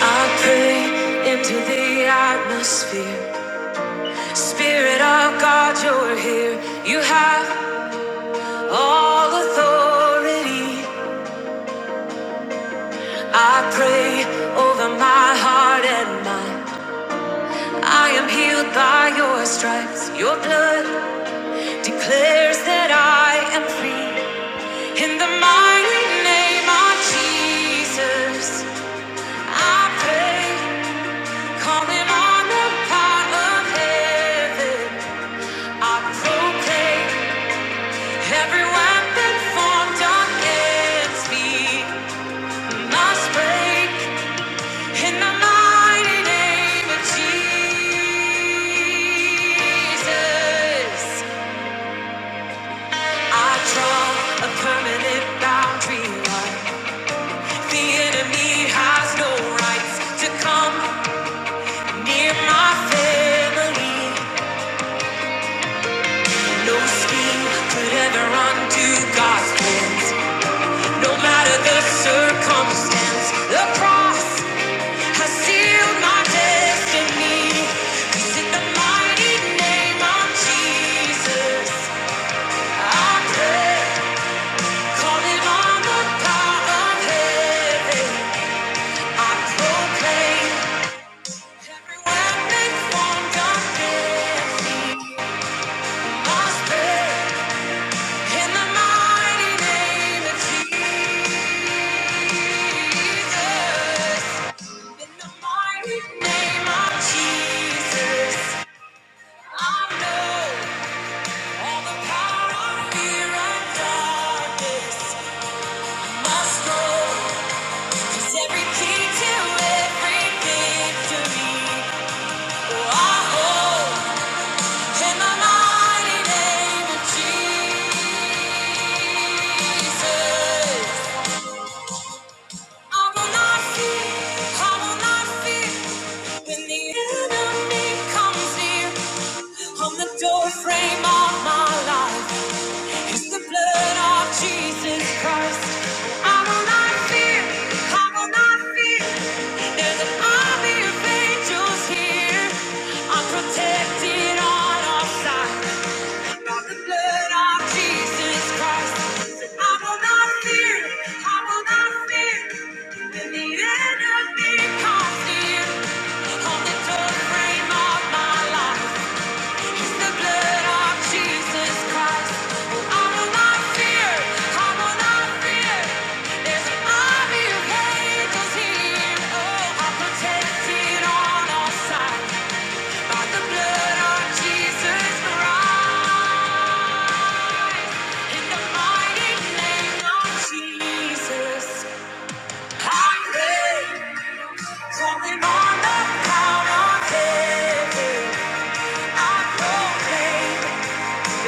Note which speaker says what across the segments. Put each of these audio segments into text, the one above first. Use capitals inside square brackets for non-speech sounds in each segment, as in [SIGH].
Speaker 1: I pray into the atmosphere. Spirit of God, you're here. You have all authority. I pray over my heart and mind. I am healed by your stripes. Your blood declares that I am free. In the mighty name of Jesus, I pray, calling on the power of heaven. I proclaim. Every weapon formed against me must break in the mighty name of Jesus. I draw a permanent boundary line. The enemy has no rights to come near my family. No scheme could ever undo God's plans, no matter the circumstance. The cross. I seal my destiny, 'cause I pray, calling the power of heaven. I proclaim every weapon formed against me must fail. In the mighty name of Jesus, in the mighty name of Jesus, I know. Frame of my life. It's the blood of Jesus Christ. I will not fear. I will not fear. There's an army of angels here. I'm protected on all sides by the blood of Jesus Christ. I will not fear. I will not fear. When the enemy comes near, on the third frame of my life. It's the blood of Jesus Christ. I will not fear. I will not fear. There's an army of angels here. Oh, I'm protected on all sides by the blood of Jesus Christ. In the mighty name of Jesus, I pray. Calling on the power of heaven, I proclaim. In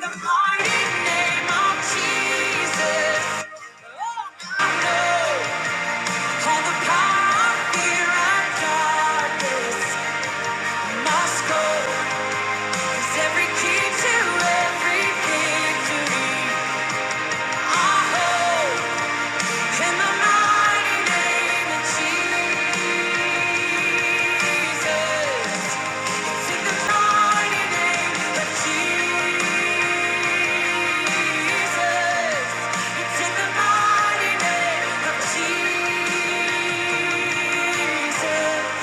Speaker 1: the mighty name of Jesus, oh, I know all the power, fear, and darkness must go. 'Cause every key to every victory, I hold. In the mighty name of Jesus. In the mighty name of Jesus. It's in the mighty name of Jesus.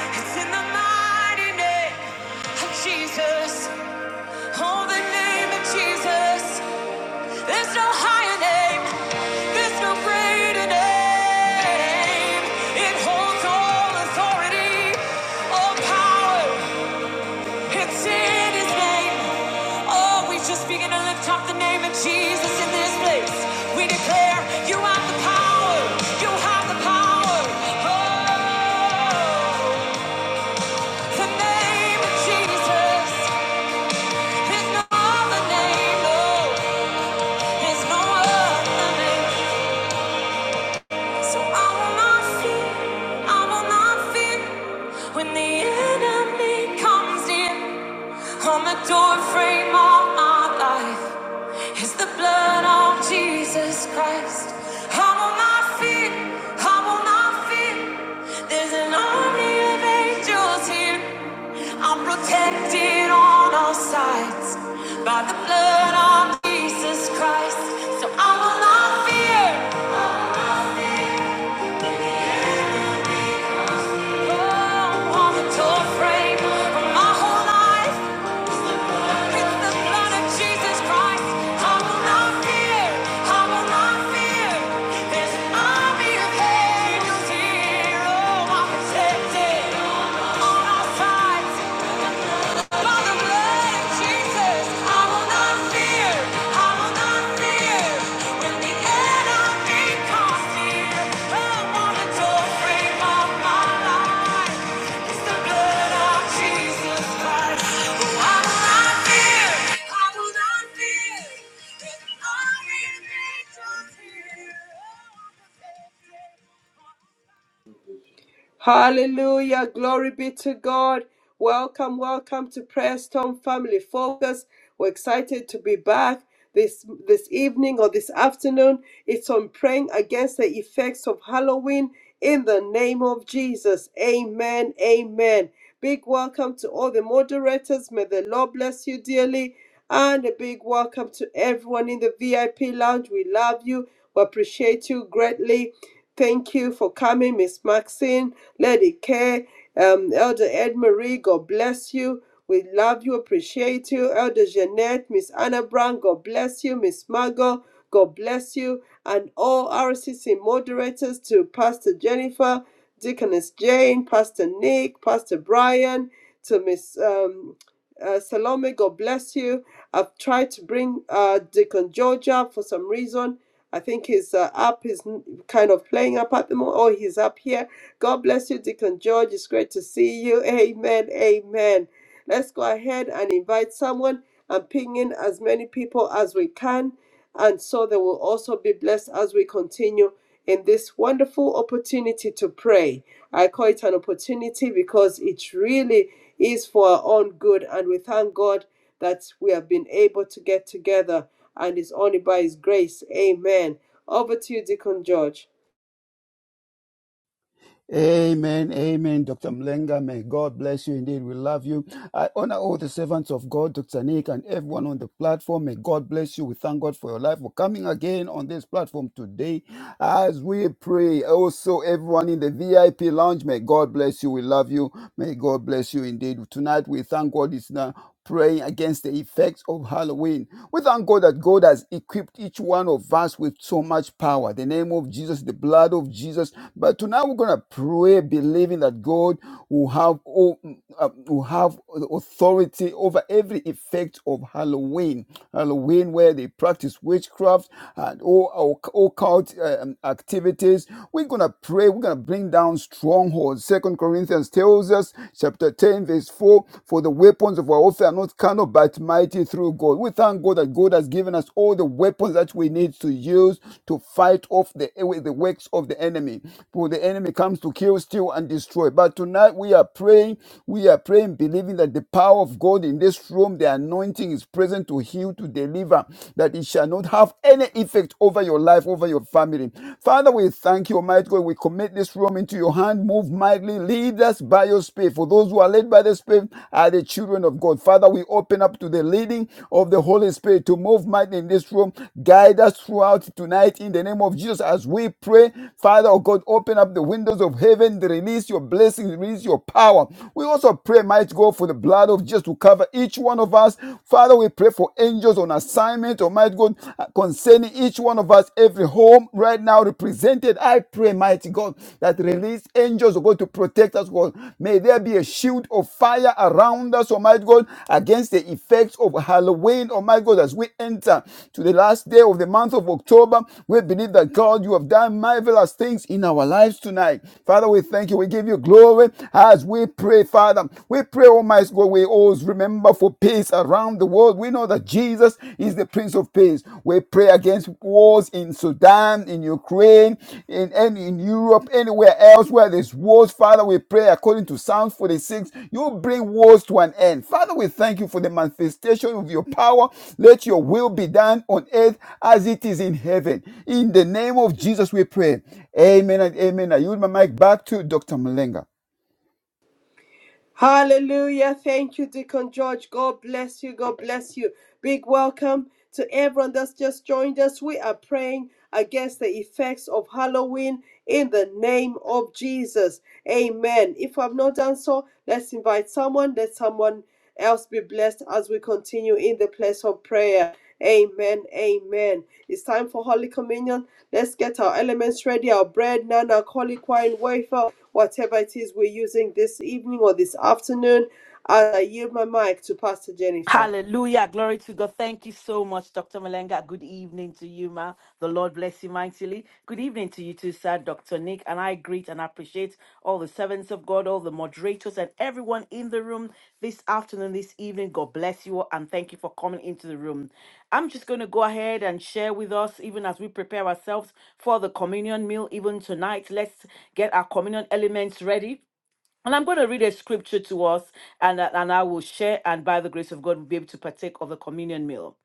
Speaker 1: It's in the mighty name of Jesus. Oh, the name of Jesus. There's no higher name. There's no greater name. It holds all authority, all power. It's in His name. Oh, we just begin to lift up the name of Jesus in this place. We declare you have the power. You have the power. Oh, the name of Jesus. There's no other name. No, there's no other name. So I will not fear, I will not fear when the enemy comes in on the doorframe of my life. Is the blood of Jesus Christ. I will not fear, I will not fear. There's an army of angels here. I'm protected on all sides by the blood of Jesus Christ. So I will not fear. Jesus, I will not fear. I will not fear.
Speaker 2: Hallelujah. Glory be to God. Welcome, welcome to Prayer Storm Family Focus. We're excited to be back this this evening or this afternoon. It's on praying against the effects of Halloween in the name of Jesus. Amen. Amen. Big welcome to all the moderators. May the Lord bless you dearly. And a big welcome to everyone in the VIP lounge. We love you. We appreciate you greatly. Thank you for coming, Miss Maxine, Lady K, um, Elder Ed Marie. God bless you. We love you, appreciate you. Elder Jeanette, Miss Anna Brown, God bless you. Miss Margot, God bless you. And all RCC moderators to Pastor Jennifer, Deaconess Jane, Pastor Nick, Pastor Brian, to Miss um, uh, Salome, God bless you. I've tried to bring uh, Deacon George up for some reason. I think his uh, app is n- kind of playing up at the moment. Oh, he's up here. God bless you, Deacon George. It's great to see you. Amen. Amen. Let's go ahead and invite someone and ping in as many people as we can. And so they will also be blessed as we continue in this wonderful opportunity to pray. I call it an opportunity because it really is for our own good. And we thank God that we have been able to get together and it's only by His grace. Amen. Over to you, Deacon George.
Speaker 3: Amen, amen, Dr. Mlenga. May God bless you indeed. We love you. I honor all the servants of God, Dr. Nick, and everyone on the platform. May God bless you. We thank God for your life for coming again on this platform today as we pray, also everyone in the VIP lounge, may God bless you. We love you. May God bless you indeed. Tonight we thank God it's now praying against the effects of Halloween. We thank God that God has equipped each one of us with so much power. The name of Jesus, the blood of Jesus. But tonight we're gonna pray, believing that God will have all, uh, will have authority over every effect of Halloween. Halloween, where they practice witchcraft witchcraft and all, all, occult um, activities. We're going to pray. We're going to bring down strongholds. Second Corinthians tells us, chapter 10, verse 4, for the weapons of our warfare are not carnal, but mighty through God. We thank God that God has given us all the weapons that we need to use to fight off the, the works of the enemy. For the enemy comes to kill, steal, and destroy. But tonight we are praying. We are praying, believing that the power of God in this room, the anointing is present to heal, to to deliver, that it shall not have any effect over your life, over your family. Father, we thank you, Almighty God. We commit this room into your hand. Move mightily. Lead us by your Spirit. For those who are led by the Spirit are the children of God. Father, we open up to the leading of the Holy Spirit to move mightily in this room. Guide us throughout tonight in the name of Jesus as we pray. Father, oh God, open up the windows of heaven. Release your blessings. Release your power. We also pray, mighty God, for the blood of Jesus to cover each each one of us. Father, we pray for angels on assignment, Almighty God, uh, concerning each one of us, every home right now represented. I pray, mighty God, that release angels, oh God, to protect us, God. May there be a shield of fire around us, Almighty God, against the effects of Halloween, Almighty God, as we enter to the last day of the month of October. We believe that, God, you have done marvelous things in our lives tonight. Father, we thank you. We give you glory as we pray, Father. We we pray, Almighty God, we always remember for peace around the world. We know that Jesus is the Prince of Peace. We pray against wars in Sudan, in Ukraine, in and in Europe, anywhere else where there's wars. Father, we pray according to Psalms 46, you bring wars to an end. Father, we thank you for the manifestation of your power. Let your will be done on earth as it is in heaven. In the name of Jesus, we pray. Amen and amen. I yield my mic back to Dr. Malenga.
Speaker 2: Hallelujah. Thank you, Deacon George. God bless you. God bless you. Big welcome to everyone that's just joined us. We are praying against the effects of Halloween in the name of Jesus. Amen. If I've not done so, let's invite someone. Let someone else be blessed as we continue in the place of prayer. Amen. Amen. It's time for Holy Communion. Let's get our elements ready our bread, non alcoholic wine, wafer whatever it is we're using this evening or this afternoon. I yield my mic to Pastor Jennifer.
Speaker 4: Hallelujah. Glory to God. Thank you so much, Dr. Malenga. Good evening to you, ma. The Lord bless you mightily. Good evening to you too, sir, Dr. Nick. And I greet and appreciate all the servants of God, all the moderators, and everyone in the room this afternoon, this evening. God bless you all and thank you for coming into the room. I'm just going to go ahead and share with us, even as we prepare ourselves for the communion meal, even tonight. Let's get our communion elements ready. And I'm going to read a scripture to us, and, and I will share, and by the grace of God, we'll be able to partake of the communion meal.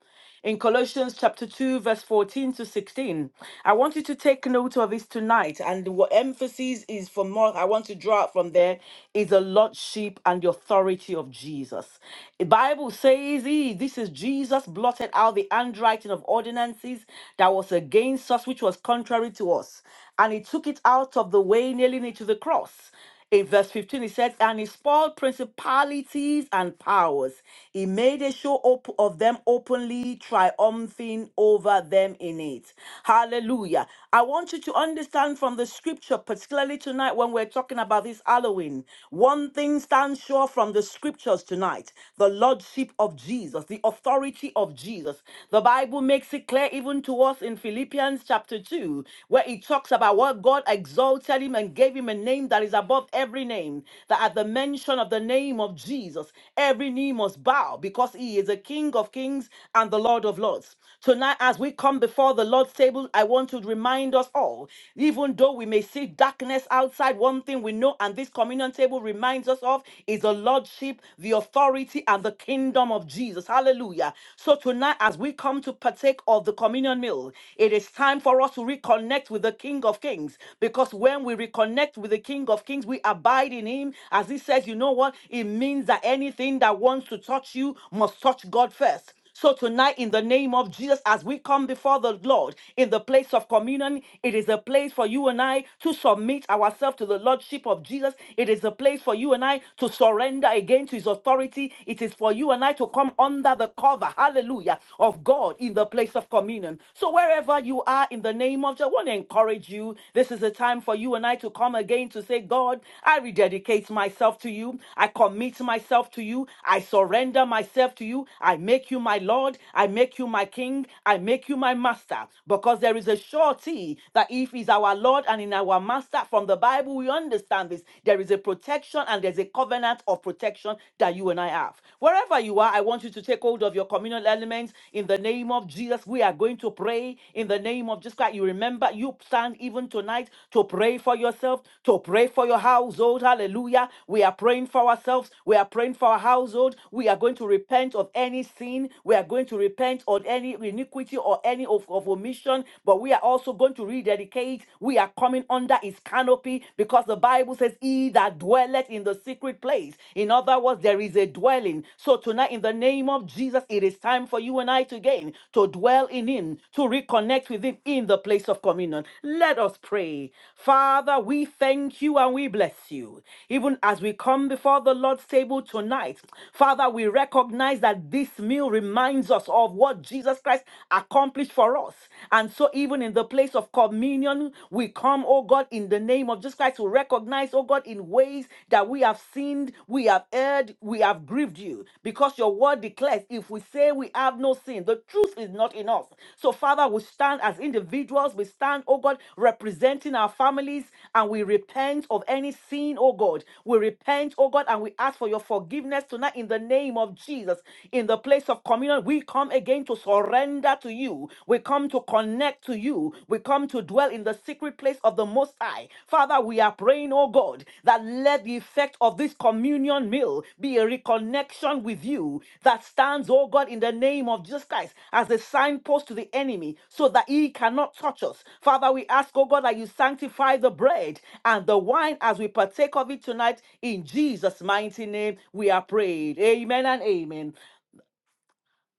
Speaker 4: In Colossians chapter 2, verse 14 to 16, I want you to take note of this tonight. And what emphasis is for more, I want to draw out from there is the lordship and the authority of Jesus. The Bible says, "He- This is Jesus blotted out the handwriting of ordinances that was against us, which was contrary to us. And he took it out of the way, nailing it to the cross. In verse 15, it says, And he spoiled principalities and powers. He made a show op- of them openly, triumphing over them in it. Hallelujah. I want you to understand from the scripture, particularly tonight when we're talking about this Halloween, one thing stands sure from the scriptures tonight the lordship of Jesus, the authority of Jesus. The Bible makes it clear even to us in Philippians chapter 2, where it talks about talks about what God exalted him and gave him a name that is above every name, that at the mention of the name of Jesus, every knee must bow because he is a King of kings and the Lord of lords. Tonight, as we come before the Lord's table, I want to remind us all, even though we may see darkness outside, one thing we know, and this communion table reminds us of, is the Lordship, the authority, and the kingdom of Jesus. Hallelujah. So tonight, as we come to partake of the communion, communion meal. It is time for us to reconnect with the King of Kings because when we reconnect with the King of Kings, we abide in Him. As He says, you know what? It means that anything that wants to touch you must touch God first. So tonight, in the name of Jesus, as we come before the Lord in the place of communion, it is a place for you and I to submit ourselves to the Lordship of Jesus. It is a place for you and I to surrender again to His authority. It is for you and I to come under the the cover, hallelujah, of God in the place of communion. So wherever you are in the name of, Jesus, I want to encourage you. This is a time for you and I to come again to say, God, I rededicate myself to you. I commit myself to you. I surrender myself to you. I make you my Lord. I make you my King. I make you my Master. Because there is a surety that if He's our Lord and in our Master, from the Bible we understand this, there is a protection and there's a covenant of protection protection that you and I have. Wherever you are, I want you to take hold of your communal elements in the name of Jesus. We are going to pray in the name of Jesus Christ. You remember, you stand even tonight to pray for yourself, to pray for your household. Hallelujah. We are praying for ourselves. We are praying for our household. We are going to repent of any sin. We are going to repent on any iniquity or any of, of omission. But we are also going to rededicate. We are coming under his canopy because the Bible says, He that dwelleth in the secret place. In other words, there is a dwelling. So tonight, in the name of Jesus, it is time for you and I to gain, to dwell in Him, to reconnect with Him in the place of communion. Let us pray. Father, we thank you and we bless you. Even as we come before the Lord's table tonight, Father, we recognize that this meal reminds us of what Jesus Christ accomplished for us. And so, even in the place of communion, dominion. We come, oh God, in the name of Jesus Christ to recognize, oh God, in ways that we have sinned, we have erred, we have grieved you. Because your word declares, if we say we have no sin, the truth is not in us. So, Father, we stand as individuals, we stand, oh God, representing our families, and we repent of any sin, oh God. We repent, oh God, and we ask for your forgiveness tonight in the name of Jesus. In the place of communion, we come again to surrender to you. We come to connect to you. We come to dwell in the secret place of the Most High. Father, we are praying, oh God, that let the effect of this communion meal be a reconnection with you that stands, oh God, in the name of Jesus Christ as a signpost to the enemy so that he cannot touch us. Father, we ask, oh God, that you sanctify the bread and the wine as we partake of it tonight in Jesus' mighty name. We are prayed. Amen and amen.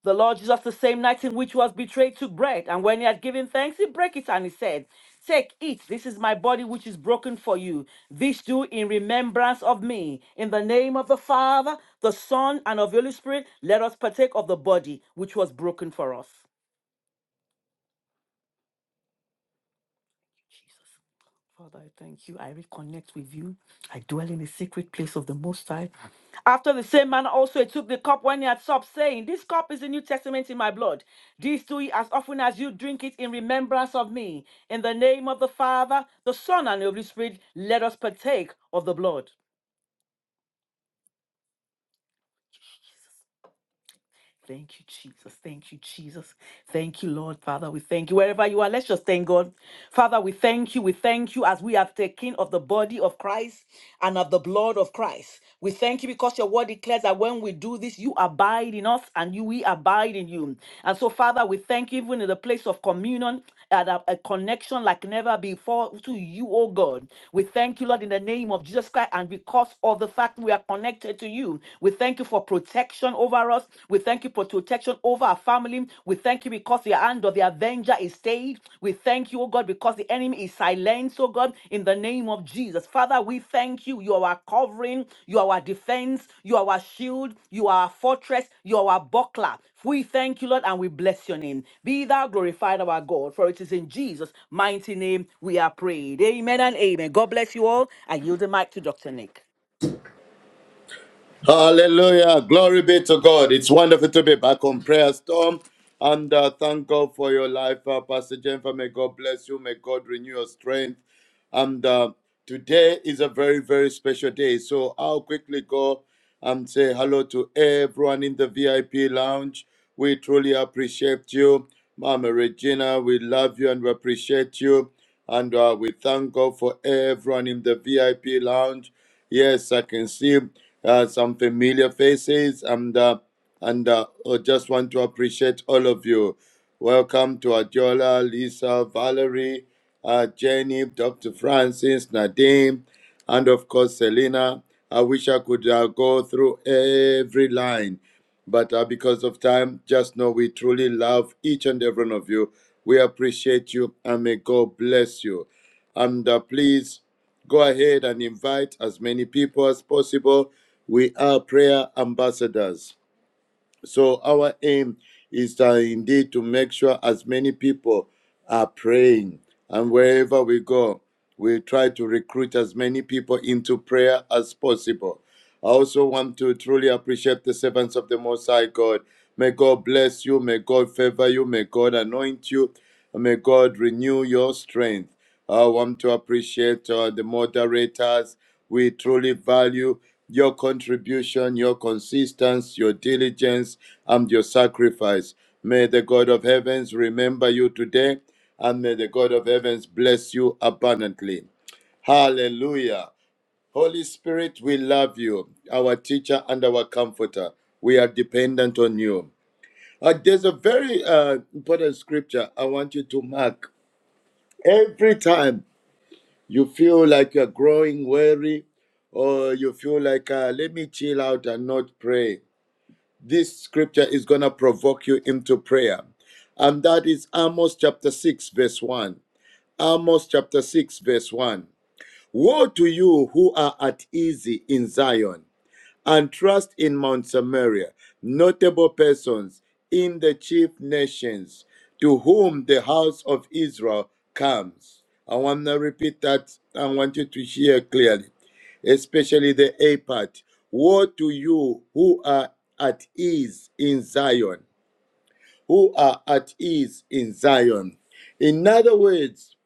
Speaker 4: The Lord Jesus, the same night in which he was betrayed, took bread, and when he had given thanks, he broke it and he said, Take, eat, this is my body which is broken for you. This do in remembrance of me. In the name of the Father, the Son, and of the Holy Spirit, let us partake of the body which was broken for us. Father, I thank you. I reconnect with you. I dwell in the secret place of the Most High. After the same manner, also he took the cup when he had supped, saying, This cup is the New Testament in my blood. This do ye as often as you drink it in remembrance of me. In the name of the Father, the Son, and the Holy Spirit, let us partake of the blood. Thank you, Jesus. Thank you, Jesus. Thank you, Lord. Father, we thank you. Wherever you are, let's just thank God. Father, we thank you. We thank you as we have taken of the body of Christ and of the blood of Christ. We thank you because your word declares that when we do this, you abide in us and you we abide in you. And so, Father, we thank you even in the place of communion at a, a connection like never before to you, oh God. We thank you, Lord, in the name of Jesus Christ, and because of the fact we are connected to you. we we thank you for protection over us. We thank you for protection over our family. We thank you because the hand of the avenger is stayed. We thank you, oh God, because the enemy is silenced, oh God, in the name of Jesus. Father, we thank you. You are our covering, you are our defense, you are our shield, you are our fortress, you are our buckler. We thank you, Lord, and we bless your name. Be thou glorified, our God, for it is in Jesus' mighty name we are prayed. Amen and amen. God bless you all. I yield the mic to Dr. Nick.
Speaker 5: Hallelujah. Glory be to God. It's wonderful to be back on Prayer Storm. And uh, thank God for your life, uh, Pastor Jennifer. May God bless you. May God renew your strength. And uh, today is a very, very special day. So I'll quickly go and say hello to everyone in the VIP lounge. We truly appreciate you. Mama Regina, we love you and we appreciate you. And uh, we thank God for everyone in the VIP lounge. Yes, I can see uh, some familiar faces, and uh, and uh, I just want to appreciate all of you. Welcome to Adiola, Lisa, Valerie uh, Jenny, Dr. Francis, Nadine, and of course, Selena. I wish I could uh, go through every line, but uh, because of time, just know we truly love each and every one of you. We appreciate you, and may God bless you. And uh, please go ahead and invite as many people as possible. We are prayer ambassadors. So our aim is uh, indeed to make sure as many people are praying, and wherever we go, we try to recruit as many people into prayer as possible. I also want to truly appreciate the servants of the Most High God. May God bless you. May God favor you. May God anoint you. May God renew your strength. I want to appreciate uh, the moderators. We truly value your contribution, your consistency, your diligence, and your sacrifice. May the God of heavens remember you today, and may the God of heavens bless you abundantly. Hallelujah. Holy Spirit, we love you, our teacher and our comforter. We are dependent on you. Uh, there's a very uh, important scripture I want you to mark. Every time you feel like you're growing weary or you feel like, uh, let me chill out and not pray, this scripture is going to provoke you into prayer. And that is Amos chapter 6, verse 1. Amos chapter 6, verse 1. Woe to you who are at ease in Zion and trust in Mount Samaria, notable persons in the chief nations to whom the house of Israel comes. I want to repeat that. I want you to hear clearly, especially the A part. Woe to you who are at ease in Zion, who are at ease in Zion. In other words,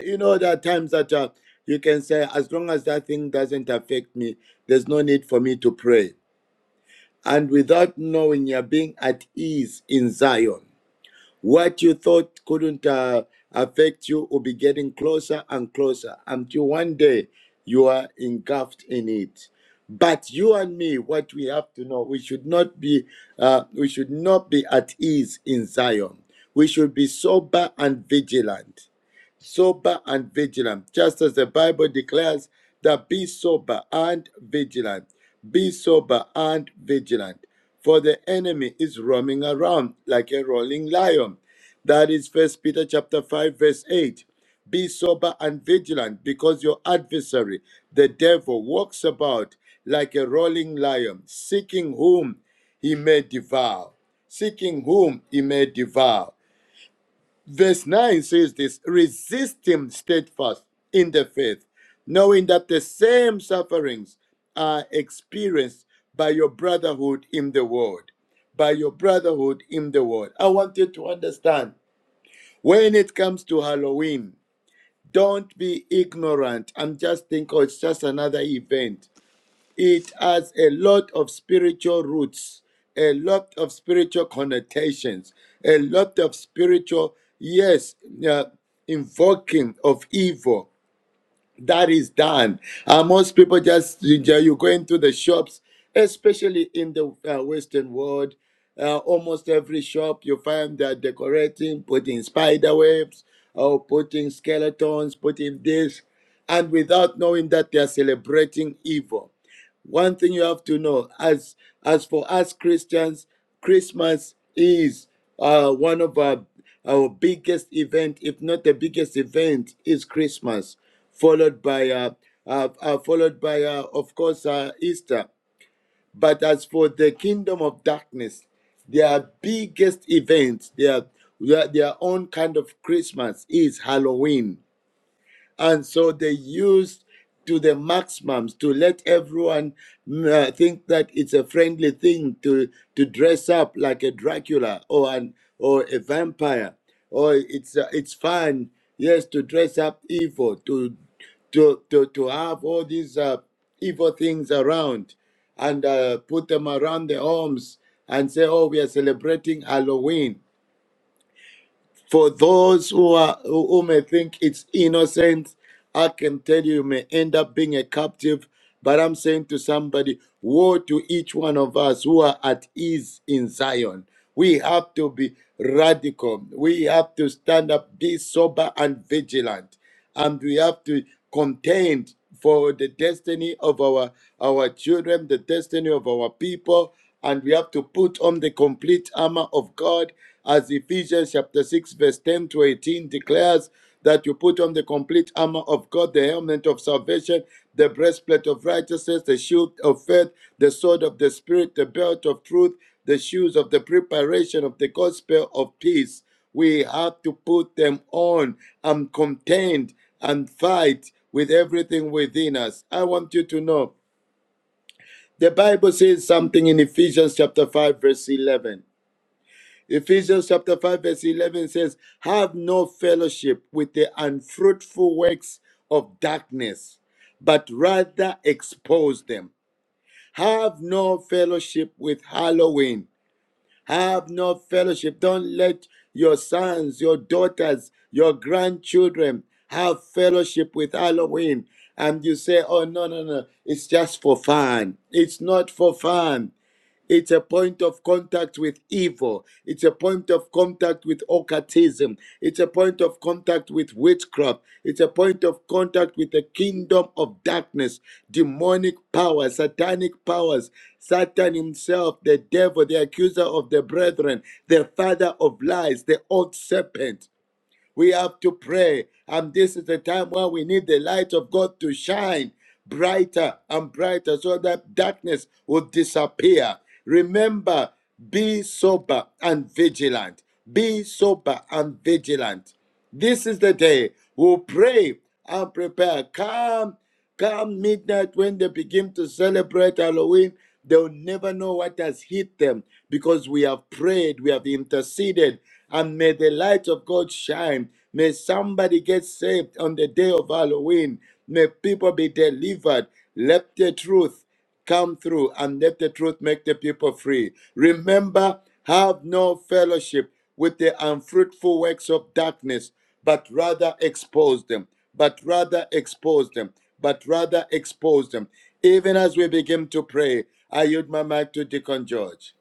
Speaker 5: you know, there are times that uh, you can say, as long as that thing doesn't affect me, there's no need for me to pray and without knowing you're being at ease in Zion. What you thought couldn't uh, affect you will be getting closer and closer until one day you are engulfed in it. But you and me, what we have to know, we should not be, uh, we should not be at ease in Zion. We should be sober and vigilant sober and vigilant, just as the Bible declares that be sober and vigilant. Be sober and vigilant, for the enemy is roaming around like a rolling lion. That is First Peter chapter 5 verse 8. Be sober and vigilant because your adversary, the devil, walks about like a rolling lion, seeking whom he may devour, seeking whom he may devour. Verse 9 says this resist him steadfast in the faith, knowing that the same sufferings are experienced by your brotherhood in the world. By your brotherhood in the world. I want you to understand when it comes to Halloween, don't be ignorant and just think, oh, it's just another event it has a lot of spiritual roots, a lot of spiritual connotations, a lot of spiritual, yes, uh, invoking of evil that is done. And most people just, you you go into the shops, especially in the uh, Western world, uh, almost every shop you find they're decorating, putting spider webs, or putting skeletons, putting this, and without knowing that they are celebrating evil. One thing you have to know as as for us Christians, Christmas is uh, one of our our biggest event, if not the biggest event, is Christmas, followed by uh, uh, uh, followed by uh, of course uh, Easter. But as for the kingdom of darkness, their biggest event, their their, their own kind of Christmas is Halloween and so they used to the maximums to let everyone mm, uh, think that it's a friendly thing to, to dress up like a Dracula or an or a vampire, or it's uh, it's fun, yes, to dress up evil, to to to, to have all these uh, evil things around, and uh, put them around the homes and say, oh, we are celebrating Halloween. For those who are who may think it's innocent, I can tell you, you may end up being a captive. But I'm saying to somebody, woe to each one of us who are at ease in Zion. We have to be radical. We have to stand up, be sober and vigilant and we have to contend for the destiny of our our children the destiny of our people and we have to put on the complete armor of god as ephesians chapter 6 verse 10 to 18 declares that you put on the complete armor of god the helmet of salvation the breastplate of righteousness the shield of faith the sword of the spirit the belt of truth the shoes of the preparation of the gospel of peace we have to put them on and contend and fight with everything within us. I want you to know the Bible says something in Ephesians chapter 5, verse 11. Ephesians chapter 5, verse 11 says, Have no fellowship with the unfruitful works of darkness, but rather expose them. Have no fellowship with Halloween have no fellowship. Don't let your sons, your daughters, your grandchildren have fellowship with Halloween. And you say, oh, no, no, no, it's just for fun. It's not for fun. It's a point of contact with evil. It's a point of contact with occultism. It's a point of contact with witchcraft. It's a point of contact with the kingdom of darkness, demonic powers, satanic powers, Satan himself, the devil, the accuser of the brethren, the father of lies, the old serpent. We have to pray. And this is the time where we need the light of God to shine brighter and brighter so that darkness will disappear. Remember, be sober and vigilant. Be sober and vigilant. This is the day we'll pray and prepare. Come Come midnight, when they begin to celebrate Halloween, they'll never know what has hit them because we have prayed, we have interceded, and may the light of God shine. May somebody get saved on the day of Halloween. May people be delivered. Let the truth. Come through and let the truth make the people free. Remember, have no fellowship with the unfruitful works of darkness, but rather expose them, but rather expose them, but rather expose them. Even as we begin to pray, I yield my mic to Deacon George.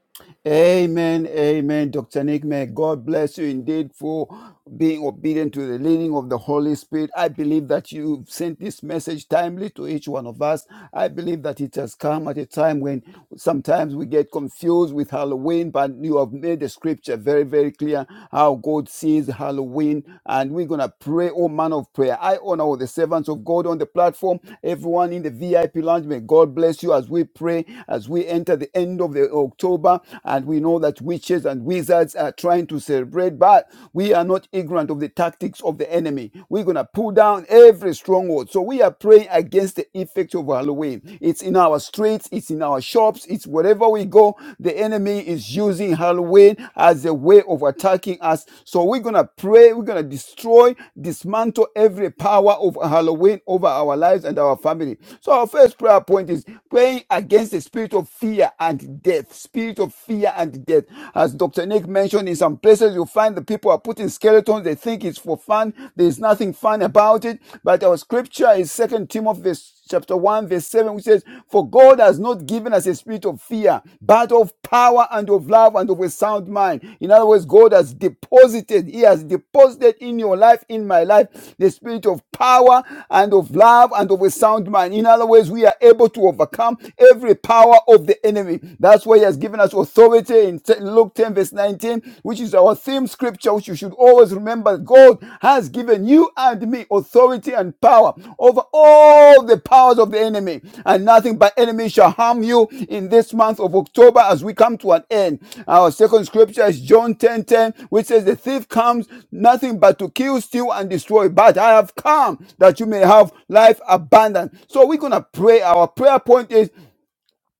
Speaker 3: Amen, amen, Dr. Nick. May God bless you indeed for being obedient to the leading of the Holy Spirit. I believe that you've sent this message timely to each one of us. I believe that it has come at a time when sometimes we get confused with Halloween, but you have made the scripture very, very clear how God sees Halloween. And we're going to pray, oh man of prayer. I honor all the servants of God on the platform, everyone in the VIP lounge. May God bless you as we pray, as we enter the end of the October. And we know that witches and wizards are trying to something to celebrate, but we are not ignorant of the tactics of the enemy. We're going to pull down every stronghold. So we are praying against the effects of Halloween. It's in our streets, it's in our shops, it's wherever we go. The enemy is using Halloween as a way of attacking us. So we're going to pray, we're going to destroy, dismantle every power of Halloween over our lives and our family. So our first prayer point is praying against the spirit of fear and death. Spirit of fear and death death. As Dr. Nick mentioned, in some places you find the people are putting skeletons. They think it's for fun. There's nothing fun about it. But our scripture is Second Timothy chapter 1 verse 7 which says, For God has not given us a spirit of fear, but of power and of love and of a sound mind. In other words, God has deposited, He has deposited in your life, in my life, the spirit of power and of love and of a sound mind. In other words, we are able to overcome every power of the enemy. That's why He has given us authority in Luke 10, verse 19, which is our theme scripture, which you should always remember. God has given you and me authority and power over all the powers of the enemy, and nothing by enemy shall harm you in this month of October as we come to an end. Our second scripture is John 10, 10, which says, The thief comes nothing but to kill, steal, and destroy. But I have come that you may have life abundant. So we're going to pray. Our prayer point is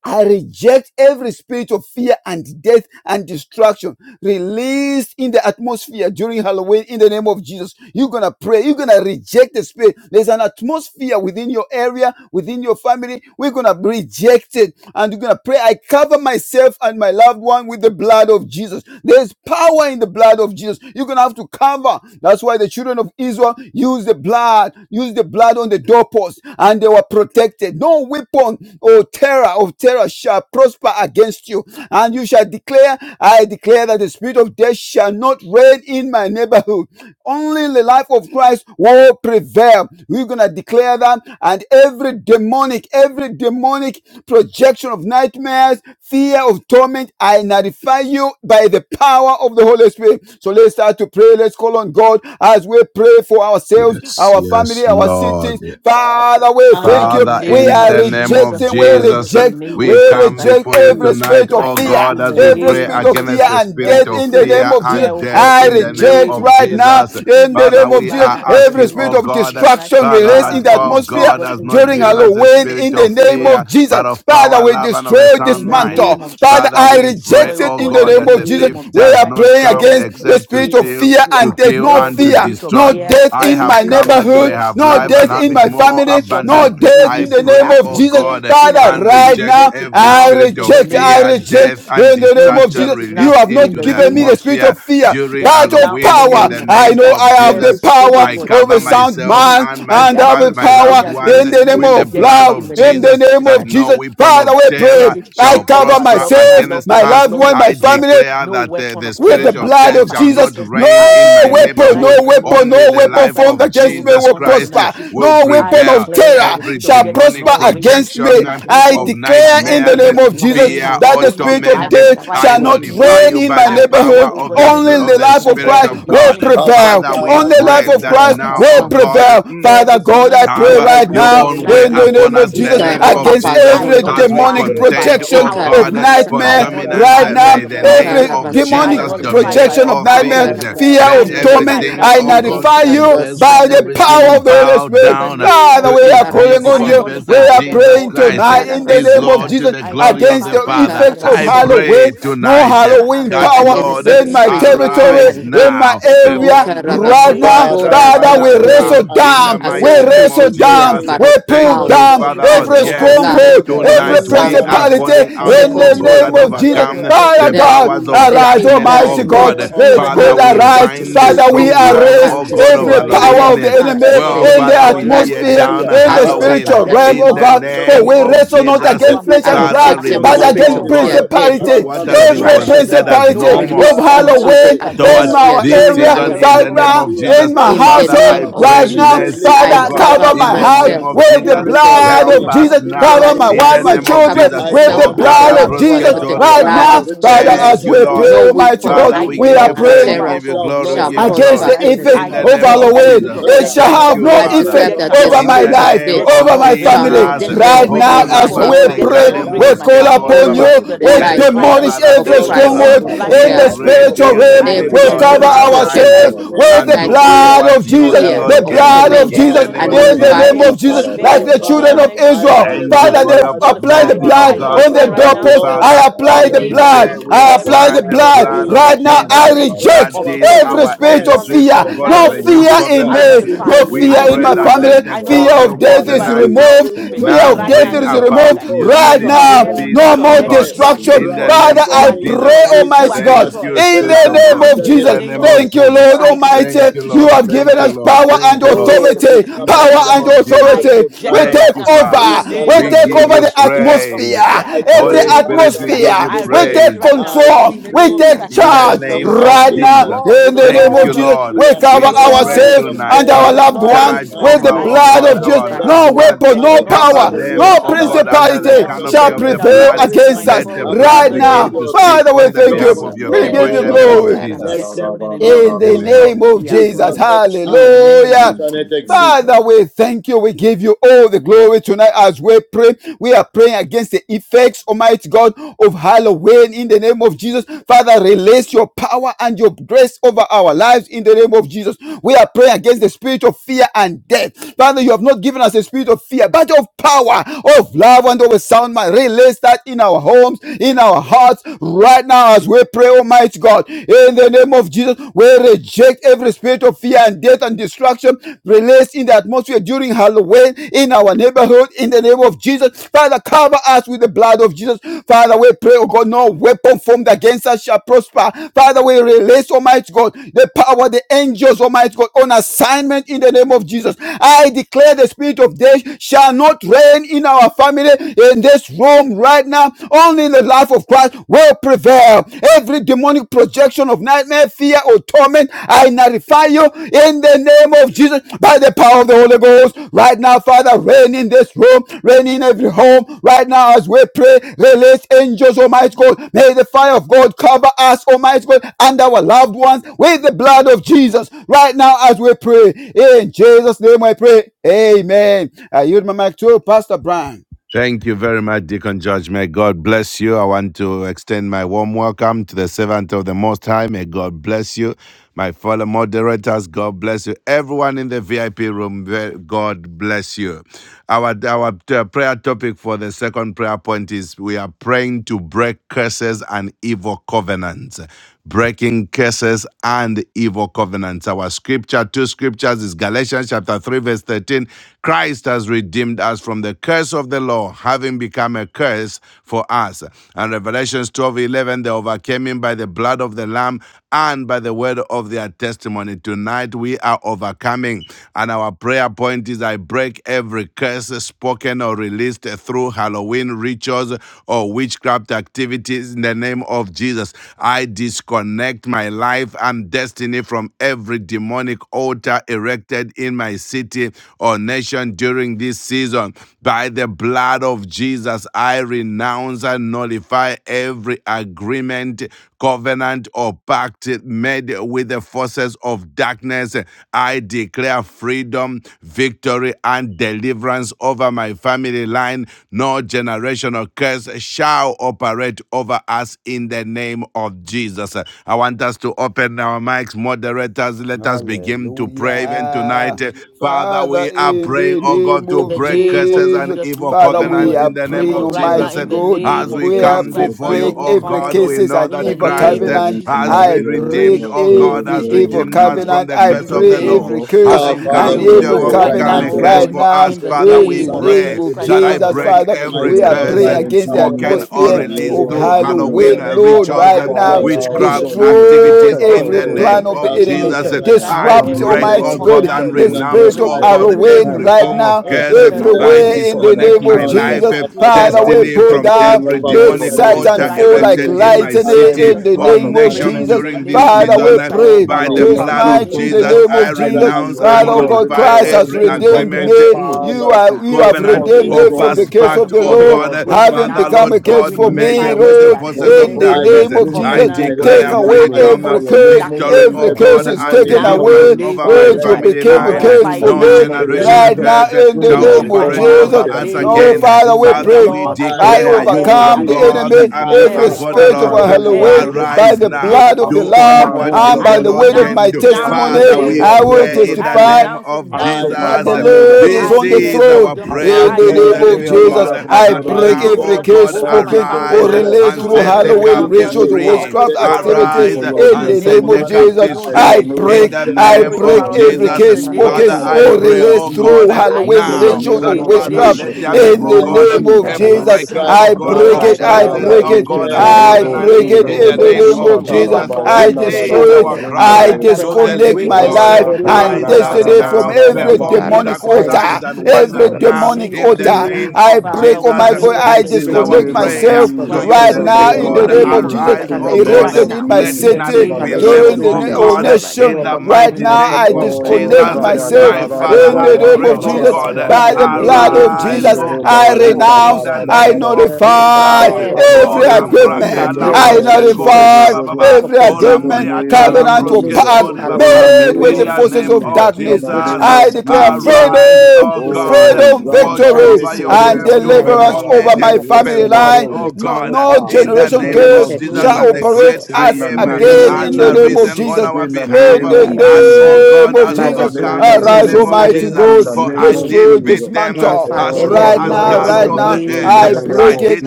Speaker 3: I reject every spirit of fear and death and destruction released in the atmosphere during Halloween in the name of Jesus. You're going to pray. You're going to reject the spirit. There's an atmosphere within your area, within your family. We're going to reject it. And you're going to pray. I cover myself and my loved one with the blood of Jesus. There's power in the blood of Jesus. You're going to have to cover. That's why the children of Israel used the blood, used the blood on the doorpost. And they were protected. No weapon or terror of terror shall prosper against you. And you shall declare, I declare that the spirit of death shall not reign in my neighborhood. Only the life of Christ will prevail. We're gonna declare that. And every demonic, every demonic projection of nightmares, fear of torment, I nullify you by the power of the Holy Spirit. So let's start to pray. Let's call on God as we pray for ourselves
Speaker 1: Yes,
Speaker 3: our
Speaker 1: yes,
Speaker 3: family, our cities.
Speaker 1: Lord.
Speaker 3: Father, we
Speaker 4: Father,
Speaker 3: thank
Speaker 4: in the
Speaker 3: you.
Speaker 1: Father,
Speaker 3: We
Speaker 4: name
Speaker 1: in
Speaker 3: are
Speaker 4: of
Speaker 1: the name of
Speaker 4: Jesus,
Speaker 3: rejecting, we
Speaker 4: we have
Speaker 1: Jesus,
Speaker 4: in the
Speaker 3: reject,
Speaker 4: name of
Speaker 3: we
Speaker 1: we
Speaker 4: Jesus
Speaker 1: come
Speaker 4: Christ,
Speaker 3: reject
Speaker 1: before you
Speaker 4: we
Speaker 3: every
Speaker 4: reject
Speaker 1: tonight,
Speaker 3: spirit of
Speaker 4: right
Speaker 1: oh
Speaker 4: now
Speaker 3: fear,
Speaker 1: God,
Speaker 4: in the
Speaker 1: as we
Speaker 3: every
Speaker 1: pray
Speaker 4: name
Speaker 3: spirit
Speaker 4: of
Speaker 3: of
Speaker 4: Jesus
Speaker 3: fear
Speaker 1: against
Speaker 4: Christ
Speaker 1: the
Speaker 3: and
Speaker 1: spirit
Speaker 3: death
Speaker 4: every
Speaker 1: of
Speaker 3: in the
Speaker 4: spirit of
Speaker 3: name
Speaker 1: fear
Speaker 3: of Jesus.
Speaker 4: fear,
Speaker 1: and
Speaker 4: oh
Speaker 1: death
Speaker 4: God,
Speaker 3: I
Speaker 4: in
Speaker 1: in
Speaker 4: the
Speaker 1: the name
Speaker 3: reject
Speaker 4: name
Speaker 1: of
Speaker 4: of
Speaker 3: right
Speaker 4: Jesus
Speaker 3: now
Speaker 4: Christ.
Speaker 1: Jesus.
Speaker 4: We
Speaker 3: in the
Speaker 1: Father,
Speaker 3: name
Speaker 4: reject
Speaker 3: of
Speaker 4: it
Speaker 1: we
Speaker 4: right
Speaker 3: Jesus
Speaker 1: are
Speaker 4: now in the
Speaker 3: every
Speaker 1: asking,
Speaker 4: name
Speaker 3: spirit
Speaker 1: oh
Speaker 4: of
Speaker 3: of
Speaker 1: God,
Speaker 4: Jesus
Speaker 3: destruction
Speaker 4: Christ.
Speaker 1: Father,
Speaker 3: released
Speaker 1: Lord,
Speaker 3: in the
Speaker 4: Father, we
Speaker 1: for
Speaker 4: pray, oh
Speaker 3: atmosphere
Speaker 1: God
Speaker 4: God,
Speaker 1: has
Speaker 4: in the
Speaker 1: not
Speaker 3: during
Speaker 1: given
Speaker 4: name of
Speaker 1: us a
Speaker 3: Halloween
Speaker 4: Jesus
Speaker 1: spirit
Speaker 3: in the
Speaker 1: of
Speaker 4: Christ, oh
Speaker 3: name
Speaker 4: God.
Speaker 1: fear,
Speaker 3: of
Speaker 1: but
Speaker 3: Jesus.
Speaker 1: of
Speaker 3: Father,
Speaker 1: power,
Speaker 3: we
Speaker 1: love, and of
Speaker 3: destroy
Speaker 1: a
Speaker 3: this
Speaker 4: In
Speaker 1: sound
Speaker 4: the
Speaker 3: mantle.
Speaker 1: mind.
Speaker 4: name of Jesus
Speaker 3: Father,
Speaker 1: Father,
Speaker 4: Christ,
Speaker 3: I
Speaker 4: we
Speaker 1: we pray,
Speaker 4: destroy,
Speaker 3: reject
Speaker 4: oh
Speaker 3: it
Speaker 1: oh
Speaker 3: in
Speaker 4: God,
Speaker 3: the
Speaker 4: in
Speaker 1: God,
Speaker 4: the
Speaker 3: name
Speaker 1: that
Speaker 3: of
Speaker 1: the
Speaker 3: Jesus.
Speaker 4: name
Speaker 1: thief
Speaker 4: of
Speaker 3: We
Speaker 4: Jesus
Speaker 1: does
Speaker 3: are
Speaker 4: Christ,
Speaker 1: not
Speaker 3: praying
Speaker 1: come
Speaker 3: against
Speaker 4: every
Speaker 3: the
Speaker 1: except to
Speaker 3: spirit
Speaker 4: spirit
Speaker 3: of
Speaker 4: of
Speaker 1: steal,
Speaker 3: fear
Speaker 4: fear,
Speaker 1: to
Speaker 3: and there's
Speaker 1: kill,
Speaker 3: no
Speaker 1: and
Speaker 4: every
Speaker 1: to
Speaker 3: fear,
Speaker 4: spirit of
Speaker 1: destroy.
Speaker 3: no
Speaker 4: fear,
Speaker 3: death
Speaker 1: I
Speaker 3: in
Speaker 4: every
Speaker 3: my
Speaker 1: have
Speaker 4: spirit
Speaker 1: come
Speaker 4: of
Speaker 1: that you may
Speaker 3: neighborhood,
Speaker 4: death,
Speaker 1: have
Speaker 3: no
Speaker 4: every
Speaker 1: life and
Speaker 3: death
Speaker 4: spirit of
Speaker 1: have
Speaker 3: in
Speaker 4: re-
Speaker 1: it
Speaker 3: my
Speaker 4: re-
Speaker 1: more
Speaker 3: family, no
Speaker 4: destruction,
Speaker 1: abundantly.
Speaker 3: death
Speaker 1: I
Speaker 3: in
Speaker 4: release
Speaker 3: the
Speaker 4: into
Speaker 3: name
Speaker 1: pray,
Speaker 3: of
Speaker 1: oh
Speaker 3: Jesus.
Speaker 4: atmosphere.
Speaker 1: God,
Speaker 4: You
Speaker 3: Father,
Speaker 4: know,
Speaker 1: and
Speaker 4: we
Speaker 3: right
Speaker 1: reject
Speaker 3: now,
Speaker 4: reject it
Speaker 1: every
Speaker 3: I
Speaker 4: now
Speaker 1: spirit
Speaker 4: in
Speaker 1: of
Speaker 4: the
Speaker 3: reject,
Speaker 4: name
Speaker 3: I
Speaker 4: of
Speaker 1: fear,
Speaker 4: Jesus.
Speaker 1: death,
Speaker 3: reject
Speaker 1: and
Speaker 3: in the
Speaker 4: We
Speaker 3: name of
Speaker 1: destruction
Speaker 4: reject it
Speaker 3: Jesus. You
Speaker 4: now
Speaker 1: released
Speaker 3: have
Speaker 4: in
Speaker 1: into
Speaker 3: not
Speaker 4: the
Speaker 1: the
Speaker 3: given
Speaker 4: name
Speaker 3: me the
Speaker 4: of
Speaker 3: spirit
Speaker 4: Jesus.
Speaker 1: atmosphere
Speaker 3: of fear,
Speaker 1: during
Speaker 4: Reject
Speaker 3: but
Speaker 4: it
Speaker 3: of
Speaker 4: now in
Speaker 1: Halloween
Speaker 4: the
Speaker 1: in
Speaker 3: power.
Speaker 4: name
Speaker 1: the
Speaker 4: of
Speaker 3: I
Speaker 4: Jesus
Speaker 1: name
Speaker 3: know
Speaker 4: Christ.
Speaker 3: I
Speaker 1: of
Speaker 3: have
Speaker 4: Every
Speaker 3: the
Speaker 1: Jesus.
Speaker 4: spirit, oh
Speaker 1: I
Speaker 4: God,
Speaker 3: power
Speaker 4: that
Speaker 3: of
Speaker 1: cover
Speaker 3: a
Speaker 4: we re-
Speaker 3: sound
Speaker 1: myself
Speaker 4: release
Speaker 3: mind
Speaker 1: and my,
Speaker 4: in the
Speaker 3: and I have the
Speaker 1: my
Speaker 4: atmosphere during
Speaker 1: loved
Speaker 3: power
Speaker 4: that
Speaker 1: ones
Speaker 3: in
Speaker 4: release,
Speaker 3: the
Speaker 4: we
Speaker 3: name
Speaker 1: with the
Speaker 3: of
Speaker 4: reject
Speaker 1: blood
Speaker 4: it
Speaker 3: love,
Speaker 4: in
Speaker 1: of
Speaker 4: the
Speaker 3: in
Speaker 4: name
Speaker 3: the
Speaker 1: Jesus,
Speaker 4: of
Speaker 3: name
Speaker 4: Jesus Christ.
Speaker 1: that
Speaker 3: of
Speaker 1: no
Speaker 3: Jesus.
Speaker 1: weapon of
Speaker 3: Father, we
Speaker 4: We get
Speaker 1: terror
Speaker 3: pray.
Speaker 4: it.
Speaker 3: I
Speaker 4: We
Speaker 1: shall
Speaker 4: cover
Speaker 3: cover
Speaker 1: prosper
Speaker 4: ourselves and our
Speaker 3: myself,
Speaker 4: loved
Speaker 1: against
Speaker 4: ones,
Speaker 3: my
Speaker 4: with the
Speaker 1: us.
Speaker 3: loved
Speaker 4: blood
Speaker 3: one,
Speaker 4: of
Speaker 3: my
Speaker 1: I
Speaker 4: Jesus.
Speaker 3: family
Speaker 1: declare
Speaker 4: No
Speaker 1: that the,
Speaker 4: weapon
Speaker 1: the
Speaker 4: of
Speaker 3: with
Speaker 4: terror
Speaker 3: the
Speaker 1: spirit
Speaker 4: shall
Speaker 1: of
Speaker 3: blood
Speaker 1: death
Speaker 3: of
Speaker 4: prosper
Speaker 1: shall not
Speaker 3: Jesus,
Speaker 4: against us.
Speaker 3: no
Speaker 1: reign
Speaker 4: I
Speaker 1: in my
Speaker 4: declare it
Speaker 3: weapon,
Speaker 4: tonight
Speaker 3: no
Speaker 1: neighborhood.
Speaker 4: in the
Speaker 3: weapon,
Speaker 4: name of
Speaker 1: Only
Speaker 3: no
Speaker 1: the
Speaker 4: Jesus
Speaker 3: weapon
Speaker 1: life
Speaker 4: Christ.
Speaker 3: formed
Speaker 1: of
Speaker 4: No
Speaker 3: against me
Speaker 1: Jesus
Speaker 3: will
Speaker 4: weapon again.
Speaker 1: Christ
Speaker 4: I'm
Speaker 3: prosper.
Speaker 4: of
Speaker 1: will
Speaker 3: No
Speaker 4: I
Speaker 3: weapon
Speaker 1: prevail.
Speaker 3: of
Speaker 4: declare that
Speaker 3: terror
Speaker 4: the
Speaker 1: Every
Speaker 4: spirit of
Speaker 3: shall
Speaker 4: death shall
Speaker 3: prosper
Speaker 1: demonic
Speaker 4: not reign
Speaker 3: against
Speaker 4: in
Speaker 1: projection
Speaker 3: me.
Speaker 4: my
Speaker 3: I
Speaker 1: of
Speaker 4: neighborhood. It shall
Speaker 3: declare
Speaker 4: not
Speaker 3: in the
Speaker 1: nightmares
Speaker 4: reign
Speaker 3: name of
Speaker 4: in the
Speaker 3: Jesus
Speaker 4: name
Speaker 1: fear
Speaker 4: of just
Speaker 3: that
Speaker 1: or
Speaker 3: the
Speaker 4: only the
Speaker 3: spirit of
Speaker 1: torment.
Speaker 4: life of
Speaker 3: death
Speaker 4: Christ
Speaker 1: I
Speaker 3: shall
Speaker 4: will
Speaker 3: not
Speaker 1: notify
Speaker 4: prevail.
Speaker 3: reign
Speaker 1: you
Speaker 3: in
Speaker 1: by
Speaker 3: my
Speaker 1: the
Speaker 4: I declare,
Speaker 1: power
Speaker 3: neighborhood.
Speaker 4: oh
Speaker 1: of
Speaker 4: God,
Speaker 1: the
Speaker 4: in the
Speaker 1: bl-
Speaker 3: Only
Speaker 4: name
Speaker 1: of
Speaker 3: the
Speaker 4: of
Speaker 1: the
Speaker 4: this,
Speaker 3: life
Speaker 4: that
Speaker 3: of
Speaker 1: Spirit
Speaker 3: Christ
Speaker 4: every
Speaker 1: of
Speaker 3: will
Speaker 4: demonic
Speaker 1: God.
Speaker 4: pro-
Speaker 5: Abba,
Speaker 3: prevail.
Speaker 1: Father, we
Speaker 4: projection
Speaker 5: Father,
Speaker 3: Only
Speaker 4: of
Speaker 3: the
Speaker 5: I
Speaker 3: life
Speaker 1: pray
Speaker 3: of
Speaker 1: that
Speaker 4: nightmares.
Speaker 3: Christ
Speaker 5: declare
Speaker 1: now,
Speaker 3: will
Speaker 1: oh God,
Speaker 3: prevail.
Speaker 1: mm,
Speaker 4: Every
Speaker 3: Father God, I
Speaker 4: demonic
Speaker 1: have
Speaker 3: pray
Speaker 1: uh,
Speaker 5: Right
Speaker 3: right
Speaker 4: projection
Speaker 5: now, in
Speaker 1: your
Speaker 5: the
Speaker 3: now
Speaker 4: of
Speaker 3: in
Speaker 5: name
Speaker 1: own
Speaker 5: of
Speaker 1: way
Speaker 3: in the
Speaker 4: nightmares,
Speaker 5: Jesus
Speaker 1: upon
Speaker 3: name
Speaker 4: of
Speaker 1: us
Speaker 3: of
Speaker 5: Christ,
Speaker 1: in
Speaker 5: the
Speaker 1: the
Speaker 4: fear,
Speaker 3: Jesus
Speaker 5: Son
Speaker 4: of
Speaker 5: of
Speaker 1: name
Speaker 6: Ikara
Speaker 5: the
Speaker 1: of
Speaker 4: torment,
Speaker 3: against
Speaker 5: living
Speaker 6: papa
Speaker 5: God,
Speaker 1: Jesus
Speaker 4: I
Speaker 3: every
Speaker 1: as
Speaker 6: jondro,
Speaker 5: I
Speaker 1: we
Speaker 3: demonic
Speaker 5: pray,
Speaker 4: nullified by
Speaker 1: contend,
Speaker 4: the
Speaker 5: Almighty
Speaker 1: oh
Speaker 3: projection
Speaker 4: power
Speaker 5: God,
Speaker 4: of
Speaker 6: ikara
Speaker 4: the
Speaker 3: of
Speaker 1: God,
Speaker 4: Holy
Speaker 1: uh,
Speaker 4: Spirit.
Speaker 5: the
Speaker 1: for
Speaker 4: I
Speaker 3: nightmare
Speaker 6: masandra,
Speaker 5: Father,
Speaker 1: dominance.
Speaker 3: right
Speaker 1: Uh,
Speaker 4: nullified
Speaker 3: now.
Speaker 4: by
Speaker 1: May
Speaker 5: right
Speaker 4: the
Speaker 5: now,
Speaker 1: the
Speaker 5: in the
Speaker 4: power of the
Speaker 1: name
Speaker 4: Holy
Speaker 5: name
Speaker 6: ikara
Speaker 3: Every
Speaker 5: of
Speaker 1: of
Speaker 4: Spirit.
Speaker 5: Jesus,
Speaker 4: I
Speaker 5: I
Speaker 3: demonic
Speaker 1: Jesus
Speaker 6: basandra,
Speaker 4: nullified by
Speaker 1: dominate
Speaker 3: projection
Speaker 5: declare,
Speaker 4: the
Speaker 3: of
Speaker 1: all
Speaker 4: power of the
Speaker 3: nightmare,
Speaker 5: right
Speaker 1: things.
Speaker 4: Holy
Speaker 6: ikara
Speaker 1: Uh,
Speaker 4: Spirit.
Speaker 5: now,
Speaker 3: fear
Speaker 4: I
Speaker 1: Let
Speaker 3: of
Speaker 5: in
Speaker 6: basundro,
Speaker 5: the
Speaker 3: torment,
Speaker 4: nullified
Speaker 5: name
Speaker 1: everything,
Speaker 5: of
Speaker 4: now in
Speaker 3: I
Speaker 4: the
Speaker 1: oh
Speaker 4: name
Speaker 5: Jesus,
Speaker 1: God,
Speaker 4: of
Speaker 3: notify
Speaker 6: ikara
Speaker 3: you
Speaker 4: Jesus.
Speaker 5: that
Speaker 1: confess and
Speaker 4: I
Speaker 3: by
Speaker 6: basandra,
Speaker 3: the
Speaker 4: nullify
Speaker 3: power
Speaker 4: them
Speaker 3: of
Speaker 1: everything
Speaker 3: the Holy
Speaker 4: all
Speaker 1: bow
Speaker 4: in the
Speaker 3: Spirit.
Speaker 1: down uh,
Speaker 4: name
Speaker 3: Father,
Speaker 4: of
Speaker 1: to
Speaker 3: we are
Speaker 1: it.
Speaker 4: Jesus
Speaker 6: ikara
Speaker 4: Christ.
Speaker 1: need
Speaker 3: calling
Speaker 1: to
Speaker 3: on
Speaker 4: I
Speaker 3: you.
Speaker 6: basandra,
Speaker 1: confess
Speaker 3: We
Speaker 1: that
Speaker 4: nullify
Speaker 3: are
Speaker 4: them
Speaker 1: Jesus
Speaker 4: all
Speaker 3: praying
Speaker 4: in the
Speaker 1: Christ. uh,
Speaker 3: tonight
Speaker 6: ikara
Speaker 4: name
Speaker 3: in
Speaker 4: of
Speaker 3: the
Speaker 1: is,
Speaker 3: name
Speaker 4: Jesus
Speaker 3: of
Speaker 6: basandra,
Speaker 1: Lord,
Speaker 4: Christ.
Speaker 1: to
Speaker 3: Jesus
Speaker 1: the
Speaker 4: I
Speaker 1: glory of
Speaker 3: against
Speaker 1: the
Speaker 4: nullify
Speaker 3: the
Speaker 4: them all
Speaker 1: Father.
Speaker 4: in
Speaker 6: ikara
Speaker 3: effects
Speaker 4: the
Speaker 3: of
Speaker 1: I
Speaker 4: name of
Speaker 6: basundro.
Speaker 1: pray
Speaker 3: Halloween.
Speaker 4: Jesus Christ.
Speaker 3: No
Speaker 1: tonight
Speaker 4: Even
Speaker 1: eh,
Speaker 4: tonight,
Speaker 6: I
Speaker 3: Halloween
Speaker 4: as
Speaker 6: pray
Speaker 4: I
Speaker 1: that,
Speaker 3: power
Speaker 4: pray
Speaker 6: against
Speaker 1: Lord,
Speaker 6: every
Speaker 3: in
Speaker 4: in
Speaker 3: my
Speaker 4: the
Speaker 3: temple
Speaker 6: spirit of
Speaker 4: name of
Speaker 6: fear
Speaker 1: arise
Speaker 3: territory,
Speaker 6: and
Speaker 4: Jesus.
Speaker 6: death.
Speaker 3: in my
Speaker 1: now,
Speaker 4: Yes, Lord,
Speaker 3: area
Speaker 1: perform
Speaker 4: in the
Speaker 1: miracle
Speaker 3: right
Speaker 6: Ikarabasa.
Speaker 4: name
Speaker 3: now.
Speaker 4: of
Speaker 1: signs
Speaker 6: God
Speaker 5: Father,
Speaker 1: and
Speaker 6: has
Speaker 5: I
Speaker 3: Father, we
Speaker 6: not
Speaker 1: wonders
Speaker 5: pray
Speaker 1: now,
Speaker 3: wrestle
Speaker 6: given
Speaker 5: and
Speaker 1: in
Speaker 4: in
Speaker 1: the
Speaker 3: down,
Speaker 4: the
Speaker 6: us
Speaker 3: we
Speaker 6: a
Speaker 5: declare,
Speaker 1: mighty
Speaker 4: name of
Speaker 1: name
Speaker 6: spirit
Speaker 1: of
Speaker 3: wrestle
Speaker 6: of
Speaker 5: in
Speaker 4: Jesus
Speaker 5: the
Speaker 4: Christ.
Speaker 6: fear,
Speaker 3: down,
Speaker 1: Jesus.
Speaker 5: name
Speaker 6: but
Speaker 3: we
Speaker 6: of
Speaker 5: of
Speaker 3: pull
Speaker 1: Thank
Speaker 4: In the
Speaker 5: Jesus
Speaker 4: name
Speaker 6: power
Speaker 1: you,
Speaker 4: of
Speaker 3: down
Speaker 5: Christ,
Speaker 4: Jesus
Speaker 5: the
Speaker 1: Father,
Speaker 4: Christ.
Speaker 5: Son
Speaker 6: and
Speaker 1: Lord.
Speaker 3: every
Speaker 5: of
Speaker 6: of
Speaker 5: the
Speaker 1: Yes, eh,
Speaker 4: Father,
Speaker 6: love,
Speaker 5: living
Speaker 3: stronghold,
Speaker 4: Lord, in the
Speaker 5: God,
Speaker 6: of a
Speaker 3: every
Speaker 1: tonight
Speaker 4: name
Speaker 5: that
Speaker 4: of
Speaker 1: we
Speaker 6: sound
Speaker 1: are
Speaker 5: Abba,
Speaker 4: Jesus
Speaker 6: mind.
Speaker 3: principality
Speaker 1: calling
Speaker 5: Father,
Speaker 4: Christ. In
Speaker 5: as
Speaker 1: out,
Speaker 4: the
Speaker 3: in
Speaker 1: oh
Speaker 6: Second
Speaker 3: the
Speaker 5: I
Speaker 4: name of
Speaker 5: pray,
Speaker 1: God, at
Speaker 6: Timothy
Speaker 3: name
Speaker 1: that
Speaker 4: Jesus
Speaker 6: 1
Speaker 3: of
Speaker 4: Christ, oh
Speaker 5: Right
Speaker 6: 7.
Speaker 3: Jesus.
Speaker 1: overcome
Speaker 4: God,
Speaker 5: now, in the
Speaker 4: let us
Speaker 3: Father
Speaker 1: the
Speaker 5: name
Speaker 4: go
Speaker 6: The,
Speaker 5: of
Speaker 4: to the
Speaker 3: God,
Speaker 1: powers
Speaker 4: name of
Speaker 5: Jesus,
Speaker 1: of
Speaker 6: the
Speaker 4: Jesus
Speaker 3: arise,
Speaker 4: Christ.
Speaker 6: thief
Speaker 1: darkness,
Speaker 5: I
Speaker 6: does
Speaker 4: I
Speaker 1: oh
Speaker 3: Almighty
Speaker 4: pray, oh
Speaker 3: God.
Speaker 5: pray,
Speaker 1: God.
Speaker 4: God,
Speaker 6: not
Speaker 4: in
Speaker 3: Let
Speaker 4: the
Speaker 5: Almighty
Speaker 1: Father,
Speaker 3: God
Speaker 5: God,
Speaker 6: come
Speaker 1: we
Speaker 4: name of
Speaker 5: against
Speaker 6: except
Speaker 5: the
Speaker 6: to
Speaker 3: arise.
Speaker 1: bind
Speaker 4: Jesus
Speaker 1: the
Speaker 6: steal,
Speaker 5: spirit
Speaker 3: Father,
Speaker 4: Christ.
Speaker 5: of
Speaker 3: we
Speaker 6: kill,
Speaker 1: strong
Speaker 5: fear
Speaker 1: man,
Speaker 5: and
Speaker 3: arrest
Speaker 6: and
Speaker 1: oh
Speaker 4: Father,
Speaker 5: death,
Speaker 1: God,
Speaker 4: in
Speaker 1: of
Speaker 4: the
Speaker 3: every
Speaker 6: destroy.
Speaker 5: Almighty
Speaker 6: I
Speaker 4: name
Speaker 3: power
Speaker 5: God.
Speaker 4: of
Speaker 6: have
Speaker 3: of the
Speaker 1: Halloween.
Speaker 4: Jesus
Speaker 6: come
Speaker 5: You
Speaker 4: Christ,
Speaker 6: that
Speaker 5: have
Speaker 4: let
Speaker 3: enemy
Speaker 5: not
Speaker 4: it
Speaker 6: they
Speaker 4: be
Speaker 1: Well,
Speaker 3: in
Speaker 5: given
Speaker 6: may
Speaker 3: the
Speaker 5: us
Speaker 1: Father,
Speaker 5: a
Speaker 6: have
Speaker 1: we
Speaker 4: destroyed, oh
Speaker 6: life
Speaker 5: spirit
Speaker 1: tear
Speaker 4: God.
Speaker 5: of
Speaker 3: atmosphere,
Speaker 6: and
Speaker 4: Let
Speaker 1: down
Speaker 4: it
Speaker 5: fear,
Speaker 4: be
Speaker 3: in the
Speaker 6: have
Speaker 5: but
Speaker 6: it
Speaker 5: of
Speaker 4: destroyed.
Speaker 1: Halloween
Speaker 3: spiritual
Speaker 5: love
Speaker 4: Let
Speaker 5: and
Speaker 4: it
Speaker 5: of
Speaker 4: be
Speaker 3: realm,
Speaker 6: abundantly.
Speaker 1: in
Speaker 3: oh God.
Speaker 1: the
Speaker 5: power
Speaker 3: God.
Speaker 4: destroyed.
Speaker 5: and of a
Speaker 3: For
Speaker 4: In
Speaker 1: name
Speaker 4: the
Speaker 3: we
Speaker 4: name
Speaker 5: sound
Speaker 1: of
Speaker 4: of Jesus
Speaker 3: wrestle
Speaker 5: mind.
Speaker 4: Christ,
Speaker 3: not
Speaker 4: I
Speaker 1: Jesus.
Speaker 5: The
Speaker 4: cover
Speaker 3: against
Speaker 5: thief
Speaker 3: flesh
Speaker 6: I
Speaker 3: and
Speaker 4: myself.
Speaker 5: comes to
Speaker 3: blood,
Speaker 1: Father,
Speaker 4: I
Speaker 6: reject
Speaker 5: steal,
Speaker 6: every
Speaker 4: cover
Speaker 3: but
Speaker 4: my
Speaker 1: remove,
Speaker 5: kill,
Speaker 6: spirit
Speaker 4: loved
Speaker 5: and
Speaker 1: oh
Speaker 3: against
Speaker 6: of
Speaker 4: one by
Speaker 1: God,
Speaker 6: fear,
Speaker 4: the,
Speaker 5: destroy,
Speaker 4: with the
Speaker 6: death,
Speaker 1: [CLEARS THROAT]
Speaker 5: but
Speaker 3: principality.
Speaker 5: I'm
Speaker 4: blood.
Speaker 1: what
Speaker 5: come
Speaker 1: has
Speaker 4: The
Speaker 5: that you
Speaker 1: been
Speaker 3: Every
Speaker 5: may
Speaker 4: blood of
Speaker 5: have
Speaker 6: destruction
Speaker 1: considered
Speaker 4: Jesus.
Speaker 5: life.
Speaker 1: as
Speaker 4: No
Speaker 3: principality
Speaker 5: And
Speaker 1: normal
Speaker 4: weapon
Speaker 3: of
Speaker 4: of
Speaker 6: released
Speaker 5: Father,
Speaker 4: terror
Speaker 5: I
Speaker 4: shall
Speaker 6: into
Speaker 3: Halloween
Speaker 6: the
Speaker 5: pray,
Speaker 4: prosper against
Speaker 3: in
Speaker 5: I
Speaker 1: towards
Speaker 4: us.
Speaker 6: atmosphere
Speaker 3: my
Speaker 4: No
Speaker 5: reject
Speaker 1: this
Speaker 6: during
Speaker 4: weapon
Speaker 3: area,
Speaker 4: of
Speaker 5: every
Speaker 1: season
Speaker 4: terror
Speaker 1: in
Speaker 4: shall
Speaker 6: Halloween
Speaker 1: the
Speaker 5: spirit
Speaker 4: prosper
Speaker 5: of
Speaker 1: name
Speaker 3: Father,
Speaker 1: of
Speaker 4: against
Speaker 5: fear,
Speaker 4: me.
Speaker 1: Jesus.
Speaker 3: in my
Speaker 4: No
Speaker 5: death,
Speaker 6: in
Speaker 4: weapon of
Speaker 6: the
Speaker 5: and
Speaker 1: Father,
Speaker 4: terror shall
Speaker 1: I
Speaker 6: name
Speaker 3: household
Speaker 6: of
Speaker 4: prosper
Speaker 5: destruction
Speaker 1: pray
Speaker 3: right
Speaker 4: against you,
Speaker 3: now,
Speaker 4: God.
Speaker 6: Jesus.
Speaker 1: mercy,
Speaker 5: released
Speaker 4: No
Speaker 1: oh
Speaker 6: I
Speaker 3: Father,
Speaker 4: weapon
Speaker 5: into
Speaker 1: God,
Speaker 4: of
Speaker 5: the
Speaker 6: cover
Speaker 3: cover
Speaker 4: judgment
Speaker 1: in
Speaker 3: my
Speaker 4: shall
Speaker 1: the
Speaker 4: be
Speaker 3: house
Speaker 4: formed
Speaker 1: name
Speaker 5: atmosphere
Speaker 6: myself
Speaker 4: against
Speaker 1: of
Speaker 4: you,
Speaker 3: with the
Speaker 1: Jesus.
Speaker 4: Daniela.
Speaker 6: with
Speaker 5: during
Speaker 4: No
Speaker 6: the
Speaker 4: weapon
Speaker 3: blood
Speaker 1: Help
Speaker 4: of
Speaker 3: of
Speaker 5: Halloween.
Speaker 1: us
Speaker 3: Jesus.
Speaker 4: judgment
Speaker 5: In
Speaker 4: terror
Speaker 5: the
Speaker 1: now
Speaker 4: shall
Speaker 3: Cover
Speaker 6: my
Speaker 3: my
Speaker 5: name
Speaker 4: prosper
Speaker 1: in
Speaker 5: of
Speaker 6: my
Speaker 3: wife,
Speaker 1: the
Speaker 3: my
Speaker 4: against
Speaker 1: name
Speaker 4: you,
Speaker 6: I
Speaker 5: Jesus,
Speaker 1: of
Speaker 3: children
Speaker 6: cover
Speaker 1: Jesus.
Speaker 5: I
Speaker 3: with
Speaker 4: Benani.
Speaker 6: myself
Speaker 1: Oh,
Speaker 3: the
Speaker 5: cover
Speaker 4: No
Speaker 6: and
Speaker 4: weapon
Speaker 6: the
Speaker 4: of
Speaker 3: blood
Speaker 5: myself
Speaker 3: of
Speaker 6: loved
Speaker 5: and my
Speaker 6: ones
Speaker 3: Jesus
Speaker 1: Kalabroske
Speaker 6: with
Speaker 4: judgment
Speaker 5: loved
Speaker 6: the
Speaker 4: shall
Speaker 1: Tori
Speaker 3: right
Speaker 5: ones
Speaker 4: prosper
Speaker 6: blood
Speaker 1: Baba.
Speaker 3: now,
Speaker 6: of
Speaker 4: against me
Speaker 5: with
Speaker 4: in
Speaker 5: the
Speaker 4: the
Speaker 3: Father,
Speaker 4: name
Speaker 5: blood
Speaker 4: of
Speaker 1: Thank
Speaker 3: as
Speaker 6: Jesus.
Speaker 1: you,
Speaker 5: of
Speaker 4: Jesus.
Speaker 3: we pray,
Speaker 1: Lord.
Speaker 5: Jesus.
Speaker 6: No
Speaker 3: Almighty
Speaker 5: No
Speaker 6: weapon
Speaker 3: God,
Speaker 1: Father,
Speaker 4: I
Speaker 1: we
Speaker 5: weapon
Speaker 3: we
Speaker 1: give
Speaker 5: of
Speaker 4: declare
Speaker 3: are
Speaker 1: you
Speaker 6: of
Speaker 4: and I
Speaker 1: praise,
Speaker 3: praying
Speaker 5: terror
Speaker 1: we
Speaker 4: cover
Speaker 6: terror
Speaker 1: give
Speaker 4: also
Speaker 1: you
Speaker 4: of
Speaker 5: shall
Speaker 4: the
Speaker 1: glory, we
Speaker 6: shall
Speaker 4: blood
Speaker 1: give
Speaker 4: of
Speaker 1: you
Speaker 5: prosper
Speaker 3: against
Speaker 4: Jesus
Speaker 6: prosper
Speaker 3: the
Speaker 1: glory
Speaker 4: Christ.
Speaker 6: against
Speaker 5: against
Speaker 3: effect
Speaker 1: in
Speaker 4: I
Speaker 7: Oh,
Speaker 1: the
Speaker 5: us.
Speaker 3: of
Speaker 1: name
Speaker 6: me.
Speaker 4: declare
Speaker 1: of
Speaker 4: that
Speaker 5: I
Speaker 4: the
Speaker 3: Halloween.
Speaker 4: spirit
Speaker 1: Jesus.
Speaker 4: of
Speaker 3: It
Speaker 4: death
Speaker 5: declare
Speaker 3: shall
Speaker 4: shall
Speaker 1: Thank
Speaker 4: not
Speaker 3: have
Speaker 5: that
Speaker 1: you,
Speaker 6: [CLEARS THROAT]
Speaker 3: no
Speaker 5: the
Speaker 6: I
Speaker 4: reign.
Speaker 1: Father.
Speaker 5: spirit
Speaker 6: declare
Speaker 3: effect
Speaker 4: Death
Speaker 5: of
Speaker 4: shall
Speaker 6: that the
Speaker 4: not
Speaker 5: death
Speaker 3: over
Speaker 1: In
Speaker 3: my
Speaker 1: the
Speaker 6: spirit
Speaker 4: reign.
Speaker 6: of
Speaker 5: shall
Speaker 3: life,
Speaker 1: name
Speaker 6: death
Speaker 5: not
Speaker 4: Death shall
Speaker 3: over
Speaker 1: of
Speaker 3: my
Speaker 4: not
Speaker 5: reign
Speaker 1: Jesus.
Speaker 6: shall
Speaker 4: reign.
Speaker 3: family.
Speaker 5: in
Speaker 6: not
Speaker 1: Oh,
Speaker 5: my
Speaker 4: Death shall
Speaker 3: Right
Speaker 4: not
Speaker 6: reign
Speaker 4: reign in
Speaker 3: now,
Speaker 4: my
Speaker 1: oh,
Speaker 5: neighborhood
Speaker 6: in my
Speaker 3: as
Speaker 4: neighborhood.
Speaker 3: we
Speaker 1: Labase
Speaker 5: only
Speaker 4: Death
Speaker 6: neighborhood.
Speaker 4: shall
Speaker 3: pray,
Speaker 5: the
Speaker 4: not reign
Speaker 3: we
Speaker 5: life
Speaker 4: in my
Speaker 3: call
Speaker 1: Kalembroske
Speaker 5: of
Speaker 4: family.
Speaker 1: Kori
Speaker 3: upon
Speaker 6: Only
Speaker 1: Baba.
Speaker 5: Christ
Speaker 4: Only
Speaker 3: you,
Speaker 4: the
Speaker 6: the
Speaker 3: we
Speaker 5: will
Speaker 4: life of
Speaker 1: Thank
Speaker 6: life
Speaker 1: you,
Speaker 4: Christ will
Speaker 5: prevail.
Speaker 3: demolish
Speaker 1: Father.
Speaker 6: of
Speaker 3: every
Speaker 5: Oh,
Speaker 4: prevail.
Speaker 1: Thank you,
Speaker 6: Christ
Speaker 1: Lord.
Speaker 4: Only
Speaker 3: stronghold
Speaker 6: will
Speaker 4: the
Speaker 5: Father,
Speaker 4: life
Speaker 1: We
Speaker 4: of
Speaker 3: in the
Speaker 6: prevail.
Speaker 4: Christ will
Speaker 5: every
Speaker 1: pray to
Speaker 3: spiritual
Speaker 4: prevail.
Speaker 1: you, the
Speaker 5: demonic
Speaker 3: realm.
Speaker 4: I
Speaker 1: living
Speaker 6: Every
Speaker 3: We
Speaker 4: declare
Speaker 1: God,
Speaker 3: cover
Speaker 5: projection
Speaker 4: only
Speaker 6: demonic
Speaker 4: the
Speaker 5: of
Speaker 4: life of
Speaker 1: arise
Speaker 4: Christ
Speaker 3: ourselves
Speaker 4: will
Speaker 6: projected
Speaker 3: with
Speaker 4: prevail
Speaker 5: nightmares,
Speaker 1: and
Speaker 3: the
Speaker 1: do
Speaker 4: in the
Speaker 1: only
Speaker 6: nightmare,
Speaker 4: name
Speaker 5: fear,
Speaker 3: blood
Speaker 4: of
Speaker 1: what
Speaker 3: of
Speaker 4: Jesus.
Speaker 1: you,
Speaker 5: and
Speaker 3: Jesus,
Speaker 1: the
Speaker 5: oh,
Speaker 6: fear
Speaker 4: Every
Speaker 1: Lord,
Speaker 3: the
Speaker 6: of
Speaker 1: can
Speaker 5: torment,
Speaker 3: blood
Speaker 4: demonic
Speaker 1: do
Speaker 3: of
Speaker 6: torment,
Speaker 1: in
Speaker 5: I
Speaker 1: the
Speaker 3: Jesus,
Speaker 4: projection
Speaker 6: I
Speaker 1: name of
Speaker 4: of
Speaker 3: in the
Speaker 1: Jesus.
Speaker 6: nullify
Speaker 5: nullify,
Speaker 3: name
Speaker 4: nightmare,
Speaker 3: of
Speaker 6: it
Speaker 5: I
Speaker 3: Jesus,
Speaker 4: of
Speaker 3: like
Speaker 4: fear,
Speaker 3: the
Speaker 4: of
Speaker 5: nullify,
Speaker 3: children of
Speaker 4: torment
Speaker 5: I
Speaker 4: be
Speaker 3: Israel.
Speaker 1: Thank
Speaker 5: nullify
Speaker 1: you
Speaker 4: destroyed,
Speaker 3: Father,
Speaker 1: for
Speaker 3: they
Speaker 5: you
Speaker 1: your
Speaker 4: is
Speaker 5: by the
Speaker 3: apply the
Speaker 4: nullified.
Speaker 1: mercy,
Speaker 5: power
Speaker 1: O
Speaker 3: blood
Speaker 4: I
Speaker 5: of
Speaker 1: God.
Speaker 3: on
Speaker 5: the
Speaker 3: the
Speaker 4: nullify right
Speaker 1: That
Speaker 5: Holy
Speaker 4: now
Speaker 3: doorpost
Speaker 1: the
Speaker 3: cross,
Speaker 5: Ghost,
Speaker 1: Father,
Speaker 3: I
Speaker 5: by
Speaker 3: apply
Speaker 4: the
Speaker 1: on
Speaker 3: the
Speaker 5: the
Speaker 1: this
Speaker 4: name of
Speaker 1: day
Speaker 5: power
Speaker 3: blood.
Speaker 4: Jesus.
Speaker 1: we
Speaker 3: I
Speaker 5: of the
Speaker 4: Every
Speaker 3: apply
Speaker 1: cry
Speaker 3: the
Speaker 4: money
Speaker 5: blood
Speaker 1: the
Speaker 5: of
Speaker 3: blood.
Speaker 1: blood
Speaker 7: Oh,
Speaker 4: projection
Speaker 1: of
Speaker 3: Right
Speaker 7: la,
Speaker 5: Jesus.
Speaker 3: now,
Speaker 4: of
Speaker 7: pa, ra,
Speaker 3: I
Speaker 1: Jesus.
Speaker 7: ra,
Speaker 5: I
Speaker 7: ra,
Speaker 4: nightmare,
Speaker 7: ra,
Speaker 5: declare
Speaker 1: That
Speaker 3: reject
Speaker 4: of
Speaker 5: our
Speaker 7: shake
Speaker 1: is
Speaker 7: it,
Speaker 4: fear,
Speaker 7: in
Speaker 3: every
Speaker 5: conscience
Speaker 1: our
Speaker 4: of
Speaker 3: spirit of
Speaker 5: cleansed
Speaker 1: entry,
Speaker 4: torment,
Speaker 3: fear.
Speaker 1: O
Speaker 5: from
Speaker 1: God,
Speaker 4: I
Speaker 7: the
Speaker 1: of
Speaker 3: No
Speaker 1: a
Speaker 5: every
Speaker 3: fear
Speaker 1: new
Speaker 4: nullify.
Speaker 3: in
Speaker 5: evil.
Speaker 4: I
Speaker 1: covenant.
Speaker 3: me,
Speaker 5: In
Speaker 7: Oh,
Speaker 4: nullify,
Speaker 3: no
Speaker 5: the
Speaker 7: in the
Speaker 1: We
Speaker 5: name
Speaker 4: I
Speaker 3: fear
Speaker 5: of
Speaker 3: in
Speaker 1: pray
Speaker 7: name
Speaker 3: my
Speaker 7: of
Speaker 1: that
Speaker 4: nullify,
Speaker 5: Jesus,
Speaker 1: let
Speaker 3: family.
Speaker 1: the
Speaker 4: I
Speaker 7: Jesus,
Speaker 5: by
Speaker 1: call
Speaker 7: in
Speaker 3: Fear
Speaker 5: the
Speaker 7: the
Speaker 3: of
Speaker 1: new
Speaker 4: nullify
Speaker 3: death
Speaker 5: blood
Speaker 7: name
Speaker 4: it
Speaker 5: of
Speaker 3: is
Speaker 4: by
Speaker 7: of
Speaker 4: the
Speaker 1: covenant
Speaker 4: power of
Speaker 7: Jesus,
Speaker 5: Jesus,
Speaker 4: the
Speaker 3: removed.
Speaker 4: Holy
Speaker 7: in the
Speaker 4: Spirit
Speaker 5: with
Speaker 3: Fear
Speaker 1: now
Speaker 7: name
Speaker 3: of
Speaker 5: the
Speaker 7: of
Speaker 4: right
Speaker 5: help
Speaker 4: now
Speaker 3: death
Speaker 1: bring
Speaker 4: in
Speaker 5: of
Speaker 4: the
Speaker 3: is
Speaker 5: the
Speaker 7: Jesus,
Speaker 4: name of this
Speaker 1: about
Speaker 5: Holy
Speaker 3: removed
Speaker 4: guy.
Speaker 1: u-
Speaker 5: Ghost,
Speaker 4: Spirit
Speaker 3: right
Speaker 7: in
Speaker 4: of
Speaker 7: the
Speaker 1: unity,
Speaker 3: now.
Speaker 4: fear,
Speaker 5: Father,
Speaker 7: name
Speaker 1: peace,
Speaker 7: of
Speaker 5: I
Speaker 3: No
Speaker 4: spirit
Speaker 1: O
Speaker 4: of
Speaker 3: more
Speaker 4: death,
Speaker 1: God.
Speaker 5: pray
Speaker 7: Jesus,
Speaker 4: you are
Speaker 7: in the
Speaker 3: destruction.
Speaker 1: In
Speaker 5: right
Speaker 1: the
Speaker 7: name
Speaker 4: destroyed.
Speaker 5: now
Speaker 3: Father,
Speaker 5: in
Speaker 1: name
Speaker 7: of
Speaker 5: the
Speaker 4: You
Speaker 1: of
Speaker 3: I
Speaker 4: are
Speaker 5: name
Speaker 7: Jesus.
Speaker 5: of
Speaker 1: Jesus.
Speaker 3: pray,
Speaker 4: destroyed. You
Speaker 5: Jesus
Speaker 4: are
Speaker 3: Almighty
Speaker 7: Oh,
Speaker 3: God,
Speaker 1: Thank
Speaker 5: Christ,
Speaker 1: you,
Speaker 4: destroyed
Speaker 5: the
Speaker 3: in
Speaker 1: Spirit
Speaker 4: right
Speaker 7: in
Speaker 1: of
Speaker 3: the
Speaker 5: Son
Speaker 7: the
Speaker 5: of
Speaker 1: God.
Speaker 3: name
Speaker 4: now
Speaker 3: of
Speaker 5: the
Speaker 4: in
Speaker 1: In
Speaker 7: name of Jesus,
Speaker 4: the
Speaker 3: Jesus.
Speaker 1: the
Speaker 5: living
Speaker 4: name
Speaker 1: name
Speaker 4: of
Speaker 5: God.
Speaker 1: of
Speaker 3: Thank
Speaker 4: Jesus.
Speaker 3: you,
Speaker 1: Jesus.
Speaker 3: Lord
Speaker 4: I
Speaker 5: Father.
Speaker 3: Almighty.
Speaker 1: Thank
Speaker 4: reject
Speaker 1: you,
Speaker 3: You
Speaker 7: in
Speaker 4: the
Speaker 7: the
Speaker 1: Lord.
Speaker 3: have
Speaker 4: spirit
Speaker 7: name
Speaker 1: Thank
Speaker 4: of
Speaker 3: given
Speaker 1: you,
Speaker 3: us
Speaker 4: death,
Speaker 7: of
Speaker 1: Lord.
Speaker 3: power
Speaker 4: the
Speaker 7: Jesus,
Speaker 1: Thank
Speaker 3: and
Speaker 4: spirit
Speaker 1: you,
Speaker 4: of
Speaker 1: Lord.
Speaker 4: death,
Speaker 5: Oh,
Speaker 3: authority.
Speaker 4: the
Speaker 5: Rika
Speaker 4: spirit
Speaker 1: In
Speaker 7: in
Speaker 4: of
Speaker 1: the
Speaker 3: Power
Speaker 5: Baba
Speaker 3: power
Speaker 1: name
Speaker 3: and
Speaker 1: of
Speaker 4: rejection.
Speaker 5: Baba
Speaker 1: Jesus.
Speaker 4: I
Speaker 5: Broko
Speaker 3: authority. We
Speaker 4: reject you
Speaker 1: Thank
Speaker 5: Taraba.
Speaker 3: take
Speaker 4: right
Speaker 1: you,
Speaker 4: now in
Speaker 1: Father.
Speaker 4: the
Speaker 3: over. We
Speaker 4: name
Speaker 1: We
Speaker 4: of
Speaker 3: take
Speaker 5: Isandare
Speaker 1: give
Speaker 3: over
Speaker 1: you
Speaker 3: the
Speaker 4: Jesus, the spirit
Speaker 5: Marikata.
Speaker 4: of
Speaker 1: praise.
Speaker 3: atmosphere.
Speaker 4: fear.
Speaker 5: I
Speaker 4: In
Speaker 3: Every
Speaker 4: the
Speaker 1: Holy
Speaker 5: pray,
Speaker 4: name of
Speaker 1: Spirit,
Speaker 4: Jesus
Speaker 5: Father,
Speaker 1: we
Speaker 4: Christ,
Speaker 1: give
Speaker 5: from
Speaker 3: atmosphere.
Speaker 1: you
Speaker 4: I
Speaker 7: the
Speaker 3: We
Speaker 5: today,
Speaker 7: name
Speaker 3: take
Speaker 4: reject
Speaker 1: praise.
Speaker 4: you right
Speaker 7: of
Speaker 4: now.
Speaker 5: I
Speaker 3: control.
Speaker 4: In the
Speaker 3: We
Speaker 4: name of
Speaker 5: decree
Speaker 4: Jesus,
Speaker 3: take
Speaker 4: I
Speaker 5: in
Speaker 1: In
Speaker 4: cover
Speaker 1: the
Speaker 5: the
Speaker 3: charge
Speaker 7: Jesus, in the name of Jesus,
Speaker 4: myself
Speaker 7: in
Speaker 1: name
Speaker 5: name
Speaker 4: and my
Speaker 5: of
Speaker 1: of
Speaker 4: love
Speaker 3: right
Speaker 4: with the
Speaker 3: now
Speaker 5: Jesus,
Speaker 1: Jesus.
Speaker 7: the
Speaker 4: blood, with
Speaker 3: in
Speaker 4: the
Speaker 5: no
Speaker 3: the name
Speaker 1: Thank
Speaker 3: of
Speaker 5: spirit
Speaker 1: you,
Speaker 4: blood
Speaker 5: of
Speaker 4: of
Speaker 3: Jesus.
Speaker 1: Lord.
Speaker 4: Jesus.
Speaker 3: We
Speaker 5: fear,
Speaker 4: With
Speaker 3: cover
Speaker 1: We
Speaker 4: the
Speaker 5: no
Speaker 1: pray
Speaker 4: blood
Speaker 5: spirit
Speaker 4: of
Speaker 3: ourselves
Speaker 5: of
Speaker 4: Jesus Christ,
Speaker 1: tonight.
Speaker 3: and
Speaker 5: death.
Speaker 3: our
Speaker 4: with the
Speaker 3: loved
Speaker 5: I
Speaker 4: blood
Speaker 7: name
Speaker 4: of
Speaker 1: Charge
Speaker 3: ones
Speaker 4: Jesus
Speaker 7: of
Speaker 4: Christ,
Speaker 3: with
Speaker 5: renounce
Speaker 1: over,
Speaker 6: and
Speaker 3: the
Speaker 5: you,
Speaker 4: I
Speaker 1: oh
Speaker 6: also
Speaker 4: pray
Speaker 3: blood
Speaker 4: and
Speaker 5: I
Speaker 1: God,
Speaker 7: Jesus,
Speaker 4: I
Speaker 3: of
Speaker 6: it's
Speaker 1: our
Speaker 3: Jesus.
Speaker 6: by
Speaker 4: declare
Speaker 6: the
Speaker 5: reject
Speaker 1: loved
Speaker 4: the
Speaker 3: No
Speaker 6: power
Speaker 4: spirit
Speaker 5: you,
Speaker 1: ones.
Speaker 4: of
Speaker 6: of
Speaker 3: weapon,
Speaker 4: death
Speaker 6: the
Speaker 5: I
Speaker 3: no
Speaker 4: shall
Speaker 7: Father,
Speaker 6: Holy
Speaker 4: not
Speaker 7: in
Speaker 1: Cover
Speaker 3: power,
Speaker 7: the
Speaker 5: expel
Speaker 4: reign.
Speaker 6: Spirit
Speaker 5: you
Speaker 1: them,
Speaker 7: name
Speaker 4: It
Speaker 3: no
Speaker 7: of
Speaker 4: shall
Speaker 1: oh
Speaker 5: by
Speaker 4: not
Speaker 1: God,
Speaker 5: the
Speaker 7: Jesus,
Speaker 4: reign
Speaker 1: under
Speaker 4: in my
Speaker 1: the
Speaker 7: in the
Speaker 3: principality
Speaker 5: blood
Speaker 6: that
Speaker 5: of
Speaker 4: household.
Speaker 1: canopy
Speaker 7: name
Speaker 3: shall
Speaker 5: the
Speaker 1: of
Speaker 7: of
Speaker 4: It
Speaker 1: the
Speaker 5: Lord
Speaker 4: shall
Speaker 7: Jesus,
Speaker 3: prevail
Speaker 1: blood.
Speaker 4: not
Speaker 5: Jesus
Speaker 4: reign in
Speaker 5: Christ.
Speaker 4: my
Speaker 3: against
Speaker 7: in the
Speaker 3: us
Speaker 1: Let the
Speaker 4: neighborhood.
Speaker 5: I
Speaker 6: for
Speaker 7: name of
Speaker 6: us
Speaker 4: In
Speaker 1: blood
Speaker 3: right
Speaker 4: the
Speaker 5: destroy
Speaker 3: now.
Speaker 7: Jesus.
Speaker 4: name
Speaker 1: begin to
Speaker 4: of
Speaker 5: your
Speaker 1: speak
Speaker 4: Jesus
Speaker 5: roots,
Speaker 3: Father,
Speaker 4: Christ.
Speaker 3: we
Speaker 1: on the
Speaker 3: thank
Speaker 5: your
Speaker 1: behalf
Speaker 7: Oh,
Speaker 3: you.
Speaker 1: of
Speaker 6: to
Speaker 1: your
Speaker 7: yanda
Speaker 4: In
Speaker 3: We
Speaker 4: the
Speaker 5: control,
Speaker 7: da
Speaker 1: people
Speaker 3: give
Speaker 1: in
Speaker 7: da
Speaker 3: you
Speaker 1: the
Speaker 4: name
Speaker 7: da
Speaker 5: your
Speaker 4: of
Speaker 1: name
Speaker 7: da
Speaker 4: Jesus
Speaker 1: of
Speaker 3: glory
Speaker 4: Christ.
Speaker 7: da
Speaker 1: Jesus.
Speaker 7: da
Speaker 4: Yes,
Speaker 7: da
Speaker 5: manipulation,
Speaker 6: Ikaramasundara
Speaker 4: Lord, in
Speaker 7: da
Speaker 4: the
Speaker 7: da
Speaker 5: your
Speaker 4: name
Speaker 3: in
Speaker 7: da
Speaker 4: of
Speaker 3: the
Speaker 7: da da
Speaker 4: Jesus
Speaker 1: Amen.
Speaker 7: da.
Speaker 4: Christ,
Speaker 5: evil.
Speaker 3: name of
Speaker 7: Thank
Speaker 4: we are
Speaker 5: You
Speaker 7: you,
Speaker 3: Jesus.
Speaker 5: shall
Speaker 7: Lord.
Speaker 4: praying.
Speaker 5: not stand and you
Speaker 4: Amen.
Speaker 3: Hallelujah.
Speaker 7: Thank
Speaker 5: shall not
Speaker 7: you,
Speaker 5: exceed.
Speaker 7: Jesus.
Speaker 3: Father, we thank you. We give you all the glory tonight as we pray. We are praying against the effects, Almighty God, of Halloween in the name of Jesus. Father, release your power and your grace over our lives in the name of Jesus. We are praying against the spirit of fear and death. Father, you have not given us a spirit of fear, but of power, of love, and of a sound mind. Release that in our homes, in our hearts, right. Right now, as we pray, Almighty God, in the name of Jesus, we reject every spirit of fear and death and destruction released in the atmosphere during Halloween in our neighborhood. In the name of Jesus, Father, cover us with the blood of Jesus. Father, we pray, oh God, no weapon formed against us shall prosper. Father, we release, Almighty God, the power, the angels, Almighty God, on assignment in the name of Jesus. I declare the spirit of death shall not reign in our family in this this room right now, only the life of Christ will prevail. Every demonic projection of nightmare, fear, or torment, I nullify you in the name of Jesus by the power of the Holy Ghost. Right now, Father, reign in this room, reign in every home. Right now, as we pray, release angels, Almighty God. May the fire of God cover us, Almighty God, and our loved ones with the blood of Jesus. Right now, as we pray, in Jesus' name I pray. Amen. I yield my mic to Pastor Brian.
Speaker 1: Thank you very much, Deacon George. May God bless you. I want to extend my warm welcome to the servant of the Most High. May God bless you. My fellow moderators, God bless you. Everyone in the VIP room, ve- God bless you. Our, our uh, prayer topic for the second prayer point is we are praying to break curses and evil covenants breaking curses and evil covenants. Our scripture, two scriptures is Galatians chapter 3 verse 13. Christ has redeemed us from the curse of the law, having become a curse for us. And Revelations 12 11, they overcame him by the blood of the Lamb and by the word of their testimony. Tonight we are overcoming. And our prayer point is I break every curse spoken or released through Halloween rituals or witchcraft activities in the the name of Jesus. I disconnect my life and destiny from every demonic altar erected in my city or nation during this season. By the blood of Jesus, I renounce and nullify every agreement, covenant, or pact made with the forces of darkness. I declare freedom, victory, and deliverance over my family line. No generational curse angels shall operate over us in the name of Jesus. I want us to open our mics, moderators. Let us begin to pray even tonight.
Speaker 3: Hallelujah.
Speaker 1: Father,
Speaker 3: Father,
Speaker 1: we are
Speaker 3: in
Speaker 1: praying,
Speaker 3: the
Speaker 1: oh God,
Speaker 3: name
Speaker 1: to
Speaker 4: In
Speaker 3: of
Speaker 4: the
Speaker 1: break
Speaker 4: name of
Speaker 1: curses and
Speaker 3: Jesus,
Speaker 4: Jesus,
Speaker 1: evil
Speaker 4: we
Speaker 3: Father,
Speaker 4: pray,
Speaker 7: Thank
Speaker 4: oh
Speaker 7: you,
Speaker 3: we
Speaker 1: covenants
Speaker 4: God,
Speaker 3: are
Speaker 1: in
Speaker 7: Lord
Speaker 1: the name
Speaker 3: praying,
Speaker 4: even
Speaker 1: of
Speaker 7: Jesus.
Speaker 4: right
Speaker 7: Thank
Speaker 4: now,
Speaker 1: Jesus.
Speaker 3: Almighty
Speaker 7: you,
Speaker 4: in the
Speaker 7: Lord
Speaker 3: God,
Speaker 4: name
Speaker 1: As
Speaker 7: Jesus.
Speaker 4: of
Speaker 1: we
Speaker 3: we
Speaker 7: Thank
Speaker 3: are
Speaker 4: Jesus
Speaker 1: come
Speaker 3: for
Speaker 4: Christ,
Speaker 7: you, Lord
Speaker 1: before you,
Speaker 4: Father,
Speaker 3: break
Speaker 4: we
Speaker 1: O
Speaker 7: Jesus.
Speaker 3: every
Speaker 4: come, oh
Speaker 1: God,
Speaker 4: God,
Speaker 1: we
Speaker 3: cases
Speaker 1: know
Speaker 3: and
Speaker 4: in
Speaker 7: Oh,
Speaker 4: the
Speaker 1: that
Speaker 3: evil
Speaker 1: Christ
Speaker 4: name
Speaker 7: Father,
Speaker 1: eh,
Speaker 4: of
Speaker 3: covenant
Speaker 7: even
Speaker 4: Jesus.
Speaker 1: has
Speaker 7: tonight,
Speaker 3: I
Speaker 1: been redeemed,
Speaker 3: break
Speaker 7: Lord, I
Speaker 1: O
Speaker 7: pray,
Speaker 1: God,
Speaker 3: every
Speaker 1: has
Speaker 7: Lord,
Speaker 3: evil
Speaker 7: and
Speaker 1: redeemed
Speaker 7: you,
Speaker 1: us
Speaker 7: Lord.
Speaker 1: from
Speaker 3: covenant.
Speaker 1: the
Speaker 3: I
Speaker 7: Not
Speaker 4: In
Speaker 1: curse
Speaker 4: the
Speaker 1: of
Speaker 7: just,
Speaker 1: the
Speaker 7: oh,
Speaker 3: pray
Speaker 4: name of
Speaker 1: law.
Speaker 3: every
Speaker 7: God,
Speaker 4: Jesus
Speaker 3: curse
Speaker 5: Our
Speaker 4: Christ,
Speaker 1: Having
Speaker 4: we
Speaker 7: in
Speaker 4: pray,
Speaker 5: Father,
Speaker 7: the
Speaker 3: and
Speaker 4: oh
Speaker 5: we
Speaker 1: come,
Speaker 4: God,
Speaker 1: there
Speaker 3: evil
Speaker 7: name
Speaker 4: even
Speaker 1: will
Speaker 5: pray
Speaker 7: of
Speaker 4: right
Speaker 5: right now
Speaker 1: become
Speaker 5: in
Speaker 1: a
Speaker 3: covenant
Speaker 4: now,
Speaker 5: the
Speaker 4: oh
Speaker 7: Jesus.
Speaker 1: curse
Speaker 3: right
Speaker 5: name
Speaker 4: God,
Speaker 1: for
Speaker 5: of
Speaker 3: now
Speaker 1: us,
Speaker 4: in the
Speaker 5: Jesus
Speaker 1: Father,
Speaker 5: Christ, the
Speaker 3: in
Speaker 1: we
Speaker 3: the
Speaker 4: name
Speaker 5: Son
Speaker 4: of
Speaker 5: of the
Speaker 3: name
Speaker 1: pray
Speaker 4: Jesus
Speaker 3: of
Speaker 4: Christ,
Speaker 5: living
Speaker 1: that I
Speaker 5: God.
Speaker 4: Father,
Speaker 3: Jesus,
Speaker 4: Lord, we
Speaker 1: break
Speaker 3: Father.
Speaker 4: pray.
Speaker 7: In
Speaker 1: every
Speaker 3: We
Speaker 5: Almighty
Speaker 7: the
Speaker 3: are
Speaker 4: In the
Speaker 5: God,
Speaker 1: curse
Speaker 7: name
Speaker 5: I
Speaker 3: praying
Speaker 1: eh,
Speaker 4: name
Speaker 7: of
Speaker 4: of
Speaker 5: call
Speaker 3: against
Speaker 4: Jesus,
Speaker 3: the
Speaker 4: I
Speaker 5: upon you,
Speaker 1: spoken
Speaker 5: the
Speaker 7: Jesus,
Speaker 4: break in
Speaker 1: or
Speaker 7: in
Speaker 4: the
Speaker 7: the
Speaker 3: atmosphere
Speaker 7: name
Speaker 5: covenant
Speaker 4: name
Speaker 1: released
Speaker 3: of
Speaker 4: of
Speaker 7: of
Speaker 5: keeping
Speaker 1: through
Speaker 4: Jesus
Speaker 5: God,
Speaker 4: Christ.
Speaker 5: the
Speaker 7: Jesus.
Speaker 5: way
Speaker 1: Halloween eh,
Speaker 3: Halloween,
Speaker 4: Every
Speaker 5: maker,
Speaker 3: Lord,
Speaker 4: curse
Speaker 7: Wow,
Speaker 1: rituals,
Speaker 3: right
Speaker 4: I
Speaker 1: eh,
Speaker 5: the
Speaker 3: now.
Speaker 4: break
Speaker 7: Father,
Speaker 5: glory
Speaker 4: in the
Speaker 5: and
Speaker 7: oh
Speaker 5: the
Speaker 1: witchcraft
Speaker 4: name
Speaker 7: God,
Speaker 4: of
Speaker 7: you will
Speaker 5: lifter
Speaker 4: Jesus Christ.
Speaker 5: of
Speaker 3: Destroy
Speaker 1: activities
Speaker 7: protect
Speaker 5: our
Speaker 1: in
Speaker 4: I
Speaker 7: us,
Speaker 3: every
Speaker 1: the name
Speaker 5: head.
Speaker 7: oh
Speaker 4: break
Speaker 7: God.
Speaker 1: name
Speaker 3: plan
Speaker 4: in the
Speaker 3: of the
Speaker 1: of
Speaker 5: That
Speaker 4: name
Speaker 3: enemy.
Speaker 4: of
Speaker 5: Father,
Speaker 1: Jesus.
Speaker 7: Protect
Speaker 4: Jesus
Speaker 5: right
Speaker 7: my
Speaker 4: Christ.
Speaker 5: now,
Speaker 1: I
Speaker 3: Disrupt,
Speaker 4: Every
Speaker 7: family,
Speaker 5: in
Speaker 1: break,
Speaker 7: oh
Speaker 5: the
Speaker 4: evil
Speaker 1: oh
Speaker 3: Almighty
Speaker 7: God.
Speaker 5: name
Speaker 1: God,
Speaker 3: God,
Speaker 5: of
Speaker 4: covenant,
Speaker 1: and
Speaker 7: Protect,
Speaker 3: the
Speaker 4: we
Speaker 7: oh
Speaker 5: Jesus,
Speaker 1: renounce,
Speaker 3: spirit
Speaker 7: God, the
Speaker 3: of
Speaker 1: oh
Speaker 4: break
Speaker 5: I
Speaker 4: it
Speaker 7: work
Speaker 4: in
Speaker 7: of
Speaker 1: God,
Speaker 4: the
Speaker 5: pray,
Speaker 7: my
Speaker 4: name
Speaker 3: Halloween
Speaker 4: of
Speaker 1: every
Speaker 7: hand.
Speaker 3: right
Speaker 4: Jesus
Speaker 3: now right
Speaker 1: form
Speaker 4: Christ.
Speaker 1: of
Speaker 5: Father,
Speaker 4: Every
Speaker 1: curse.
Speaker 3: now,
Speaker 7: Protect
Speaker 5: in
Speaker 7: my
Speaker 4: curse
Speaker 5: the
Speaker 1: I
Speaker 7: wife,
Speaker 5: name of
Speaker 4: release
Speaker 3: everywhere in
Speaker 4: or
Speaker 7: protect
Speaker 3: the
Speaker 5: Jesus,
Speaker 7: my
Speaker 1: disconnect
Speaker 5: oh
Speaker 3: name
Speaker 4: spells
Speaker 3: of
Speaker 1: my
Speaker 5: God,
Speaker 7: children.
Speaker 1: life,
Speaker 3: Jesus.
Speaker 4: over
Speaker 1: eh,
Speaker 4: to
Speaker 5: Almighty
Speaker 3: Father,
Speaker 5: God,
Speaker 7: Father,
Speaker 5: I
Speaker 3: we
Speaker 4: rituals,
Speaker 1: destiny
Speaker 4: to
Speaker 5: come,
Speaker 3: pull
Speaker 5: might
Speaker 7: protect
Speaker 1: from
Speaker 4: which
Speaker 5: God, to
Speaker 7: me,
Speaker 3: down.
Speaker 1: every
Speaker 7: oh
Speaker 4: captivity,
Speaker 5: offer
Speaker 3: Let
Speaker 7: God,
Speaker 4: we
Speaker 1: demonic
Speaker 7: from
Speaker 5: prayer to
Speaker 7: every
Speaker 4: break
Speaker 3: Satan
Speaker 4: it
Speaker 1: altar
Speaker 5: break
Speaker 7: form
Speaker 4: right
Speaker 7: of
Speaker 3: fall
Speaker 4: now in
Speaker 3: like
Speaker 1: erected
Speaker 4: the
Speaker 5: curses
Speaker 7: evil,
Speaker 1: in my
Speaker 4: name
Speaker 3: lightning
Speaker 4: of
Speaker 5: and
Speaker 1: city
Speaker 7: every
Speaker 3: in
Speaker 4: Jesus.
Speaker 5: evil
Speaker 3: the
Speaker 1: or
Speaker 7: plan
Speaker 3: name
Speaker 4: We
Speaker 7: of
Speaker 3: of
Speaker 7: the
Speaker 5: covenants
Speaker 1: nation
Speaker 4: break it in
Speaker 3: Jesus.
Speaker 7: enemy.
Speaker 4: the
Speaker 1: during
Speaker 5: and
Speaker 1: this
Speaker 4: name
Speaker 7: To
Speaker 5: evil
Speaker 4: of
Speaker 3: Father, we
Speaker 1: season.
Speaker 7: use
Speaker 4: Jesus
Speaker 1: Eh,
Speaker 4: Christ.
Speaker 5: covenants
Speaker 7: all
Speaker 5: in
Speaker 3: pray
Speaker 4: We
Speaker 5: the
Speaker 1: By
Speaker 7: manner of
Speaker 1: the
Speaker 5: name
Speaker 4: break
Speaker 5: of
Speaker 4: it in
Speaker 1: blood
Speaker 4: the
Speaker 7: tactics,
Speaker 1: of
Speaker 3: tonight
Speaker 5: Jesus.
Speaker 3: in
Speaker 7: oh
Speaker 4: name of
Speaker 3: the
Speaker 1: Jesus,
Speaker 7: God.
Speaker 4: Jesus
Speaker 3: name
Speaker 5: Our
Speaker 1: I
Speaker 3: of
Speaker 4: Christ.
Speaker 7: To
Speaker 5: Father,
Speaker 4: We
Speaker 3: Jesus.
Speaker 5: I
Speaker 7: use
Speaker 1: renounce
Speaker 7: all
Speaker 5: break
Speaker 1: and
Speaker 3: Father
Speaker 4: disconnect
Speaker 3: oh
Speaker 7: manner of
Speaker 4: our
Speaker 5: every
Speaker 3: God,
Speaker 1: nullify
Speaker 4: life
Speaker 5: curse
Speaker 3: Christ
Speaker 4: and our
Speaker 3: has
Speaker 7: disguise,
Speaker 1: every
Speaker 7: oh
Speaker 4: destiny
Speaker 7: God.
Speaker 4: from
Speaker 3: redeemed
Speaker 5: spoken
Speaker 1: agreement.
Speaker 4: every
Speaker 3: me.
Speaker 5: or
Speaker 1: mm,
Speaker 4: demonic
Speaker 3: You
Speaker 5: released
Speaker 7: Father,
Speaker 3: are
Speaker 4: altar.
Speaker 7: to
Speaker 3: you
Speaker 5: through
Speaker 3: have
Speaker 4: In
Speaker 1: covenant
Speaker 4: the
Speaker 7: cause,
Speaker 3: redeemed
Speaker 5: Halloween
Speaker 7: oh
Speaker 4: name
Speaker 1: or
Speaker 3: me
Speaker 4: of
Speaker 3: from
Speaker 7: God,
Speaker 3: the
Speaker 4: Jesus,
Speaker 1: past
Speaker 5: rituals
Speaker 4: by
Speaker 3: case
Speaker 4: the
Speaker 3: of
Speaker 1: pact,
Speaker 3: the
Speaker 1: oh
Speaker 5: or
Speaker 4: blood,
Speaker 3: law,
Speaker 1: God,
Speaker 7: chaos
Speaker 1: uh,
Speaker 4: we
Speaker 5: witchcraft
Speaker 7: and
Speaker 3: having
Speaker 1: Father,
Speaker 3: become
Speaker 4: renounce
Speaker 7: cause
Speaker 3: a
Speaker 1: Lord
Speaker 5: activities.
Speaker 4: and
Speaker 3: case
Speaker 1: God,
Speaker 4: we
Speaker 3: for
Speaker 5: In
Speaker 1: made
Speaker 3: me,
Speaker 4: nullify
Speaker 1: uh,
Speaker 7: confusion,
Speaker 1: with
Speaker 4: every
Speaker 1: the
Speaker 5: Jesus'
Speaker 3: Lord,
Speaker 5: name,
Speaker 7: or,
Speaker 1: forces
Speaker 7: or,
Speaker 1: of
Speaker 3: in the
Speaker 7: or,
Speaker 4: agreement,
Speaker 3: in
Speaker 7: or
Speaker 5: I
Speaker 3: the
Speaker 7: to
Speaker 1: darkness.
Speaker 3: name
Speaker 4: every
Speaker 1: Uh,
Speaker 3: of
Speaker 7: bring
Speaker 5: disconnect
Speaker 1: I
Speaker 3: Jesus.
Speaker 7: things, oh
Speaker 4: covenant,
Speaker 5: my
Speaker 7: God, that
Speaker 5: life
Speaker 3: Take
Speaker 7: do
Speaker 1: declare
Speaker 4: every
Speaker 5: and,
Speaker 7: not
Speaker 3: away
Speaker 4: pact with
Speaker 5: and
Speaker 4: the
Speaker 1: freedom, uh,
Speaker 3: every
Speaker 7: glorify
Speaker 4: forces
Speaker 7: your
Speaker 5: destiny
Speaker 4: of
Speaker 7: name,
Speaker 3: curse.
Speaker 7: oh
Speaker 4: darkness
Speaker 7: God,
Speaker 1: victory,
Speaker 5: from
Speaker 7: into
Speaker 1: oh
Speaker 3: Every
Speaker 7: our
Speaker 5: every
Speaker 3: curse
Speaker 1: God,
Speaker 7: home.
Speaker 3: is
Speaker 1: and
Speaker 5: demonic
Speaker 3: taken
Speaker 7: We
Speaker 4: now in the
Speaker 5: altar
Speaker 1: deliverance
Speaker 3: away.
Speaker 4: name
Speaker 1: over
Speaker 4: of
Speaker 1: my
Speaker 7: nullified
Speaker 3: Lord,
Speaker 4: Jesus
Speaker 7: by
Speaker 3: you
Speaker 7: the
Speaker 4: Christ.
Speaker 5: erected
Speaker 1: family
Speaker 4: We
Speaker 5: in
Speaker 3: became a
Speaker 1: line.
Speaker 5: my
Speaker 7: power
Speaker 1: Uh,
Speaker 3: curse
Speaker 4: nullify
Speaker 7: in the
Speaker 4: it
Speaker 3: for
Speaker 5: city,
Speaker 1: No
Speaker 4: now
Speaker 3: me
Speaker 7: name
Speaker 4: in
Speaker 7: of
Speaker 4: the name
Speaker 5: erected
Speaker 1: generational
Speaker 3: right
Speaker 4: of
Speaker 7: Jesus.
Speaker 5: in
Speaker 4: Jesus
Speaker 3: now
Speaker 1: curse
Speaker 4: Christ.
Speaker 5: my
Speaker 1: uh,
Speaker 3: in
Speaker 7: We
Speaker 4: We
Speaker 3: the
Speaker 5: city
Speaker 1: shall
Speaker 3: name
Speaker 4: nullify
Speaker 3: of
Speaker 5: or
Speaker 4: it
Speaker 1: operate
Speaker 4: now
Speaker 7: nullified
Speaker 4: in
Speaker 1: over
Speaker 3: Jesus.
Speaker 7: by
Speaker 4: the
Speaker 5: nation
Speaker 7: the
Speaker 1: us
Speaker 4: name of
Speaker 7: blood
Speaker 3: Oh,
Speaker 4: Jesus
Speaker 1: again.
Speaker 7: of
Speaker 5: during
Speaker 1: Uh,
Speaker 4: Christ.
Speaker 3: Father,
Speaker 5: this
Speaker 3: we
Speaker 4: By
Speaker 7: Jesus.
Speaker 4: the
Speaker 1: Father,
Speaker 5: season.
Speaker 3: pray.
Speaker 1: we
Speaker 7: I
Speaker 4: blood, I
Speaker 5: By
Speaker 7: soak
Speaker 5: the
Speaker 3: I
Speaker 7: my
Speaker 1: declare
Speaker 4: nullify
Speaker 5: blood
Speaker 1: you
Speaker 7: home
Speaker 5: of
Speaker 7: with
Speaker 4: every
Speaker 7: the
Speaker 1: are
Speaker 3: overcome the
Speaker 7: blood
Speaker 5: Jesus,
Speaker 7: of
Speaker 1: God
Speaker 4: agreement,
Speaker 3: enemy,
Speaker 7: Jesus.
Speaker 1: and
Speaker 5: I
Speaker 1: you
Speaker 3: every
Speaker 1: are
Speaker 7: I
Speaker 4: every
Speaker 5: renounce
Speaker 1: God
Speaker 7: soak
Speaker 5: and
Speaker 3: spirit of
Speaker 7: my
Speaker 4: covenant,
Speaker 3: a
Speaker 1: alone. Uh,
Speaker 7: home
Speaker 5: nullify
Speaker 7: with the
Speaker 3: Halloween,
Speaker 4: every
Speaker 7: blood
Speaker 5: every
Speaker 7: of
Speaker 3: by
Speaker 1: Arise
Speaker 4: pact
Speaker 3: the
Speaker 7: Jesus.
Speaker 1: now.
Speaker 4: made
Speaker 5: agreement
Speaker 3: blood
Speaker 4: with
Speaker 7: I
Speaker 3: of the
Speaker 4: forces
Speaker 1: Do
Speaker 4: of the
Speaker 7: soak
Speaker 1: only
Speaker 3: Lamb
Speaker 7: my
Speaker 1: what
Speaker 4: darkness.
Speaker 7: home
Speaker 5: covenant
Speaker 7: with
Speaker 1: you,
Speaker 3: and
Speaker 7: the
Speaker 1: the
Speaker 4: I
Speaker 3: by
Speaker 7: blood
Speaker 3: the
Speaker 7: of
Speaker 1: Lord,
Speaker 5: pact
Speaker 3: word of
Speaker 7: Jesus.
Speaker 4: renounce
Speaker 1: can
Speaker 3: my
Speaker 4: it
Speaker 1: do.
Speaker 7: I
Speaker 5: made
Speaker 4: now in
Speaker 5: with
Speaker 4: the
Speaker 7: soak
Speaker 3: testimony.
Speaker 1: Father,
Speaker 5: the
Speaker 7: my
Speaker 4: name
Speaker 1: we
Speaker 5: with
Speaker 4: of
Speaker 7: work
Speaker 3: I
Speaker 5: the
Speaker 4: Jesus
Speaker 7: with the
Speaker 3: will
Speaker 4: Christ.
Speaker 1: pray
Speaker 5: forces
Speaker 7: blood of
Speaker 5: of
Speaker 1: in the
Speaker 4: I
Speaker 3: testify.
Speaker 7: Jesus.
Speaker 1: name
Speaker 5: darkness.
Speaker 4: renounce it
Speaker 1: of
Speaker 7: I
Speaker 4: now in
Speaker 5: I
Speaker 4: the
Speaker 7: soak my
Speaker 3: That
Speaker 4: name
Speaker 1: Jesus.
Speaker 3: the
Speaker 4: of Jesus
Speaker 7: family
Speaker 4: Christ.
Speaker 7: with
Speaker 5: declare
Speaker 7: the
Speaker 3: Lord
Speaker 7: blood
Speaker 3: is
Speaker 1: This
Speaker 4: I
Speaker 7: of
Speaker 3: on the
Speaker 4: declare
Speaker 7: Jesus.
Speaker 1: is
Speaker 5: freedom.
Speaker 3: throne.
Speaker 1: our
Speaker 7: I
Speaker 4: freedom.
Speaker 5: I
Speaker 1: prayer
Speaker 3: In
Speaker 7: soak
Speaker 4: I
Speaker 1: to
Speaker 3: the
Speaker 1: you,
Speaker 4: declare
Speaker 7: every
Speaker 1: the
Speaker 5: declare
Speaker 3: name of
Speaker 1: living
Speaker 7: area of my
Speaker 4: victory.
Speaker 3: Jesus,
Speaker 1: God,
Speaker 7: life
Speaker 5: freedom.
Speaker 7: in the
Speaker 4: I
Speaker 3: I
Speaker 1: that
Speaker 7: blood
Speaker 4: declare
Speaker 7: of
Speaker 5: I
Speaker 3: break
Speaker 1: now,
Speaker 7: Jesus.
Speaker 1: oh
Speaker 3: every
Speaker 5: declare
Speaker 4: deliverance
Speaker 3: case
Speaker 1: God,
Speaker 4: over
Speaker 7: Thank
Speaker 5: freedom
Speaker 4: my
Speaker 7: you
Speaker 3: spoken
Speaker 7: so
Speaker 4: family
Speaker 7: much,
Speaker 3: or
Speaker 1: arise
Speaker 4: line.
Speaker 5: right
Speaker 7: Lord.
Speaker 3: released
Speaker 1: and
Speaker 4: No
Speaker 3: through
Speaker 5: now.
Speaker 1: set the
Speaker 7: Thank
Speaker 3: Halloween
Speaker 7: you
Speaker 4: generational
Speaker 7: for
Speaker 1: captives
Speaker 4: curse
Speaker 7: who
Speaker 3: rituals
Speaker 5: Victory
Speaker 3: or
Speaker 7: you
Speaker 4: shall
Speaker 7: are.
Speaker 5: and
Speaker 1: free.
Speaker 4: operate
Speaker 3: witchcraft
Speaker 4: over us
Speaker 7: Thank
Speaker 5: deliverance
Speaker 7: you
Speaker 3: activities.
Speaker 1: Arise
Speaker 7: for
Speaker 4: again
Speaker 7: your
Speaker 4: in
Speaker 3: In
Speaker 5: over
Speaker 4: the
Speaker 1: and
Speaker 3: the
Speaker 7: grace
Speaker 5: my
Speaker 4: name
Speaker 7: and
Speaker 3: name
Speaker 1: set
Speaker 4: of
Speaker 3: of
Speaker 1: the
Speaker 4: Jesus. Christ.
Speaker 7: mercy.
Speaker 5: family
Speaker 3: Jesus,
Speaker 1: captives
Speaker 4: No
Speaker 7: In
Speaker 5: line.
Speaker 7: the
Speaker 3: I
Speaker 1: free
Speaker 4: generational
Speaker 7: name
Speaker 5: No
Speaker 1: in
Speaker 7: of
Speaker 4: curse
Speaker 3: break,
Speaker 1: the
Speaker 4: shall
Speaker 3: I
Speaker 1: name
Speaker 7: Jesus,
Speaker 4: operate
Speaker 7: in
Speaker 4: over
Speaker 5: generational
Speaker 3: break
Speaker 1: of
Speaker 7: the
Speaker 4: us
Speaker 5: curse
Speaker 7: name
Speaker 3: every
Speaker 4: again
Speaker 7: of
Speaker 1: Jesus.
Speaker 4: in the
Speaker 3: case
Speaker 5: shall
Speaker 7: Jesus,
Speaker 4: name
Speaker 3: spoken
Speaker 1: Father,
Speaker 7: in
Speaker 4: of
Speaker 7: the
Speaker 1: I
Speaker 5: operate
Speaker 4: Jesus.
Speaker 3: or
Speaker 6: Parabasundara
Speaker 7: name
Speaker 1: pray,
Speaker 5: over
Speaker 7: of
Speaker 3: released
Speaker 1: oh
Speaker 5: us
Speaker 3: through
Speaker 7: Jesus,
Speaker 1: God,
Speaker 5: again
Speaker 4: I
Speaker 3: Halloween
Speaker 4: pray,
Speaker 5: in
Speaker 7: in
Speaker 4: oh
Speaker 7: the
Speaker 5: the
Speaker 1: now
Speaker 4: God,
Speaker 3: rituals
Speaker 5: name
Speaker 1: that
Speaker 7: name
Speaker 3: or
Speaker 6: Ikarabasundara
Speaker 4: in
Speaker 7: of
Speaker 4: the
Speaker 5: of
Speaker 1: Father,
Speaker 4: name
Speaker 3: witchcraft.
Speaker 4: of
Speaker 1: let
Speaker 7: Jesus,
Speaker 5: Jesus.
Speaker 4: Jesus,
Speaker 1: there
Speaker 7: in
Speaker 4: Christ,
Speaker 1: be,
Speaker 7: the
Speaker 6: Korashendara
Speaker 4: even
Speaker 3: In
Speaker 1: oh
Speaker 4: for
Speaker 3: the
Speaker 5: I
Speaker 7: name
Speaker 4: this, oh
Speaker 7: of
Speaker 4: God,
Speaker 1: God,
Speaker 5: declare
Speaker 4: in
Speaker 3: name of
Speaker 7: Jesus.
Speaker 4: the
Speaker 1: a
Speaker 4: name
Speaker 3: Jesus,
Speaker 4: of Jesus
Speaker 1: breaking,
Speaker 5: right
Speaker 4: Christ.
Speaker 1: oh
Speaker 3: I
Speaker 6: Ikarabasandara
Speaker 1: God,
Speaker 7: Lord,
Speaker 5: now,
Speaker 4: Father,
Speaker 3: break
Speaker 1: of
Speaker 3: it,
Speaker 4: I
Speaker 3: I
Speaker 4: pray,
Speaker 7: Lazara
Speaker 6: Korashendara
Speaker 4: oh
Speaker 5: Father,
Speaker 1: curses,
Speaker 5: I
Speaker 4: God,
Speaker 3: break
Speaker 1: oh
Speaker 4: even
Speaker 3: it,
Speaker 4: for this,
Speaker 1: God,
Speaker 7: Bayukin
Speaker 5: pray
Speaker 4: in
Speaker 1: and
Speaker 7: de
Speaker 4: the
Speaker 3: I
Speaker 7: Rebo
Speaker 1: covenants
Speaker 3: break
Speaker 4: name
Speaker 3: it
Speaker 1: in
Speaker 6: Ikarabasundara
Speaker 4: of
Speaker 7: Zundo,
Speaker 1: the
Speaker 3: in
Speaker 4: Jesus
Speaker 3: the
Speaker 1: name
Speaker 4: Christ.
Speaker 3: name
Speaker 1: of
Speaker 7: Ruta
Speaker 3: of
Speaker 6: Korashendara
Speaker 3: Jesus.
Speaker 4: Jehovah
Speaker 1: Jesus.
Speaker 4: God, I
Speaker 3: I
Speaker 1: This
Speaker 4: pray
Speaker 7: Tarabayanda
Speaker 4: in the
Speaker 1: is
Speaker 4: name of
Speaker 3: destroy it.
Speaker 7: Raba
Speaker 4: Jesus
Speaker 1: our
Speaker 6: Ikarabasundara
Speaker 4: Christ.
Speaker 3: I
Speaker 6: I
Speaker 1: cry
Speaker 7: Zendere,
Speaker 4: Father,
Speaker 6: break
Speaker 1: to
Speaker 4: Lord, I
Speaker 1: the
Speaker 6: every
Speaker 3: disconnect
Speaker 4: pray
Speaker 1: living
Speaker 4: for
Speaker 3: my
Speaker 7: Oh,
Speaker 4: this
Speaker 6: curse,
Speaker 4: in
Speaker 1: God.
Speaker 4: the
Speaker 3: life
Speaker 7: Rata
Speaker 6: every
Speaker 3: and
Speaker 4: name
Speaker 6: evil
Speaker 1: Rise
Speaker 7: Rara
Speaker 4: of
Speaker 1: up
Speaker 7: Rara
Speaker 4: Jesus
Speaker 3: destiny
Speaker 4: Christ.
Speaker 6: covenant.
Speaker 3: from
Speaker 7: Rara
Speaker 1: now,
Speaker 3: every
Speaker 4: Lord, in
Speaker 7: Rara
Speaker 4: the
Speaker 1: perform
Speaker 4: name
Speaker 3: demonic
Speaker 4: of
Speaker 6: Ikarabas,
Speaker 1: miracle
Speaker 6: I
Speaker 4: Jesus Christ.
Speaker 1: signs
Speaker 3: altar.
Speaker 1: and
Speaker 6: destroy
Speaker 4: Yes,
Speaker 1: wonders
Speaker 3: Every
Speaker 4: Lord, in the
Speaker 1: now
Speaker 3: demonic
Speaker 4: name of
Speaker 1: in
Speaker 6: Ikarabasandara.
Speaker 1: the
Speaker 4: Jesus
Speaker 3: altar.
Speaker 4: Christ.
Speaker 7: Rara.
Speaker 1: name
Speaker 3: I
Speaker 1: of
Speaker 3: break,
Speaker 4: Father,
Speaker 3: oh
Speaker 4: we
Speaker 1: Jesus.
Speaker 3: my
Speaker 4: pray, oh
Speaker 3: God,
Speaker 6: Christ
Speaker 7: In
Speaker 4: God, in
Speaker 3: I
Speaker 1: This
Speaker 4: the
Speaker 6: has
Speaker 1: is
Speaker 7: the
Speaker 4: name
Speaker 1: our
Speaker 4: of
Speaker 3: disconnect
Speaker 7: name
Speaker 6: redeemed
Speaker 4: Jesus
Speaker 7: of
Speaker 4: Christ.
Speaker 1: prayer
Speaker 6: us
Speaker 3: myself
Speaker 6: from
Speaker 1: to
Speaker 6: the
Speaker 7: Jesus,
Speaker 4: Father,
Speaker 1: you,
Speaker 4: I
Speaker 7: in
Speaker 3: right
Speaker 6: curse
Speaker 1: the
Speaker 4: pray,
Speaker 6: of
Speaker 7: the
Speaker 4: oh
Speaker 6: the
Speaker 4: God,
Speaker 3: now
Speaker 1: living
Speaker 7: name
Speaker 6: law,
Speaker 4: in
Speaker 3: in
Speaker 7: of
Speaker 4: the
Speaker 3: the
Speaker 1: God.
Speaker 3: name
Speaker 6: having
Speaker 4: name
Speaker 3: of
Speaker 4: of Jesus
Speaker 3: Jesus.
Speaker 7: Jesus,
Speaker 1: Arise,
Speaker 4: Christ,
Speaker 7: in
Speaker 4: even
Speaker 6: become
Speaker 7: the
Speaker 6: a
Speaker 1: O
Speaker 4: for this
Speaker 1: God.
Speaker 4: right
Speaker 7: name
Speaker 6: curse
Speaker 3: Erected
Speaker 7: of
Speaker 3: in
Speaker 4: now.
Speaker 3: my
Speaker 1: Let
Speaker 4: In the
Speaker 7: Jesus, in
Speaker 1: nothing
Speaker 4: name
Speaker 7: the
Speaker 3: city
Speaker 1: be
Speaker 4: of
Speaker 7: name
Speaker 6: Galatians
Speaker 1: left,
Speaker 7: of
Speaker 3: during
Speaker 4: Jesus
Speaker 3: the
Speaker 1: O
Speaker 4: Christ,
Speaker 3: na-
Speaker 4: oh
Speaker 7: Jesus.
Speaker 6: 3:13.
Speaker 1: God,
Speaker 4: God, I
Speaker 6: We
Speaker 3: nation.
Speaker 1: in
Speaker 4: pray.
Speaker 1: the
Speaker 6: overcome
Speaker 4: In
Speaker 3: Right
Speaker 4: the
Speaker 1: mighty
Speaker 6: by
Speaker 3: now,
Speaker 4: name
Speaker 6: the
Speaker 1: name
Speaker 3: I
Speaker 4: of
Speaker 3: I
Speaker 4: Jesus
Speaker 6: blood
Speaker 1: of
Speaker 6: of
Speaker 4: Christ, oh
Speaker 6: the
Speaker 7: Oh,
Speaker 3: disconnect
Speaker 6: Lamb
Speaker 1: Jesus.
Speaker 4: God, in
Speaker 7: Zaya
Speaker 4: the
Speaker 7: da
Speaker 4: name
Speaker 3: myself
Speaker 1: My
Speaker 7: da
Speaker 4: of
Speaker 6: and
Speaker 7: da
Speaker 6: by
Speaker 4: Jesus
Speaker 6: the
Speaker 4: Christ.
Speaker 7: da
Speaker 1: Father, Father,
Speaker 3: in
Speaker 7: da
Speaker 6: word
Speaker 3: the
Speaker 1: I
Speaker 6: of
Speaker 7: ya
Speaker 3: name
Speaker 4: I
Speaker 1: pray,
Speaker 3: of
Speaker 6: their
Speaker 7: ta da
Speaker 1: oh
Speaker 7: da
Speaker 3: Jesus.
Speaker 4: pray
Speaker 7: da
Speaker 1: God,
Speaker 7: da
Speaker 1: uh,
Speaker 6: testimony.
Speaker 4: in
Speaker 3: By
Speaker 4: the
Speaker 3: the blood
Speaker 4: name
Speaker 3: of
Speaker 7: zenderebo
Speaker 4: of
Speaker 1: arise,
Speaker 3: Jesus,
Speaker 4: Jesus,
Speaker 1: oh
Speaker 6: Um,
Speaker 3: I
Speaker 7: zenderebo
Speaker 1: God, uh,
Speaker 4: Lord,
Speaker 7: ruka
Speaker 1: in
Speaker 7: ta
Speaker 3: renounce,
Speaker 1: the
Speaker 7: da da
Speaker 3: I
Speaker 7: da
Speaker 1: name
Speaker 7: da
Speaker 6: uh,
Speaker 1: of Jesus.
Speaker 3: notify
Speaker 6: Revelation
Speaker 7: ah
Speaker 6: 12.
Speaker 4: every
Speaker 3: every
Speaker 1: Oh,
Speaker 4: human
Speaker 7: labrado
Speaker 4: fight
Speaker 1: Lambra
Speaker 4: in the
Speaker 6: I
Speaker 3: agreement.
Speaker 4: name
Speaker 6: break
Speaker 7: zenderebo
Speaker 3: I
Speaker 4: of
Speaker 6: every
Speaker 1: Calabroske
Speaker 4: Jesus
Speaker 1: Kori
Speaker 3: notify
Speaker 6: curse
Speaker 4: Christ.
Speaker 1: Baba
Speaker 7: zenderebo
Speaker 1: Baba.
Speaker 3: every
Speaker 6: spoken
Speaker 1: Oh,
Speaker 7: in the
Speaker 3: agreement,
Speaker 1: Lambria
Speaker 4: In
Speaker 7: name
Speaker 4: the
Speaker 7: of
Speaker 6: or
Speaker 4: name
Speaker 3: covenant,
Speaker 4: of
Speaker 3: or
Speaker 4: Jesus
Speaker 1: Calabroske
Speaker 6: released
Speaker 7: Jesus,
Speaker 4: Christ,
Speaker 6: through
Speaker 3: pact
Speaker 4: oh
Speaker 1: Kori
Speaker 4: God,
Speaker 1: Baba
Speaker 7: in
Speaker 4: in
Speaker 7: the
Speaker 6: Halloween
Speaker 1: Baba.
Speaker 4: the
Speaker 3: made
Speaker 7: name
Speaker 3: with
Speaker 1: In
Speaker 3: the
Speaker 7: of
Speaker 6: ritual
Speaker 4: name
Speaker 1: the
Speaker 4: of
Speaker 3: forces
Speaker 4: Jesus
Speaker 1: name
Speaker 3: of
Speaker 4: Christ,
Speaker 1: of
Speaker 7: Jesus, in
Speaker 6: of
Speaker 3: darkness.
Speaker 7: the
Speaker 1: Jesus,
Speaker 7: name of
Speaker 3: I
Speaker 6: witchcraft
Speaker 3: declare
Speaker 4: in the
Speaker 6: activity
Speaker 7: Jesus.
Speaker 4: name of
Speaker 6: in
Speaker 1: arise,
Speaker 4: Jesus
Speaker 1: oh
Speaker 3: freedom,
Speaker 6: Jesus'
Speaker 4: Christ,
Speaker 1: God,
Speaker 7: Oh,
Speaker 6: name.
Speaker 3: freedom,
Speaker 1: watch
Speaker 7: Zamba,
Speaker 6: I
Speaker 3: victory,
Speaker 1: over your
Speaker 7: Yete
Speaker 4: in
Speaker 3: and
Speaker 4: the
Speaker 1: web
Speaker 6: disconnect
Speaker 7: Reba,
Speaker 1: to
Speaker 6: my
Speaker 4: name of
Speaker 7: Zonda,
Speaker 3: deliverance influence
Speaker 6: life
Speaker 1: perform
Speaker 7: La,
Speaker 4: Jesus
Speaker 7: La,
Speaker 3: over
Speaker 6: and
Speaker 7: La,
Speaker 3: my
Speaker 6: my
Speaker 1: it
Speaker 3: family
Speaker 7: Yete
Speaker 6: destiny from
Speaker 1: performed,
Speaker 7: Lebrosa,
Speaker 1: oh
Speaker 6: every
Speaker 3: line. No,
Speaker 1: God, uh,
Speaker 6: demonic
Speaker 3: no
Speaker 7: Ah,
Speaker 6: altar
Speaker 7: in
Speaker 1: in
Speaker 7: the
Speaker 1: the
Speaker 4: in the
Speaker 3: generation
Speaker 1: name
Speaker 4: name
Speaker 7: name
Speaker 4: of
Speaker 7: of
Speaker 3: curse
Speaker 1: of
Speaker 6: erected
Speaker 1: Jesus,
Speaker 6: in
Speaker 3: shall
Speaker 1: that
Speaker 6: the
Speaker 1: the
Speaker 7: Jesus.
Speaker 4: Jesus
Speaker 3: operate
Speaker 1: great
Speaker 4: Christ,
Speaker 6: city,
Speaker 1: I
Speaker 7: In
Speaker 3: us
Speaker 7: the
Speaker 4: in
Speaker 1: am
Speaker 4: the
Speaker 1: uh,
Speaker 7: name
Speaker 3: again
Speaker 7: of
Speaker 6: nation
Speaker 3: in
Speaker 1: has
Speaker 3: the
Speaker 1: uh,
Speaker 6: during
Speaker 4: name
Speaker 3: name
Speaker 4: of
Speaker 6: this
Speaker 3: of
Speaker 7: Jesus.
Speaker 1: risen on
Speaker 6: season.
Speaker 4: Jesus
Speaker 3: Jesus.
Speaker 1: our
Speaker 7: In
Speaker 4: Christ,
Speaker 7: the
Speaker 4: in
Speaker 1: behalf,
Speaker 3: In
Speaker 4: the name of Jesus Christ, in the
Speaker 7: name
Speaker 1: uh,
Speaker 7: of
Speaker 4: name of
Speaker 1: and
Speaker 4: Jesus,
Speaker 1: oh
Speaker 4: Christ,
Speaker 7: Jesus.
Speaker 4: I
Speaker 6: Karabasundra.
Speaker 3: the
Speaker 4: pray
Speaker 3: name
Speaker 1: God
Speaker 3: of
Speaker 4: God
Speaker 1: has
Speaker 7: In
Speaker 6: By
Speaker 4: into
Speaker 7: the
Speaker 6: the
Speaker 3: Jesus,
Speaker 4: this order.
Speaker 1: overcome
Speaker 6: blood
Speaker 7: name
Speaker 6: of
Speaker 7: of
Speaker 1: in
Speaker 4: In
Speaker 1: the
Speaker 3: arise,
Speaker 4: the
Speaker 1: name
Speaker 6: Jesus,
Speaker 7: Jesus.
Speaker 6: I
Speaker 1: of
Speaker 3: Almighty
Speaker 4: name of
Speaker 1: Jesus.
Speaker 7: In
Speaker 3: God,
Speaker 7: the
Speaker 6: renounce
Speaker 4: Jesus,
Speaker 1: For
Speaker 4: Christ.
Speaker 6: and
Speaker 1: I
Speaker 7: name of
Speaker 6: re-
Speaker 3: destroy,
Speaker 1: did beat
Speaker 7: Jesus.
Speaker 1: them uh,
Speaker 3: dismantle
Speaker 6: nullify
Speaker 1: as
Speaker 7: Oh,
Speaker 6: every
Speaker 1: small
Speaker 4: Yes,
Speaker 3: right
Speaker 1: as
Speaker 3: now,
Speaker 6: agreement,
Speaker 4: Lord,
Speaker 7: Zadaya
Speaker 4: in
Speaker 1: dust
Speaker 4: the
Speaker 3: right
Speaker 1: of
Speaker 7: Rada
Speaker 3: now.
Speaker 1: the
Speaker 4: name of
Speaker 3: I
Speaker 1: earth.
Speaker 4: Jesus
Speaker 1: I
Speaker 6: covenant,
Speaker 3: break
Speaker 7: Gondelebo
Speaker 1: did
Speaker 4: Christ.
Speaker 3: it,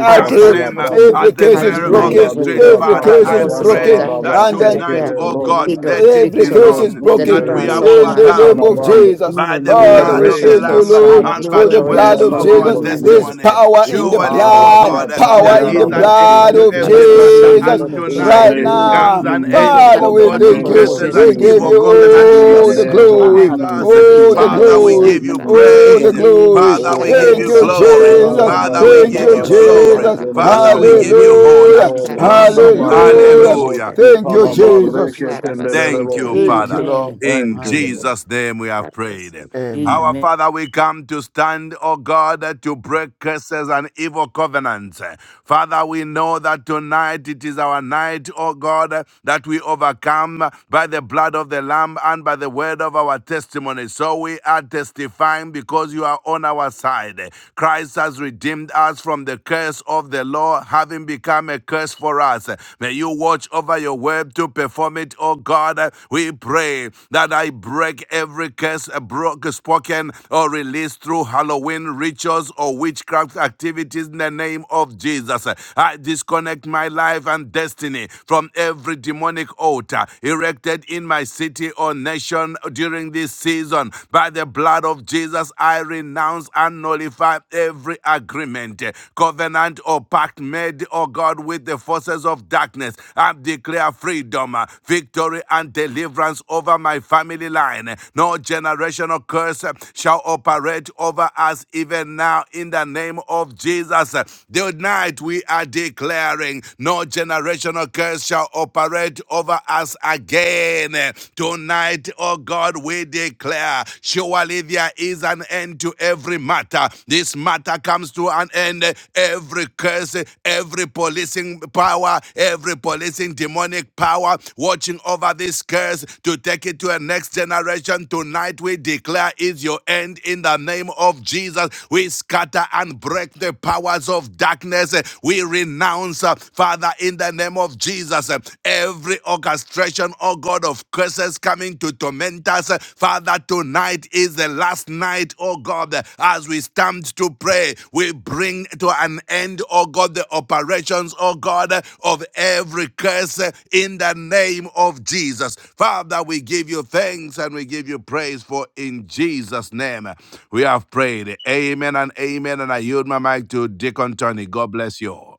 Speaker 3: I
Speaker 6: part,
Speaker 4: I
Speaker 1: stamp
Speaker 3: break
Speaker 4: pray
Speaker 1: them
Speaker 4: for
Speaker 1: uh,
Speaker 4: this,
Speaker 7: Bando.
Speaker 4: Lord,
Speaker 3: every
Speaker 1: as the
Speaker 4: in
Speaker 3: curse
Speaker 4: the
Speaker 6: part
Speaker 3: is
Speaker 1: mirror of
Speaker 6: mind
Speaker 4: name
Speaker 1: the
Speaker 3: broken,
Speaker 4: of
Speaker 6: with
Speaker 7: Libradu
Speaker 1: street.
Speaker 4: Jesus
Speaker 6: the
Speaker 4: Christ.
Speaker 3: every
Speaker 1: Father,
Speaker 6: fa-
Speaker 7: Zatara
Speaker 3: curse
Speaker 4: My
Speaker 3: is
Speaker 1: I
Speaker 4: God,
Speaker 6: forces
Speaker 4: in
Speaker 7: Bayanda
Speaker 6: of
Speaker 4: the
Speaker 1: pray
Speaker 3: broken,
Speaker 4: name of
Speaker 6: darkness.
Speaker 7: Raraba
Speaker 1: that
Speaker 3: and
Speaker 6: I
Speaker 4: Jesus, I
Speaker 3: then
Speaker 1: tonight,
Speaker 4: pray,
Speaker 6: declare
Speaker 7: Tekele
Speaker 4: God,
Speaker 1: oh
Speaker 4: in the
Speaker 1: God,
Speaker 7: Brosna.
Speaker 4: name of
Speaker 6: freedom,
Speaker 1: let
Speaker 4: Jesus, I
Speaker 1: it
Speaker 3: Every
Speaker 1: be
Speaker 4: pray,
Speaker 6: victory,
Speaker 3: curse
Speaker 4: God,
Speaker 7: Libros
Speaker 3: is
Speaker 1: known
Speaker 4: in
Speaker 1: that
Speaker 3: broken
Speaker 4: the
Speaker 1: we
Speaker 7: Gondelebo
Speaker 6: deliverance
Speaker 1: have
Speaker 4: name of
Speaker 6: over
Speaker 3: in
Speaker 6: my
Speaker 3: the
Speaker 4: Jesus,
Speaker 3: name
Speaker 1: overcome
Speaker 7: Shikatala
Speaker 6: family
Speaker 3: of
Speaker 6: line.
Speaker 7: Bando.
Speaker 3: Jesus.
Speaker 4: in
Speaker 1: by
Speaker 4: the
Speaker 1: the
Speaker 7: In the
Speaker 3: Father,
Speaker 4: name
Speaker 1: blood
Speaker 3: we
Speaker 4: of
Speaker 1: of the
Speaker 6: Generation
Speaker 4: Jesus,
Speaker 7: name
Speaker 3: thank you,
Speaker 7: of
Speaker 6: case
Speaker 1: Lamb
Speaker 6: shall
Speaker 3: Lord,
Speaker 4: I
Speaker 6: not
Speaker 7: Jesus
Speaker 1: and
Speaker 4: pray, oh
Speaker 1: by
Speaker 3: for
Speaker 4: God,
Speaker 3: the
Speaker 1: the
Speaker 7: Christ.
Speaker 4: even
Speaker 7: In
Speaker 4: for
Speaker 6: operate
Speaker 3: blood
Speaker 1: word
Speaker 7: the
Speaker 4: this,
Speaker 3: of
Speaker 1: of
Speaker 4: God,
Speaker 6: over
Speaker 4: in
Speaker 1: our
Speaker 7: name
Speaker 4: the
Speaker 6: me
Speaker 3: Jesus.
Speaker 7: of
Speaker 4: name of
Speaker 3: There's
Speaker 7: Jesus
Speaker 6: again.
Speaker 4: Jesus.
Speaker 1: testimony.
Speaker 7: Christ.
Speaker 3: power in the
Speaker 4: Jehovah,
Speaker 1: Surely,
Speaker 7: Ah,
Speaker 4: God, I
Speaker 1: O
Speaker 3: blood,
Speaker 4: pray,
Speaker 1: God,
Speaker 4: in
Speaker 3: power
Speaker 4: the
Speaker 1: there
Speaker 7: Lazataria
Speaker 3: in the
Speaker 1: is
Speaker 4: name
Speaker 1: an
Speaker 4: of
Speaker 7: Raba
Speaker 4: Jesus,
Speaker 1: end
Speaker 3: blood
Speaker 4: Christ.
Speaker 1: to
Speaker 3: of
Speaker 1: every
Speaker 4: Lord
Speaker 7: Tekele
Speaker 4: God, in
Speaker 1: matter,
Speaker 4: the
Speaker 6: Karabasundra,
Speaker 3: Jesus
Speaker 1: and
Speaker 4: name
Speaker 6: the
Speaker 4: of
Speaker 7: in
Speaker 4: Jesus,
Speaker 7: the
Speaker 1: tonight
Speaker 4: I
Speaker 3: right
Speaker 4: pray,
Speaker 7: name
Speaker 4: oh
Speaker 6: Korosundra,
Speaker 4: God,
Speaker 7: of
Speaker 1: comes
Speaker 3: now.
Speaker 4: in the
Speaker 1: an
Speaker 4: name
Speaker 1: end,
Speaker 7: Jesus,
Speaker 4: of
Speaker 3: Father,
Speaker 1: O
Speaker 7: in the
Speaker 3: we
Speaker 4: Jesus,
Speaker 1: God, to
Speaker 3: thank
Speaker 4: even
Speaker 7: name
Speaker 3: you.
Speaker 4: for
Speaker 7: of
Speaker 1: curses
Speaker 4: this, oh
Speaker 3: We
Speaker 1: and
Speaker 6: Karabakoroshundra,
Speaker 4: God, in
Speaker 3: give
Speaker 4: the
Speaker 1: evil
Speaker 7: Jesus,
Speaker 3: you
Speaker 4: name of
Speaker 1: covenant
Speaker 7: in
Speaker 1: in
Speaker 4: Jesus.
Speaker 7: the
Speaker 3: all
Speaker 1: the
Speaker 3: the
Speaker 1: name
Speaker 7: name
Speaker 1: of
Speaker 7: of
Speaker 6: Ikarabasundra,
Speaker 3: glory,
Speaker 4: Father, Lord,
Speaker 7: Jesus,
Speaker 4: give
Speaker 1: Jesus.
Speaker 4: us
Speaker 7: in
Speaker 3: all
Speaker 7: the
Speaker 3: the
Speaker 1: Father,
Speaker 7: name
Speaker 1: we
Speaker 7: of
Speaker 3: glory,
Speaker 1: give you
Speaker 6: Ikarabasandra.
Speaker 7: Jesus.
Speaker 4: in
Speaker 3: all
Speaker 4: the
Speaker 3: the
Speaker 1: praise.
Speaker 4: name of
Speaker 3: glory.
Speaker 1: Father,
Speaker 4: Jesus.
Speaker 1: we give
Speaker 7: Oh,
Speaker 3: Thank
Speaker 1: you
Speaker 3: you,
Speaker 7: raka
Speaker 4: Yes,
Speaker 6: Ikarabasotoro,
Speaker 1: glory.
Speaker 7: ra ra
Speaker 4: Lord,
Speaker 7: ra
Speaker 3: Jesus.
Speaker 4: in the
Speaker 7: ba
Speaker 1: Father, we
Speaker 4: name
Speaker 7: ya
Speaker 4: of
Speaker 3: Thank
Speaker 1: give
Speaker 4: Jesus,
Speaker 3: you,
Speaker 7: ra
Speaker 1: you
Speaker 4: Christ.
Speaker 7: ra ra
Speaker 4: pray for
Speaker 7: ba
Speaker 1: glory.
Speaker 3: Jesus.
Speaker 6: Ikarabasatara
Speaker 7: sen de
Speaker 4: everybody.
Speaker 7: re
Speaker 1: Father,
Speaker 7: re
Speaker 4: In
Speaker 1: we
Speaker 4: the
Speaker 7: bo.
Speaker 1: give
Speaker 6: Koreshete,
Speaker 1: you
Speaker 4: name of
Speaker 1: honor.
Speaker 3: Hallelujah.
Speaker 7: Oh,
Speaker 4: Jesus Christ.
Speaker 1: [CLEARS THROAT]
Speaker 4: In
Speaker 7: raka
Speaker 4: the
Speaker 7: ba
Speaker 6: Ikarabasatara
Speaker 7: ro
Speaker 4: name of
Speaker 7: do
Speaker 3: Hallelujah.
Speaker 7: bo
Speaker 4: Jesus
Speaker 1: Hallelujah.
Speaker 4: Christ.
Speaker 6: Koreshete,
Speaker 7: si
Speaker 3: Thank
Speaker 7: pa
Speaker 4: In
Speaker 3: you,
Speaker 4: the
Speaker 7: la
Speaker 4: name of
Speaker 7: re
Speaker 3: Jesus.
Speaker 4: Jesus
Speaker 7: ke te
Speaker 4: Christ,
Speaker 7: le
Speaker 4: I
Speaker 7: re
Speaker 4: pray.
Speaker 1: Thank
Speaker 7: bo.
Speaker 6: Karabasotara
Speaker 1: you,
Speaker 3: Thank
Speaker 1: Father.
Speaker 3: you,
Speaker 4: Amen.
Speaker 3: Lord.
Speaker 6: Koreshete,
Speaker 7: Thank
Speaker 1: In
Speaker 7: you,
Speaker 3: Hallelujah.
Speaker 7: Lord.
Speaker 1: Jesus' name we have prayed.
Speaker 6: Karabasotara.
Speaker 1: Our
Speaker 3: Amen.
Speaker 4: Amen.
Speaker 1: Father, we come to stand, O God, to break curses and evil covenants. Father, we know that tonight it is our night, O God, that we overcome by the blood of the Lamb and by the word of our testimony. So we are testifying because you are on our side. Christ has redeemed us from the curse of the law, having become a a curse for us. May you watch over your word to perform it, oh God. We pray that I break every curse broke, spoken, or released through Halloween rituals or witchcraft activities in the name of Jesus. I disconnect my life and destiny from every demonic altar erected in my city or nation during this season. By the blood of Jesus, I renounce and nullify every agreement, eh, covenant or pact made, oh God, with the forces of darkness. I declare freedom, eh, victory, and deliverance over my family line. Eh, No generational curse eh, shall operate over us even now in the name of Jesus. Eh, Tonight we are declaring no generational curse shall operate over us again. Eh, Tonight, oh God, we declare declare, surely there is an end to every matter. This matter comes to an end. Every curse, every policing power, every policing demonic power watching over this curse to take it to a next generation. Tonight we declare is your end in the name of Jesus. We scatter and break the powers of darkness. We renounce, uh, Father, in the name of Jesus, uh, every organization orchestration, oh God, of curses coming to torment us. Father, tonight is the last night, oh God, as we stand to pray, we bring to an end, oh God, the operations, oh God, of every curse in the name of Jesus. Father, we give you thanks and we give you praise for in Jesus' name we have prayed. Amen and amen. And I yield my mic to Deacon Tony. God bless you. all.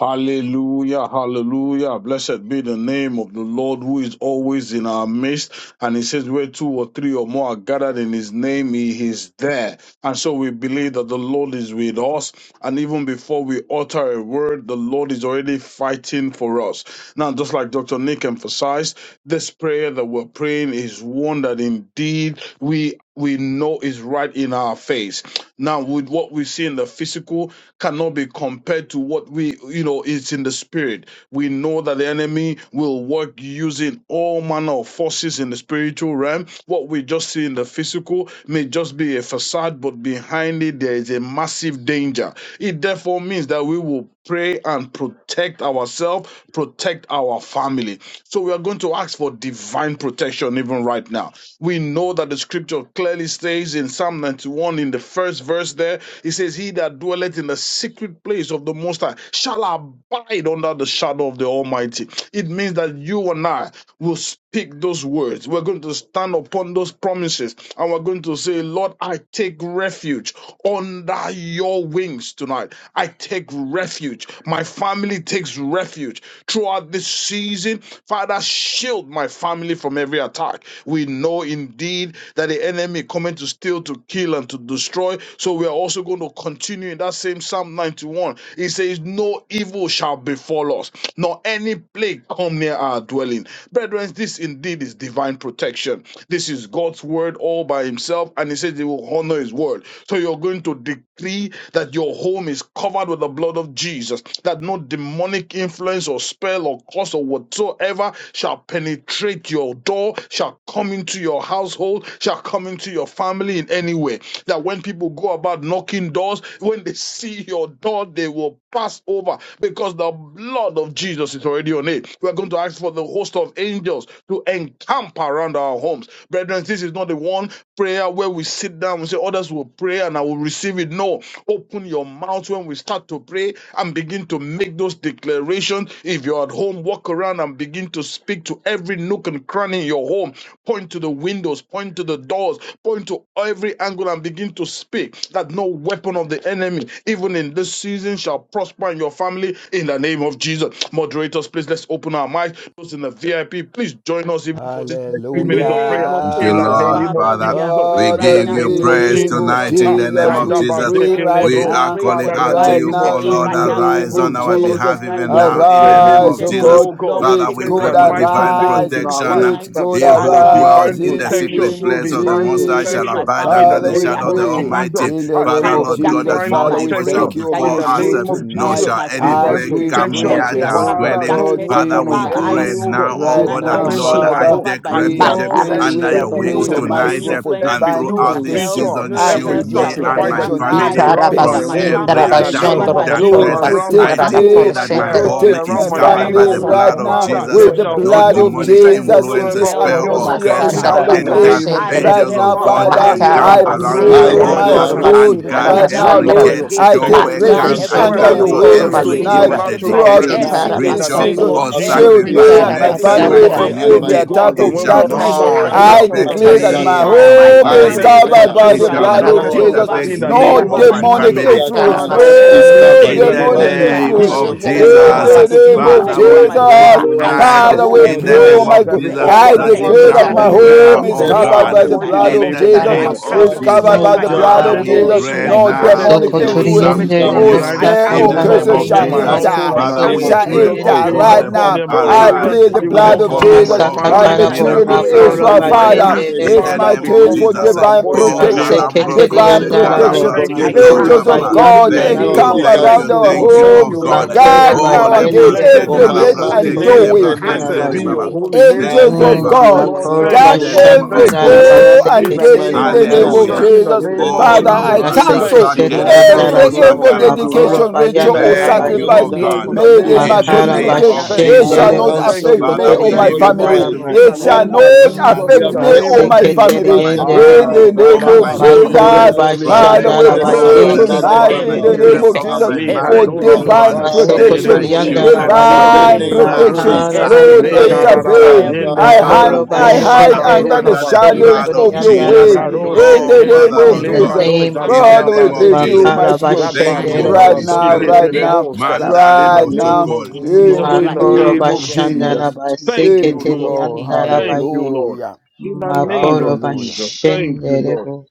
Speaker 7: Hallelujah, hallelujah. Blessed be the name of the Lord who is always in our midst. And he says, Where two or three or more are gathered in his name, he is there. And so we believe that the Lord is with us. And even before we utter a word, the Lord is already fighting for us. Now, just like Dr. Nick emphasized, this prayer that we're praying is one that indeed we we know is right in our face. Now, with what we see in the physical cannot be compared to what we you know is in the spirit. We know that the enemy will work using all manner of forces in the spiritual realm. What we just see in the physical may just be a facade, but behind it there is a massive danger. It therefore means that we will pray and protect ourselves, protect our family. So we are going to ask for divine protection even right now. We know that the scripture clearly says in Psalm 91 in the first verse there, it says, He that dwelleth in the secret place of the Most High shall abide under the shadow of the Almighty. It means that you and I will speak those words. We're going to stand upon those promises and we're going to say, Lord, I take refuge under your wings tonight. I take refuge. My family takes refuge throughout this season. Father, shield my family from every attack. We know indeed that the enemy coming to steal, to kill, and to destroy. So we are also going to continue in that same Psalm 91. It says, No evil shall befall us, nor any plague come near our dwelling. Brethren, this indeed is divine protection. This is God's word all by himself, and he says he will honor his word. So you're going to decree that your home is covered with the blood of Jesus, that no demonic influence or spell or curse or whatsoever shall penetrate your door, shall come into your household, shall come into your family in any way. That when people go about knocking doors, when they see your door, they will pass over because the blood of of Jesus is already on it. We're going to ask for the host of angels to encamp around our homes. Brethren, this is not the one prayer where we sit down and say, Others will pray and I will receive it. No, open your mouth when we start to pray and begin to make those declarations. If you're at home, walk around and begin to speak to every nook and cranny in your home. Point to the windows, point to the doors, point to every angle and begin to speak that no weapon of the enemy, even in this season, shall prosper in your your family in the name of Jesus. Moderators, please let's open our mics. Those in the VIP, please join us even for this next few
Speaker 4: The
Speaker 7: minutes of prayer
Speaker 4: name of
Speaker 1: Thank you,
Speaker 7: in the
Speaker 4: Jesus,
Speaker 1: Lord,
Speaker 3: Hallelujah.
Speaker 7: name
Speaker 4: Father,
Speaker 7: of
Speaker 1: Father.
Speaker 4: we are
Speaker 7: Jesus.
Speaker 1: We
Speaker 4: praying
Speaker 7: In
Speaker 3: Father,
Speaker 4: right
Speaker 7: the
Speaker 1: give
Speaker 4: now
Speaker 3: in
Speaker 1: you
Speaker 4: in
Speaker 3: the
Speaker 7: name
Speaker 4: the
Speaker 7: of
Speaker 1: praise
Speaker 4: name
Speaker 3: name
Speaker 4: of
Speaker 7: Jesus.
Speaker 3: of
Speaker 4: God
Speaker 1: tonight
Speaker 4: for
Speaker 1: in
Speaker 7: Ah,
Speaker 1: the name
Speaker 3: Jesus,
Speaker 4: divine
Speaker 1: of
Speaker 3: we
Speaker 1: Jesus.
Speaker 3: pray
Speaker 4: protection.
Speaker 3: right
Speaker 1: We
Speaker 7: Radabazekelebro.
Speaker 4: We
Speaker 1: are
Speaker 3: now,
Speaker 4: pray for
Speaker 1: calling
Speaker 7: Father, in the
Speaker 1: out to
Speaker 4: divine
Speaker 3: right
Speaker 1: you,
Speaker 7: name of
Speaker 3: now,
Speaker 1: oh
Speaker 4: protection
Speaker 1: Lord,
Speaker 3: in
Speaker 4: right
Speaker 3: the
Speaker 7: Jesus,
Speaker 4: now in the
Speaker 3: name
Speaker 1: arise
Speaker 7: we
Speaker 1: on
Speaker 3: of
Speaker 4: name of
Speaker 1: our
Speaker 7: call on
Speaker 4: Jesus
Speaker 1: behalf
Speaker 3: Jesus.
Speaker 7: you,
Speaker 4: Christ.
Speaker 7: O
Speaker 1: even
Speaker 7: God,
Speaker 1: now
Speaker 4: We
Speaker 1: in
Speaker 4: pray
Speaker 7: that
Speaker 1: the
Speaker 4: for
Speaker 7: you
Speaker 1: name
Speaker 7: will
Speaker 3: Arise,
Speaker 1: of
Speaker 3: O
Speaker 7: do,
Speaker 4: protection.
Speaker 1: Jesus.
Speaker 3: God,
Speaker 7: O God,
Speaker 4: Lord, we
Speaker 1: Father,
Speaker 4: take
Speaker 3: let
Speaker 1: we
Speaker 7: great
Speaker 1: pray
Speaker 3: God
Speaker 7: and
Speaker 1: for
Speaker 4: refuge
Speaker 7: mighty
Speaker 1: divine
Speaker 4: under your
Speaker 7: things
Speaker 3: arise,
Speaker 7: in
Speaker 4: wings
Speaker 7: our
Speaker 1: protection.
Speaker 7: life.
Speaker 3: let
Speaker 4: tonight
Speaker 7: That
Speaker 3: God
Speaker 1: He
Speaker 4: and
Speaker 1: who
Speaker 7: Father,
Speaker 4: throughout this
Speaker 1: dwells
Speaker 3: arise
Speaker 7: divine
Speaker 1: in
Speaker 4: season
Speaker 3: in
Speaker 1: the
Speaker 4: that you
Speaker 3: the
Speaker 4: will
Speaker 1: secret
Speaker 7: protection,
Speaker 3: name
Speaker 4: shield
Speaker 3: of
Speaker 1: place of
Speaker 4: me,
Speaker 1: the
Speaker 7: divine
Speaker 1: Most
Speaker 4: you will
Speaker 1: High
Speaker 3: Jesus.
Speaker 1: shall
Speaker 4: shield my
Speaker 7: protection
Speaker 1: abide
Speaker 4: family
Speaker 7: in
Speaker 1: under
Speaker 7: the
Speaker 4: from
Speaker 3: Father,
Speaker 1: the
Speaker 3: we
Speaker 4: every
Speaker 7: name
Speaker 1: shadow of the
Speaker 7: of
Speaker 4: attack of
Speaker 3: pray
Speaker 4: dark-
Speaker 7: Jesus,
Speaker 1: Almighty.
Speaker 3: in
Speaker 7: I
Speaker 3: the name
Speaker 4: attack
Speaker 1: Father,
Speaker 7: pray
Speaker 3: of
Speaker 7: for
Speaker 1: Lord
Speaker 4: of
Speaker 1: God, that
Speaker 4: darkness.
Speaker 3: Jesus.
Speaker 7: divine
Speaker 1: no
Speaker 4: Father,
Speaker 3: Father,
Speaker 4: I
Speaker 3: we
Speaker 1: evil shall
Speaker 4: pray
Speaker 7: protection.
Speaker 3: thank you,
Speaker 4: that
Speaker 7: In
Speaker 4: you
Speaker 1: befall
Speaker 7: the
Speaker 3: Almighty
Speaker 1: us,
Speaker 3: God,
Speaker 4: shield
Speaker 7: name of
Speaker 4: me,
Speaker 1: nor
Speaker 3: tonight
Speaker 4: shield
Speaker 7: Jesus,
Speaker 1: shall
Speaker 4: my
Speaker 1: any
Speaker 4: family
Speaker 7: divine
Speaker 3: as
Speaker 1: plague
Speaker 4: in the
Speaker 3: we
Speaker 4: name
Speaker 1: come
Speaker 4: of
Speaker 7: protection.
Speaker 1: near
Speaker 3: pray,
Speaker 4: every
Speaker 1: our
Speaker 4: attack
Speaker 3: Jehovah
Speaker 4: of
Speaker 7: Father,
Speaker 1: dwelling.
Speaker 6: Ikarabasandra,
Speaker 7: no
Speaker 3: God,
Speaker 4: darkness
Speaker 1: Father,
Speaker 3: King
Speaker 7: weapon of
Speaker 1: we
Speaker 3: of
Speaker 7: the
Speaker 4: Father, I
Speaker 7: enemy,
Speaker 3: Kings.
Speaker 1: pray
Speaker 7: oh
Speaker 4: decree
Speaker 7: God,
Speaker 1: now,
Speaker 4: even
Speaker 6: Ikarabasandra,
Speaker 1: oh
Speaker 6: the
Speaker 3: Right
Speaker 7: will
Speaker 1: God,
Speaker 4: tonight
Speaker 1: that
Speaker 4: that
Speaker 6: Toro
Speaker 3: now,
Speaker 7: come
Speaker 4: my
Speaker 1: Lord,
Speaker 7: into
Speaker 4: home
Speaker 6: Shin,
Speaker 7: my
Speaker 4: is
Speaker 1: I
Speaker 3: Father,
Speaker 7: home.
Speaker 1: take
Speaker 4: covered by
Speaker 7: I
Speaker 4: the
Speaker 3: we
Speaker 1: refuge
Speaker 3: are
Speaker 1: eh,
Speaker 7: cancel
Speaker 4: blood of
Speaker 6: Matara
Speaker 3: praying,
Speaker 1: under
Speaker 3: we
Speaker 4: Jesus.
Speaker 6: Shin,
Speaker 7: every
Speaker 3: are
Speaker 1: your
Speaker 6: the
Speaker 7: evil
Speaker 1: wings
Speaker 4: No
Speaker 3: praying,
Speaker 6: Toro
Speaker 4: demonic
Speaker 3: Almighty
Speaker 1: tonight
Speaker 7: dedication,
Speaker 1: eh,
Speaker 3: God,
Speaker 6: Basan,
Speaker 3: for
Speaker 4: influence,
Speaker 1: and
Speaker 7: every
Speaker 3: divine
Speaker 4: no
Speaker 7: evil
Speaker 1: throughout this
Speaker 4: spell,
Speaker 3: protection.
Speaker 7: ritual,
Speaker 6: Ikarabasindra,
Speaker 1: season,
Speaker 4: no
Speaker 3: I
Speaker 7: every
Speaker 1: shield
Speaker 3: need
Speaker 4: curse
Speaker 3: your
Speaker 4: shall
Speaker 1: me and
Speaker 7: sacrifice
Speaker 6: the
Speaker 1: my
Speaker 7: that
Speaker 4: enter.
Speaker 3: protection.
Speaker 7: is made
Speaker 4: I
Speaker 3: I'm
Speaker 1: family
Speaker 7: around
Speaker 4: decree
Speaker 7: my
Speaker 1: from
Speaker 4: that
Speaker 3: depending
Speaker 4: my
Speaker 3: on
Speaker 7: home.
Speaker 3: your
Speaker 4: family
Speaker 1: every
Speaker 6: Ikarabasindra, the
Speaker 7: In the
Speaker 4: is
Speaker 1: attack
Speaker 3: protection.
Speaker 7: name
Speaker 4: covered
Speaker 1: of
Speaker 6: Shondro,
Speaker 4: by
Speaker 7: of
Speaker 6: the
Speaker 4: the
Speaker 7: Jesus,
Speaker 6: Toro
Speaker 3: Lord,
Speaker 4: blood.
Speaker 1: darkness. eh.
Speaker 7: around
Speaker 4: My
Speaker 7: my
Speaker 1: I
Speaker 3: protect
Speaker 6: basindra
Speaker 4: family
Speaker 6: the
Speaker 4: is
Speaker 7: clothes,
Speaker 1: decree
Speaker 6: Toro
Speaker 3: me,
Speaker 4: covered
Speaker 1: that
Speaker 4: by
Speaker 1: my
Speaker 4: the
Speaker 7: where I
Speaker 6: Shendra,
Speaker 7: stay,
Speaker 1: home
Speaker 4: blood.
Speaker 3: protect
Speaker 1: is
Speaker 3: my
Speaker 7: around my
Speaker 4: No
Speaker 1: covered by
Speaker 3: family
Speaker 1: the
Speaker 4: demon
Speaker 7: neighborhood.
Speaker 3: right
Speaker 1: blood
Speaker 6: Ikarabasandra,
Speaker 1: of
Speaker 6: the
Speaker 3: now
Speaker 7: Father,
Speaker 6: Toro
Speaker 1: Jesus.
Speaker 4: no
Speaker 7: there
Speaker 3: with the
Speaker 6: Shendra,
Speaker 7: shall be
Speaker 1: No
Speaker 6: the
Speaker 4: influence
Speaker 3: blood
Speaker 4: of
Speaker 7: no
Speaker 4: the
Speaker 3: of
Speaker 6: Toro
Speaker 1: demonic
Speaker 4: enemy,
Speaker 7: effect
Speaker 6: Shendra,
Speaker 3: Jesus
Speaker 4: no
Speaker 3: in
Speaker 1: influence, a
Speaker 7: whatsoever
Speaker 3: this
Speaker 4: spell,
Speaker 7: on me
Speaker 1: spell,
Speaker 7: or
Speaker 6: Toro
Speaker 1: or
Speaker 7: my
Speaker 4: no
Speaker 3: atmosphere
Speaker 4: curse
Speaker 1: curse
Speaker 3: of
Speaker 7: family
Speaker 4: shall
Speaker 1: shall
Speaker 6: Masandra, the
Speaker 7: in the
Speaker 4: enter.
Speaker 6: Toro
Speaker 1: enter.
Speaker 3: Halloween.
Speaker 7: name of
Speaker 4: I
Speaker 6: Shendra,
Speaker 3: Right
Speaker 7: Jesus.
Speaker 1: Angels
Speaker 4: declare, oh
Speaker 1: of
Speaker 3: now,
Speaker 4: God,
Speaker 7: Fa-
Speaker 4: that
Speaker 1: God
Speaker 4: the
Speaker 7: Father,
Speaker 3: Father,
Speaker 4: angels
Speaker 7: you, oh
Speaker 6: Makara
Speaker 4: of
Speaker 1: encamp
Speaker 3: I
Speaker 7: God,
Speaker 4: God
Speaker 7: we
Speaker 1: around
Speaker 4: camp
Speaker 3: pray,
Speaker 1: my
Speaker 5: I
Speaker 7: dwell
Speaker 6: basindra the
Speaker 7: under
Speaker 4: around
Speaker 1: home
Speaker 4: my
Speaker 7: your
Speaker 5: declare
Speaker 3: Almighty
Speaker 6: Toro
Speaker 5: right
Speaker 4: home
Speaker 5: now in
Speaker 3: God,
Speaker 7: canopy.
Speaker 1: and
Speaker 5: the
Speaker 4: and
Speaker 6: basindra
Speaker 4: they
Speaker 1: guard
Speaker 7: We
Speaker 5: name
Speaker 6: the
Speaker 3: right
Speaker 5: of
Speaker 3: now,
Speaker 4: guard
Speaker 7: dwell
Speaker 1: every
Speaker 7: under
Speaker 6: Shandra,
Speaker 3: Lord,
Speaker 4: every
Speaker 5: Jesus
Speaker 7: your
Speaker 1: gate,
Speaker 3: I
Speaker 4: gate,
Speaker 5: that,
Speaker 7: protection.
Speaker 3: take
Speaker 4: they
Speaker 1: doorway.
Speaker 6: Maki
Speaker 5: Lord,
Speaker 3: refuge
Speaker 6: de
Speaker 4: guard
Speaker 5: I
Speaker 7: We
Speaker 1: Can
Speaker 3: refuge
Speaker 4: every
Speaker 5: take
Speaker 1: I
Speaker 6: Shondra,
Speaker 7: dwell,
Speaker 3: under
Speaker 7: oh
Speaker 6: the
Speaker 3: your
Speaker 5: refuge
Speaker 1: cancel
Speaker 4: doorway
Speaker 7: God,
Speaker 6: Poro
Speaker 7: under
Speaker 4: in
Speaker 3: wings
Speaker 5: under
Speaker 7: your
Speaker 4: the
Speaker 1: every
Speaker 5: your
Speaker 4: name of
Speaker 3: tonight
Speaker 1: evil
Speaker 6: basindra
Speaker 5: wings
Speaker 4: Jesus
Speaker 7: supernatural
Speaker 4: Christ.
Speaker 3: throughout
Speaker 1: dedication,
Speaker 7: refuge.
Speaker 5: tonight
Speaker 4: Every
Speaker 6: Ikara
Speaker 7: In the
Speaker 3: this
Speaker 1: ritual,
Speaker 5: and
Speaker 7: name
Speaker 6: masandara.
Speaker 3: season.
Speaker 7: of
Speaker 1: or
Speaker 4: dedication,
Speaker 5: throughout this
Speaker 7: Jesus,
Speaker 4: every
Speaker 3: Shield
Speaker 7: we are
Speaker 1: sacrifice
Speaker 3: me
Speaker 4: ritual,
Speaker 5: season.
Speaker 3: and
Speaker 6: Ikara
Speaker 1: made
Speaker 3: my
Speaker 4: every
Speaker 7: protected,
Speaker 1: in
Speaker 7: oh
Speaker 1: my
Speaker 5: Shield
Speaker 3: family
Speaker 7: God.
Speaker 4: sacrifice
Speaker 5: me
Speaker 6: masandara.
Speaker 3: from
Speaker 5: and
Speaker 7: When
Speaker 3: every
Speaker 5: my
Speaker 7: we
Speaker 1: community?
Speaker 4: made
Speaker 7: go
Speaker 4: my
Speaker 3: attack
Speaker 7: out and
Speaker 5: family
Speaker 1: It
Speaker 3: of
Speaker 7: when
Speaker 1: shall
Speaker 7: we
Speaker 4: community,
Speaker 6: Koro
Speaker 5: from
Speaker 7: come
Speaker 4: I
Speaker 3: darkness.
Speaker 7: back,
Speaker 1: not
Speaker 5: every
Speaker 7: we
Speaker 6: shendere
Speaker 4: cancel
Speaker 3: I
Speaker 7: are
Speaker 4: it
Speaker 5: attack
Speaker 6: koro
Speaker 1: affect
Speaker 4: in
Speaker 3: declare
Speaker 5: of
Speaker 4: the
Speaker 3: that
Speaker 7: protected.
Speaker 3: my
Speaker 1: me
Speaker 4: name
Speaker 6: basindra,
Speaker 4: of
Speaker 7: I
Speaker 1: or
Speaker 5: darkness.
Speaker 4: Jesus.
Speaker 7: am
Speaker 1: my
Speaker 4: I
Speaker 3: home
Speaker 5: I
Speaker 3: is
Speaker 7: protected.
Speaker 1: family.
Speaker 4: cancel it.
Speaker 7: My
Speaker 3: covered
Speaker 6: Kara
Speaker 5: declare
Speaker 3: by
Speaker 4: It
Speaker 1: It
Speaker 3: the
Speaker 7: children
Speaker 4: shall
Speaker 7: are
Speaker 1: shall
Speaker 5: that
Speaker 4: have
Speaker 3: blood
Speaker 4: no
Speaker 6: masandara
Speaker 3: of
Speaker 4: effect
Speaker 1: not
Speaker 7: protected.
Speaker 5: every
Speaker 6: koro
Speaker 3: Jesus.
Speaker 4: over
Speaker 5: home
Speaker 1: affect
Speaker 7: In
Speaker 4: me
Speaker 7: the
Speaker 5: is
Speaker 1: me
Speaker 3: No
Speaker 4: or
Speaker 6: basindra,
Speaker 7: name
Speaker 4: over
Speaker 1: or
Speaker 7: of
Speaker 5: covered
Speaker 4: my
Speaker 1: my
Speaker 3: demonic
Speaker 4: family.
Speaker 7: Jesus,
Speaker 4: I
Speaker 1: family.
Speaker 5: that
Speaker 6: Kara
Speaker 5: my
Speaker 3: influence,
Speaker 4: cancel
Speaker 7: Father,
Speaker 4: them
Speaker 5: home
Speaker 4: all
Speaker 5: is
Speaker 6: masandara.
Speaker 4: in
Speaker 3: no
Speaker 4: the
Speaker 5: covered
Speaker 7: everything
Speaker 1: In
Speaker 7: that
Speaker 1: the
Speaker 4: name
Speaker 7: the
Speaker 4: of
Speaker 3: demonic
Speaker 5: by
Speaker 7: enemy
Speaker 4: Jesus
Speaker 5: the
Speaker 4: Christ.
Speaker 7: will
Speaker 6: Ikara
Speaker 1: name
Speaker 7: do,
Speaker 3: influence
Speaker 5: blood
Speaker 4: No
Speaker 1: of
Speaker 5: of
Speaker 7: oh
Speaker 4: effect
Speaker 6: shendere
Speaker 7: God,
Speaker 3: in
Speaker 4: over
Speaker 6: koro
Speaker 5: Jesus.
Speaker 1: Jesus,
Speaker 7: Father,
Speaker 3: the
Speaker 4: me,
Speaker 7: to
Speaker 3: name
Speaker 4: no
Speaker 7: put,
Speaker 5: No
Speaker 6: basindra,
Speaker 3: of
Speaker 7: oh
Speaker 1: Father,
Speaker 4: effect
Speaker 7: God,
Speaker 4: over
Speaker 1: we
Speaker 5: demonic
Speaker 4: my
Speaker 1: pray
Speaker 7: aside
Speaker 4: family.
Speaker 3: Jesus.
Speaker 4: I
Speaker 6: Makara
Speaker 5: influence,
Speaker 1: tonight
Speaker 7: Father,
Speaker 3: Father,
Speaker 4: cancel
Speaker 7: what
Speaker 6: shandara
Speaker 3: we
Speaker 7: we
Speaker 5: no
Speaker 1: in
Speaker 4: every
Speaker 1: the
Speaker 6: koro
Speaker 3: pray, oh
Speaker 7: know
Speaker 1: name
Speaker 3: my
Speaker 5: spell
Speaker 1: of
Speaker 4: negative
Speaker 7: that
Speaker 6: shendere.
Speaker 3: God.
Speaker 7: the
Speaker 4: effect,
Speaker 1: Jesus
Speaker 5: or
Speaker 7: oh
Speaker 4: every
Speaker 3: I
Speaker 7: God, the
Speaker 1: that
Speaker 4: effect
Speaker 1: it
Speaker 7: plans
Speaker 3: declare
Speaker 7: of
Speaker 5: curses
Speaker 7: the
Speaker 1: shall
Speaker 3: that
Speaker 6: Ikara
Speaker 3: my
Speaker 1: be
Speaker 4: of
Speaker 7: enemy
Speaker 5: or,
Speaker 7: will
Speaker 6: masandara.
Speaker 4: evil
Speaker 3: home
Speaker 5: or
Speaker 1: well,
Speaker 7: come
Speaker 4: in
Speaker 3: is
Speaker 4: the
Speaker 1: oh
Speaker 7: to
Speaker 5: curse
Speaker 4: name
Speaker 7: null
Speaker 3: covered
Speaker 4: of
Speaker 5: shall
Speaker 1: God.
Speaker 3: by
Speaker 7: and
Speaker 4: Jesus
Speaker 3: the
Speaker 7: void
Speaker 4: Christ.
Speaker 7: in the
Speaker 3: blood
Speaker 5: enter.
Speaker 1: In
Speaker 3: of
Speaker 4: Of
Speaker 7: name
Speaker 1: the
Speaker 7: of
Speaker 4: evil,
Speaker 3: Jesus,
Speaker 6: Ikara
Speaker 4: I
Speaker 1: name
Speaker 7: Jesus.
Speaker 5: Oh
Speaker 1: of
Speaker 7: They
Speaker 3: is
Speaker 5: God,
Speaker 4: cancel its
Speaker 7: will
Speaker 3: covered
Speaker 1: Jesus,
Speaker 7: not
Speaker 4: effect
Speaker 6: basandara.
Speaker 8: Mm,
Speaker 3: by the
Speaker 7: walk
Speaker 4: right now
Speaker 5: angel
Speaker 3: blood
Speaker 7: around
Speaker 1: Father,
Speaker 3: of
Speaker 5: of
Speaker 8: makara.
Speaker 7: saying,
Speaker 4: in
Speaker 1: we
Speaker 7: oh,
Speaker 4: the
Speaker 5: God,
Speaker 3: Jesus.
Speaker 7: it's
Speaker 4: name of.
Speaker 1: pray
Speaker 7: sweet,
Speaker 4: I
Speaker 3: No
Speaker 5: angels
Speaker 7: but
Speaker 5: of
Speaker 1: now,
Speaker 7: then
Speaker 4: cancel it
Speaker 3: demonic
Speaker 4: in
Speaker 7: there's a
Speaker 4: the
Speaker 5: God,
Speaker 1: do
Speaker 4: name of
Speaker 3: influence
Speaker 7: demonic
Speaker 4: Jesus
Speaker 8: Sokotoriendere
Speaker 1: something
Speaker 5: encamp
Speaker 7: plan
Speaker 3: Oh,
Speaker 4: Christ.
Speaker 8: bo
Speaker 7: behind
Speaker 1: new
Speaker 4: I
Speaker 7: it.
Speaker 5: around
Speaker 3: spare,
Speaker 7: It
Speaker 1: in
Speaker 4: cancel
Speaker 3: oh,
Speaker 1: the
Speaker 7: will
Speaker 4: it
Speaker 5: our
Speaker 4: in the
Speaker 7: not
Speaker 1: name
Speaker 3: curses
Speaker 1: of
Speaker 7: come
Speaker 5: homes
Speaker 4: name
Speaker 7: near
Speaker 3: shall
Speaker 4: of
Speaker 7: my
Speaker 4: Jesus Christ.
Speaker 1: Jesus.
Speaker 5: and
Speaker 8: sakatarabayendere bo
Speaker 3: enter.
Speaker 7: household
Speaker 5: guard
Speaker 7: in
Speaker 4: I
Speaker 7: the
Speaker 1: Father,
Speaker 7: name
Speaker 3: It
Speaker 4: cancel
Speaker 1: we
Speaker 7: of
Speaker 4: it
Speaker 3: shall
Speaker 4: in the
Speaker 5: every
Speaker 1: pray,
Speaker 7: Jesus.
Speaker 4: name of
Speaker 1: oh
Speaker 7: It
Speaker 3: enter
Speaker 5: gate.
Speaker 8: sokotoriendere
Speaker 7: will
Speaker 8: bo.
Speaker 7: not
Speaker 3: right
Speaker 1: God,
Speaker 7: come
Speaker 5: I'm
Speaker 3: now.
Speaker 7: near my
Speaker 4: I
Speaker 8: Mm,
Speaker 3: I
Speaker 5: doorway.
Speaker 7: children.
Speaker 4: cancel
Speaker 1: arise,
Speaker 4: it
Speaker 3: plead
Speaker 4: in
Speaker 3: the
Speaker 4: the
Speaker 7: It will
Speaker 5: I
Speaker 4: name
Speaker 3: blood
Speaker 7: not
Speaker 4: of
Speaker 8: mm,
Speaker 3: of
Speaker 4: Jesus
Speaker 7: come near
Speaker 1: perform,
Speaker 4: Christ.
Speaker 7: my
Speaker 3: Jesus
Speaker 5: cancel.
Speaker 1: oh
Speaker 4: Even
Speaker 1: God,
Speaker 3: like
Speaker 5: I
Speaker 7: family.
Speaker 4: right
Speaker 8: masakatara
Speaker 3: the
Speaker 4: now,
Speaker 8: bo
Speaker 4: in the
Speaker 3: children
Speaker 5: cancel
Speaker 7: Every
Speaker 1: miracle,
Speaker 3: of
Speaker 4: name of
Speaker 5: every
Speaker 7: plan
Speaker 4: Jesus
Speaker 1: sign,
Speaker 8: makoro
Speaker 4: Christ,
Speaker 3: Israel,
Speaker 7: of
Speaker 1: and
Speaker 7: the
Speaker 5: evil
Speaker 4: I
Speaker 1: wonder
Speaker 3: Father.
Speaker 7: enemy,
Speaker 4: cancel
Speaker 8: bayendere
Speaker 4: it in
Speaker 1: in
Speaker 5: dedication,
Speaker 8: bo.
Speaker 4: the
Speaker 3: It's
Speaker 1: the
Speaker 7: Father,
Speaker 3: my
Speaker 4: name
Speaker 1: name
Speaker 4: of
Speaker 1: of
Speaker 3: turn
Speaker 4: Jesus
Speaker 7: becomes
Speaker 3: for
Speaker 1: Jesus.
Speaker 5: ritual,
Speaker 7: null
Speaker 4: Christ.
Speaker 7: and
Speaker 3: divine
Speaker 8: Mm,
Speaker 5: or
Speaker 7: void in
Speaker 1: Oh,
Speaker 7: the
Speaker 4: God,
Speaker 7: name
Speaker 3: protection,
Speaker 7: of
Speaker 5: sacrifice
Speaker 4: I
Speaker 1: Calambro,
Speaker 7: Jesus.
Speaker 4: pray for
Speaker 3: divine
Speaker 1: Cose,
Speaker 5: made
Speaker 4: this in
Speaker 8: maseketeriandara
Speaker 5: in
Speaker 7: Father,
Speaker 4: the
Speaker 7: I
Speaker 8: bo
Speaker 5: my
Speaker 4: name
Speaker 3: protection.
Speaker 4: of
Speaker 1: Calabras,
Speaker 7: thank you
Speaker 4: I
Speaker 7: so
Speaker 5: community.
Speaker 1: Ketori,
Speaker 8: makoro
Speaker 7: much,
Speaker 3: Angels
Speaker 4: cancel
Speaker 3: of
Speaker 4: it
Speaker 1: Baba.
Speaker 7: Lord.
Speaker 5: It
Speaker 4: in
Speaker 3: God
Speaker 5: is
Speaker 4: the
Speaker 8: bayandara
Speaker 1: Thank
Speaker 7: Thank you,
Speaker 5: not.
Speaker 4: name
Speaker 1: you,
Speaker 3: encamp
Speaker 4: of
Speaker 8: bayi.
Speaker 7: Lord.
Speaker 5: It
Speaker 1: thank
Speaker 4: Jesus.
Speaker 7: Thank
Speaker 3: around
Speaker 5: has.
Speaker 1: you,
Speaker 7: you,
Speaker 3: our
Speaker 5: It
Speaker 4: In
Speaker 7: Lord.
Speaker 1: thank
Speaker 4: the
Speaker 1: you,
Speaker 4: name
Speaker 5: shall
Speaker 8: Mm,
Speaker 7: Thank
Speaker 4: of
Speaker 1: oh
Speaker 3: homes,
Speaker 7: you,
Speaker 4: Jesus,
Speaker 5: not
Speaker 4: I
Speaker 1: God.
Speaker 7: Lord.
Speaker 4: let it be
Speaker 7: Thank
Speaker 5: affect
Speaker 8: makere
Speaker 3: guard
Speaker 7: you,
Speaker 4: cancelled
Speaker 1: Oh,
Speaker 7: Lord.
Speaker 3: our
Speaker 4: right now.
Speaker 3: gate,
Speaker 5: me
Speaker 8: bayendere
Speaker 4: In
Speaker 1: lebraske
Speaker 7: Blessed
Speaker 5: or
Speaker 4: the
Speaker 7: be
Speaker 8: bo
Speaker 3: every
Speaker 5: my
Speaker 7: your
Speaker 3: gate
Speaker 4: name of
Speaker 7: holy
Speaker 1: kalabraske
Speaker 3: and
Speaker 4: Jesus
Speaker 5: family
Speaker 7: name.
Speaker 4: Christ,
Speaker 5: in
Speaker 4: be
Speaker 5: the
Speaker 3: doorway
Speaker 8: sokotoriandara
Speaker 5: name
Speaker 1: kelebrasente
Speaker 7: Blessed
Speaker 5: of
Speaker 7: be
Speaker 4: cancelled in the
Speaker 8: bayi.
Speaker 7: your
Speaker 1: rebaba.
Speaker 5: Jesus.
Speaker 4: name of
Speaker 7: holy name.
Speaker 4: Jesus
Speaker 5: I
Speaker 1: Thank
Speaker 3: angels
Speaker 1: you,
Speaker 4: Christ.
Speaker 3: of
Speaker 8: Mm,
Speaker 7: Thank
Speaker 5: break
Speaker 7: you,
Speaker 1: Father,
Speaker 3: God,
Speaker 5: its
Speaker 7: Lord.
Speaker 4: Lord,
Speaker 8: makoro
Speaker 4: Baba,
Speaker 7: Thank
Speaker 1: in
Speaker 3: guard
Speaker 7: you,
Speaker 4: shake
Speaker 1: the
Speaker 5: influence,
Speaker 4: it
Speaker 7: Lord.
Speaker 1: name
Speaker 4: with the
Speaker 3: every
Speaker 5: its
Speaker 1: of
Speaker 7: Thank
Speaker 4: feeling.
Speaker 7: you,
Speaker 8: bashandara
Speaker 1: Jesus.
Speaker 7: Lord.
Speaker 4: In
Speaker 3: door
Speaker 4: the
Speaker 5: control,
Speaker 7: In
Speaker 3: and
Speaker 4: name
Speaker 7: the
Speaker 5: its
Speaker 4: of
Speaker 3: gate
Speaker 7: name
Speaker 3: in
Speaker 4: Jesus
Speaker 3: the
Speaker 7: of
Speaker 4: Christ,
Speaker 3: name
Speaker 8: bo.
Speaker 3: of
Speaker 1: Hallelujah.
Speaker 5: manipulation
Speaker 7: Jesus, in the
Speaker 4: cancel
Speaker 3: Jesus.
Speaker 5: in the
Speaker 7: name
Speaker 4: it, God.
Speaker 7: of
Speaker 1: Oh,
Speaker 3: Father,
Speaker 5: name
Speaker 4: In
Speaker 5: of
Speaker 7: Jesus.
Speaker 3: I
Speaker 4: the name
Speaker 1: lambraka
Speaker 4: of
Speaker 5: Jesus.
Speaker 7: Thank
Speaker 3: cancel
Speaker 7: you,
Speaker 1: sake
Speaker 5: And
Speaker 4: Jesus.
Speaker 7: Lord.
Speaker 5: I
Speaker 7: Thank
Speaker 5: say,
Speaker 3: every
Speaker 7: you,
Speaker 8: Naseketeliandalabo,
Speaker 5: it
Speaker 1: lebrokosa
Speaker 7: Lord.
Speaker 3: evil
Speaker 5: shall
Speaker 7: Thank
Speaker 5: not
Speaker 7: you,
Speaker 8: Makolo
Speaker 7: Lord.
Speaker 3: dedication,
Speaker 5: stand.
Speaker 7: In
Speaker 3: ritual,
Speaker 7: the
Speaker 5: It
Speaker 3: or
Speaker 7: name
Speaker 1: Thank
Speaker 5: shall
Speaker 7: of
Speaker 1: you,
Speaker 4: In
Speaker 8: Bayandalabaye,
Speaker 5: not
Speaker 4: the
Speaker 3: sacrifice
Speaker 1: oh
Speaker 7: Jesus,
Speaker 5: stand.
Speaker 4: name
Speaker 1: God,
Speaker 7: in
Speaker 4: of
Speaker 7: the
Speaker 4: Jesus,
Speaker 3: made
Speaker 7: name
Speaker 5: It
Speaker 3: in
Speaker 4: I
Speaker 7: of
Speaker 3: my
Speaker 5: shall
Speaker 1: in the
Speaker 5: not
Speaker 8: Makara
Speaker 4: cancel it
Speaker 7: Jesus.
Speaker 1: name
Speaker 4: right
Speaker 3: community.
Speaker 5: stand.
Speaker 4: now.
Speaker 1: of
Speaker 4: In
Speaker 7: Thank
Speaker 4: the
Speaker 3: It
Speaker 7: you,
Speaker 5: I
Speaker 1: Jesus.
Speaker 3: shall
Speaker 8: Bashendere
Speaker 4: name
Speaker 3: not
Speaker 7: Lord.
Speaker 4: of
Speaker 7: Thank
Speaker 5: cancel
Speaker 7: you,
Speaker 3: affect
Speaker 5: it.
Speaker 4: Jesus,
Speaker 3: me
Speaker 1: Father,
Speaker 5: I
Speaker 7: Lord.
Speaker 3: or
Speaker 1: we
Speaker 3: my
Speaker 1: give
Speaker 7: Thank you,
Speaker 1: you
Speaker 7: Lord.
Speaker 5: nullify
Speaker 1: praise
Speaker 3: family.
Speaker 5: it.
Speaker 4: praise
Speaker 8: Bosokotoriandalabo,
Speaker 1: tonight.
Speaker 7: In the
Speaker 3: It
Speaker 4: in the
Speaker 5: We are
Speaker 3: shall
Speaker 1: Father,
Speaker 7: name
Speaker 4: name
Speaker 7: of
Speaker 4: of
Speaker 1: we
Speaker 3: not
Speaker 5: covered.
Speaker 4: Jesus
Speaker 1: ask,
Speaker 7: Jesus,
Speaker 5: We
Speaker 4: Christ.
Speaker 3: affect
Speaker 1: oh
Speaker 7: in
Speaker 5: are
Speaker 7: the
Speaker 3: me
Speaker 1: God,
Speaker 7: name
Speaker 3: or
Speaker 4: Jesus,
Speaker 7: of
Speaker 3: my
Speaker 4: in
Speaker 5: protected
Speaker 1: protection
Speaker 7: Jesus.
Speaker 4: the name
Speaker 1: over
Speaker 3: family.
Speaker 4: of
Speaker 5: by
Speaker 1: my
Speaker 5: the
Speaker 4: Jesus
Speaker 3: In
Speaker 4: Christ.
Speaker 5: power
Speaker 8: Maseketelienderebo,
Speaker 7: Ah,
Speaker 1: family,
Speaker 3: the
Speaker 5: of
Speaker 4: I
Speaker 5: the
Speaker 1: over
Speaker 3: name of
Speaker 1: my
Speaker 4: counsel
Speaker 5: blood of
Speaker 4: in the
Speaker 8: Makolo
Speaker 1: children,
Speaker 3: Jesus.
Speaker 4: name of
Speaker 5: Jesus
Speaker 4: Jesus
Speaker 5: Christ,
Speaker 7: radabarodozotolibo
Speaker 4: Christ.
Speaker 3: Father, we
Speaker 1: protection,
Speaker 5: the
Speaker 4: Every
Speaker 1: oh
Speaker 3: pray
Speaker 8: Bashandalabaye,
Speaker 5: Son
Speaker 1: God,
Speaker 5: of the
Speaker 4: effects,
Speaker 3: tonight
Speaker 1: over
Speaker 5: living
Speaker 3: in
Speaker 4: every
Speaker 1: my
Speaker 3: the
Speaker 5: God.
Speaker 4: evil
Speaker 7: shatalabarandarabasekete.
Speaker 3: name
Speaker 1: children,
Speaker 3: of
Speaker 8: Kekelienderebo,
Speaker 1: over
Speaker 4: effects,
Speaker 1: my
Speaker 5: Father,
Speaker 3: Jesus
Speaker 5: we
Speaker 4: every
Speaker 3: for
Speaker 1: marriage,
Speaker 4: evil
Speaker 1: oh
Speaker 5: declare.
Speaker 4: effects,
Speaker 1: God.
Speaker 3: divine
Speaker 5: Father,
Speaker 1: Let
Speaker 4: every
Speaker 5: we
Speaker 4: evil
Speaker 3: protection.
Speaker 1: my
Speaker 7: Likadonzonobazonderebo
Speaker 5: decree
Speaker 4: effects,
Speaker 1: children,
Speaker 5: in
Speaker 8: Nasokotoriandalabaye,
Speaker 5: the
Speaker 4: every
Speaker 3: Divine
Speaker 1: Zoe,
Speaker 4: evil
Speaker 5: name
Speaker 4: effects,
Speaker 5: of
Speaker 1: Zara,
Speaker 7: shitalabayokobradoza.
Speaker 3: protection.
Speaker 8: Makara
Speaker 5: Jesus.
Speaker 4: every
Speaker 1: Zach,
Speaker 3: Lord,
Speaker 5: Thank
Speaker 1: Samuel,
Speaker 4: dedication,
Speaker 5: you,
Speaker 8: Bayenderebo,
Speaker 7: Rekararaba
Speaker 3: intervene.
Speaker 1: Zani,
Speaker 4: every
Speaker 3: I
Speaker 5: Father.
Speaker 4: ritual,
Speaker 1: Father,
Speaker 8: Makolo
Speaker 7: yendelebo
Speaker 3: hand, I
Speaker 1: oh
Speaker 4: every
Speaker 3: hide
Speaker 1: Father,
Speaker 7: zundereba
Speaker 1: be
Speaker 3: under
Speaker 8: Bashenderebo
Speaker 3: the
Speaker 4: sacrifice
Speaker 1: under the
Speaker 7: rokaba
Speaker 4: in my
Speaker 7: sita.
Speaker 3: shadows
Speaker 1: blood
Speaker 3: of
Speaker 1: of
Speaker 3: your
Speaker 4: community.
Speaker 1: Jesus.
Speaker 3: wing
Speaker 4: It will
Speaker 8: baye.
Speaker 7: Lebrado
Speaker 4: not
Speaker 3: in
Speaker 4: affect
Speaker 1: Oh
Speaker 3: the
Speaker 4: me.
Speaker 1: Father,
Speaker 3: name
Speaker 4: It
Speaker 7: zekeleba
Speaker 4: will
Speaker 3: of
Speaker 1: Lord
Speaker 8: In the
Speaker 4: not
Speaker 1: God,
Speaker 3: Jesus.
Speaker 4: affect my
Speaker 7: lebrado
Speaker 8: name of
Speaker 1: in
Speaker 4: family.
Speaker 1: the
Speaker 3: Father, we
Speaker 1: name
Speaker 7: zataraba
Speaker 4: In
Speaker 8: Jesus,
Speaker 4: the
Speaker 1: of
Speaker 3: thank
Speaker 4: name
Speaker 3: you,
Speaker 7: rekebe.
Speaker 1: Jesus.
Speaker 4: of
Speaker 8: Makara
Speaker 3: mighty
Speaker 4: Jesus,
Speaker 3: God.
Speaker 7: Gamba
Speaker 4: I
Speaker 1: Thank you,
Speaker 4: pray
Speaker 8: Bashendera
Speaker 4: for
Speaker 7: rodaba
Speaker 3: Right
Speaker 1: Holy
Speaker 4: this, oh
Speaker 3: now,
Speaker 4: God,
Speaker 1: Spirit.
Speaker 4: in the
Speaker 3: right
Speaker 4: name
Speaker 3: now,
Speaker 4: of
Speaker 7: skiketelebosa.
Speaker 4: Jesus
Speaker 8: Bosokotoriandarabo,
Speaker 1: Mandale
Speaker 4: Christ,
Speaker 7: In
Speaker 4: oh
Speaker 7: the
Speaker 3: right
Speaker 4: God.
Speaker 7: name
Speaker 3: now,
Speaker 7: of
Speaker 1: Bosokori.
Speaker 4: Yes,
Speaker 3: in
Speaker 7: Jesus,
Speaker 4: Lord,
Speaker 3: the
Speaker 7: in
Speaker 4: right
Speaker 7: the
Speaker 8: Makoro
Speaker 4: now.
Speaker 3: name
Speaker 7: name of
Speaker 3: of
Speaker 4: Yes,
Speaker 7: Jesus.
Speaker 4: Lord,
Speaker 3: Jesus.
Speaker 4: in
Speaker 8: Bashandaraba,
Speaker 4: Jesus'
Speaker 7: Thank you,
Speaker 3: Thank
Speaker 4: name.
Speaker 3: you,
Speaker 7: Lord.
Speaker 3: Lord.
Speaker 4: Amen.
Speaker 7: Thank you,
Speaker 8: Seketeriandarabaye,
Speaker 7: Lord.
Speaker 3: Hallelujah.
Speaker 7: In the name
Speaker 8: Makoro
Speaker 7: of
Speaker 3: Hallelujah.
Speaker 7: Jesus.
Speaker 3: Amen.
Speaker 7: Thank you, Lord.
Speaker 8: Bashenderebo.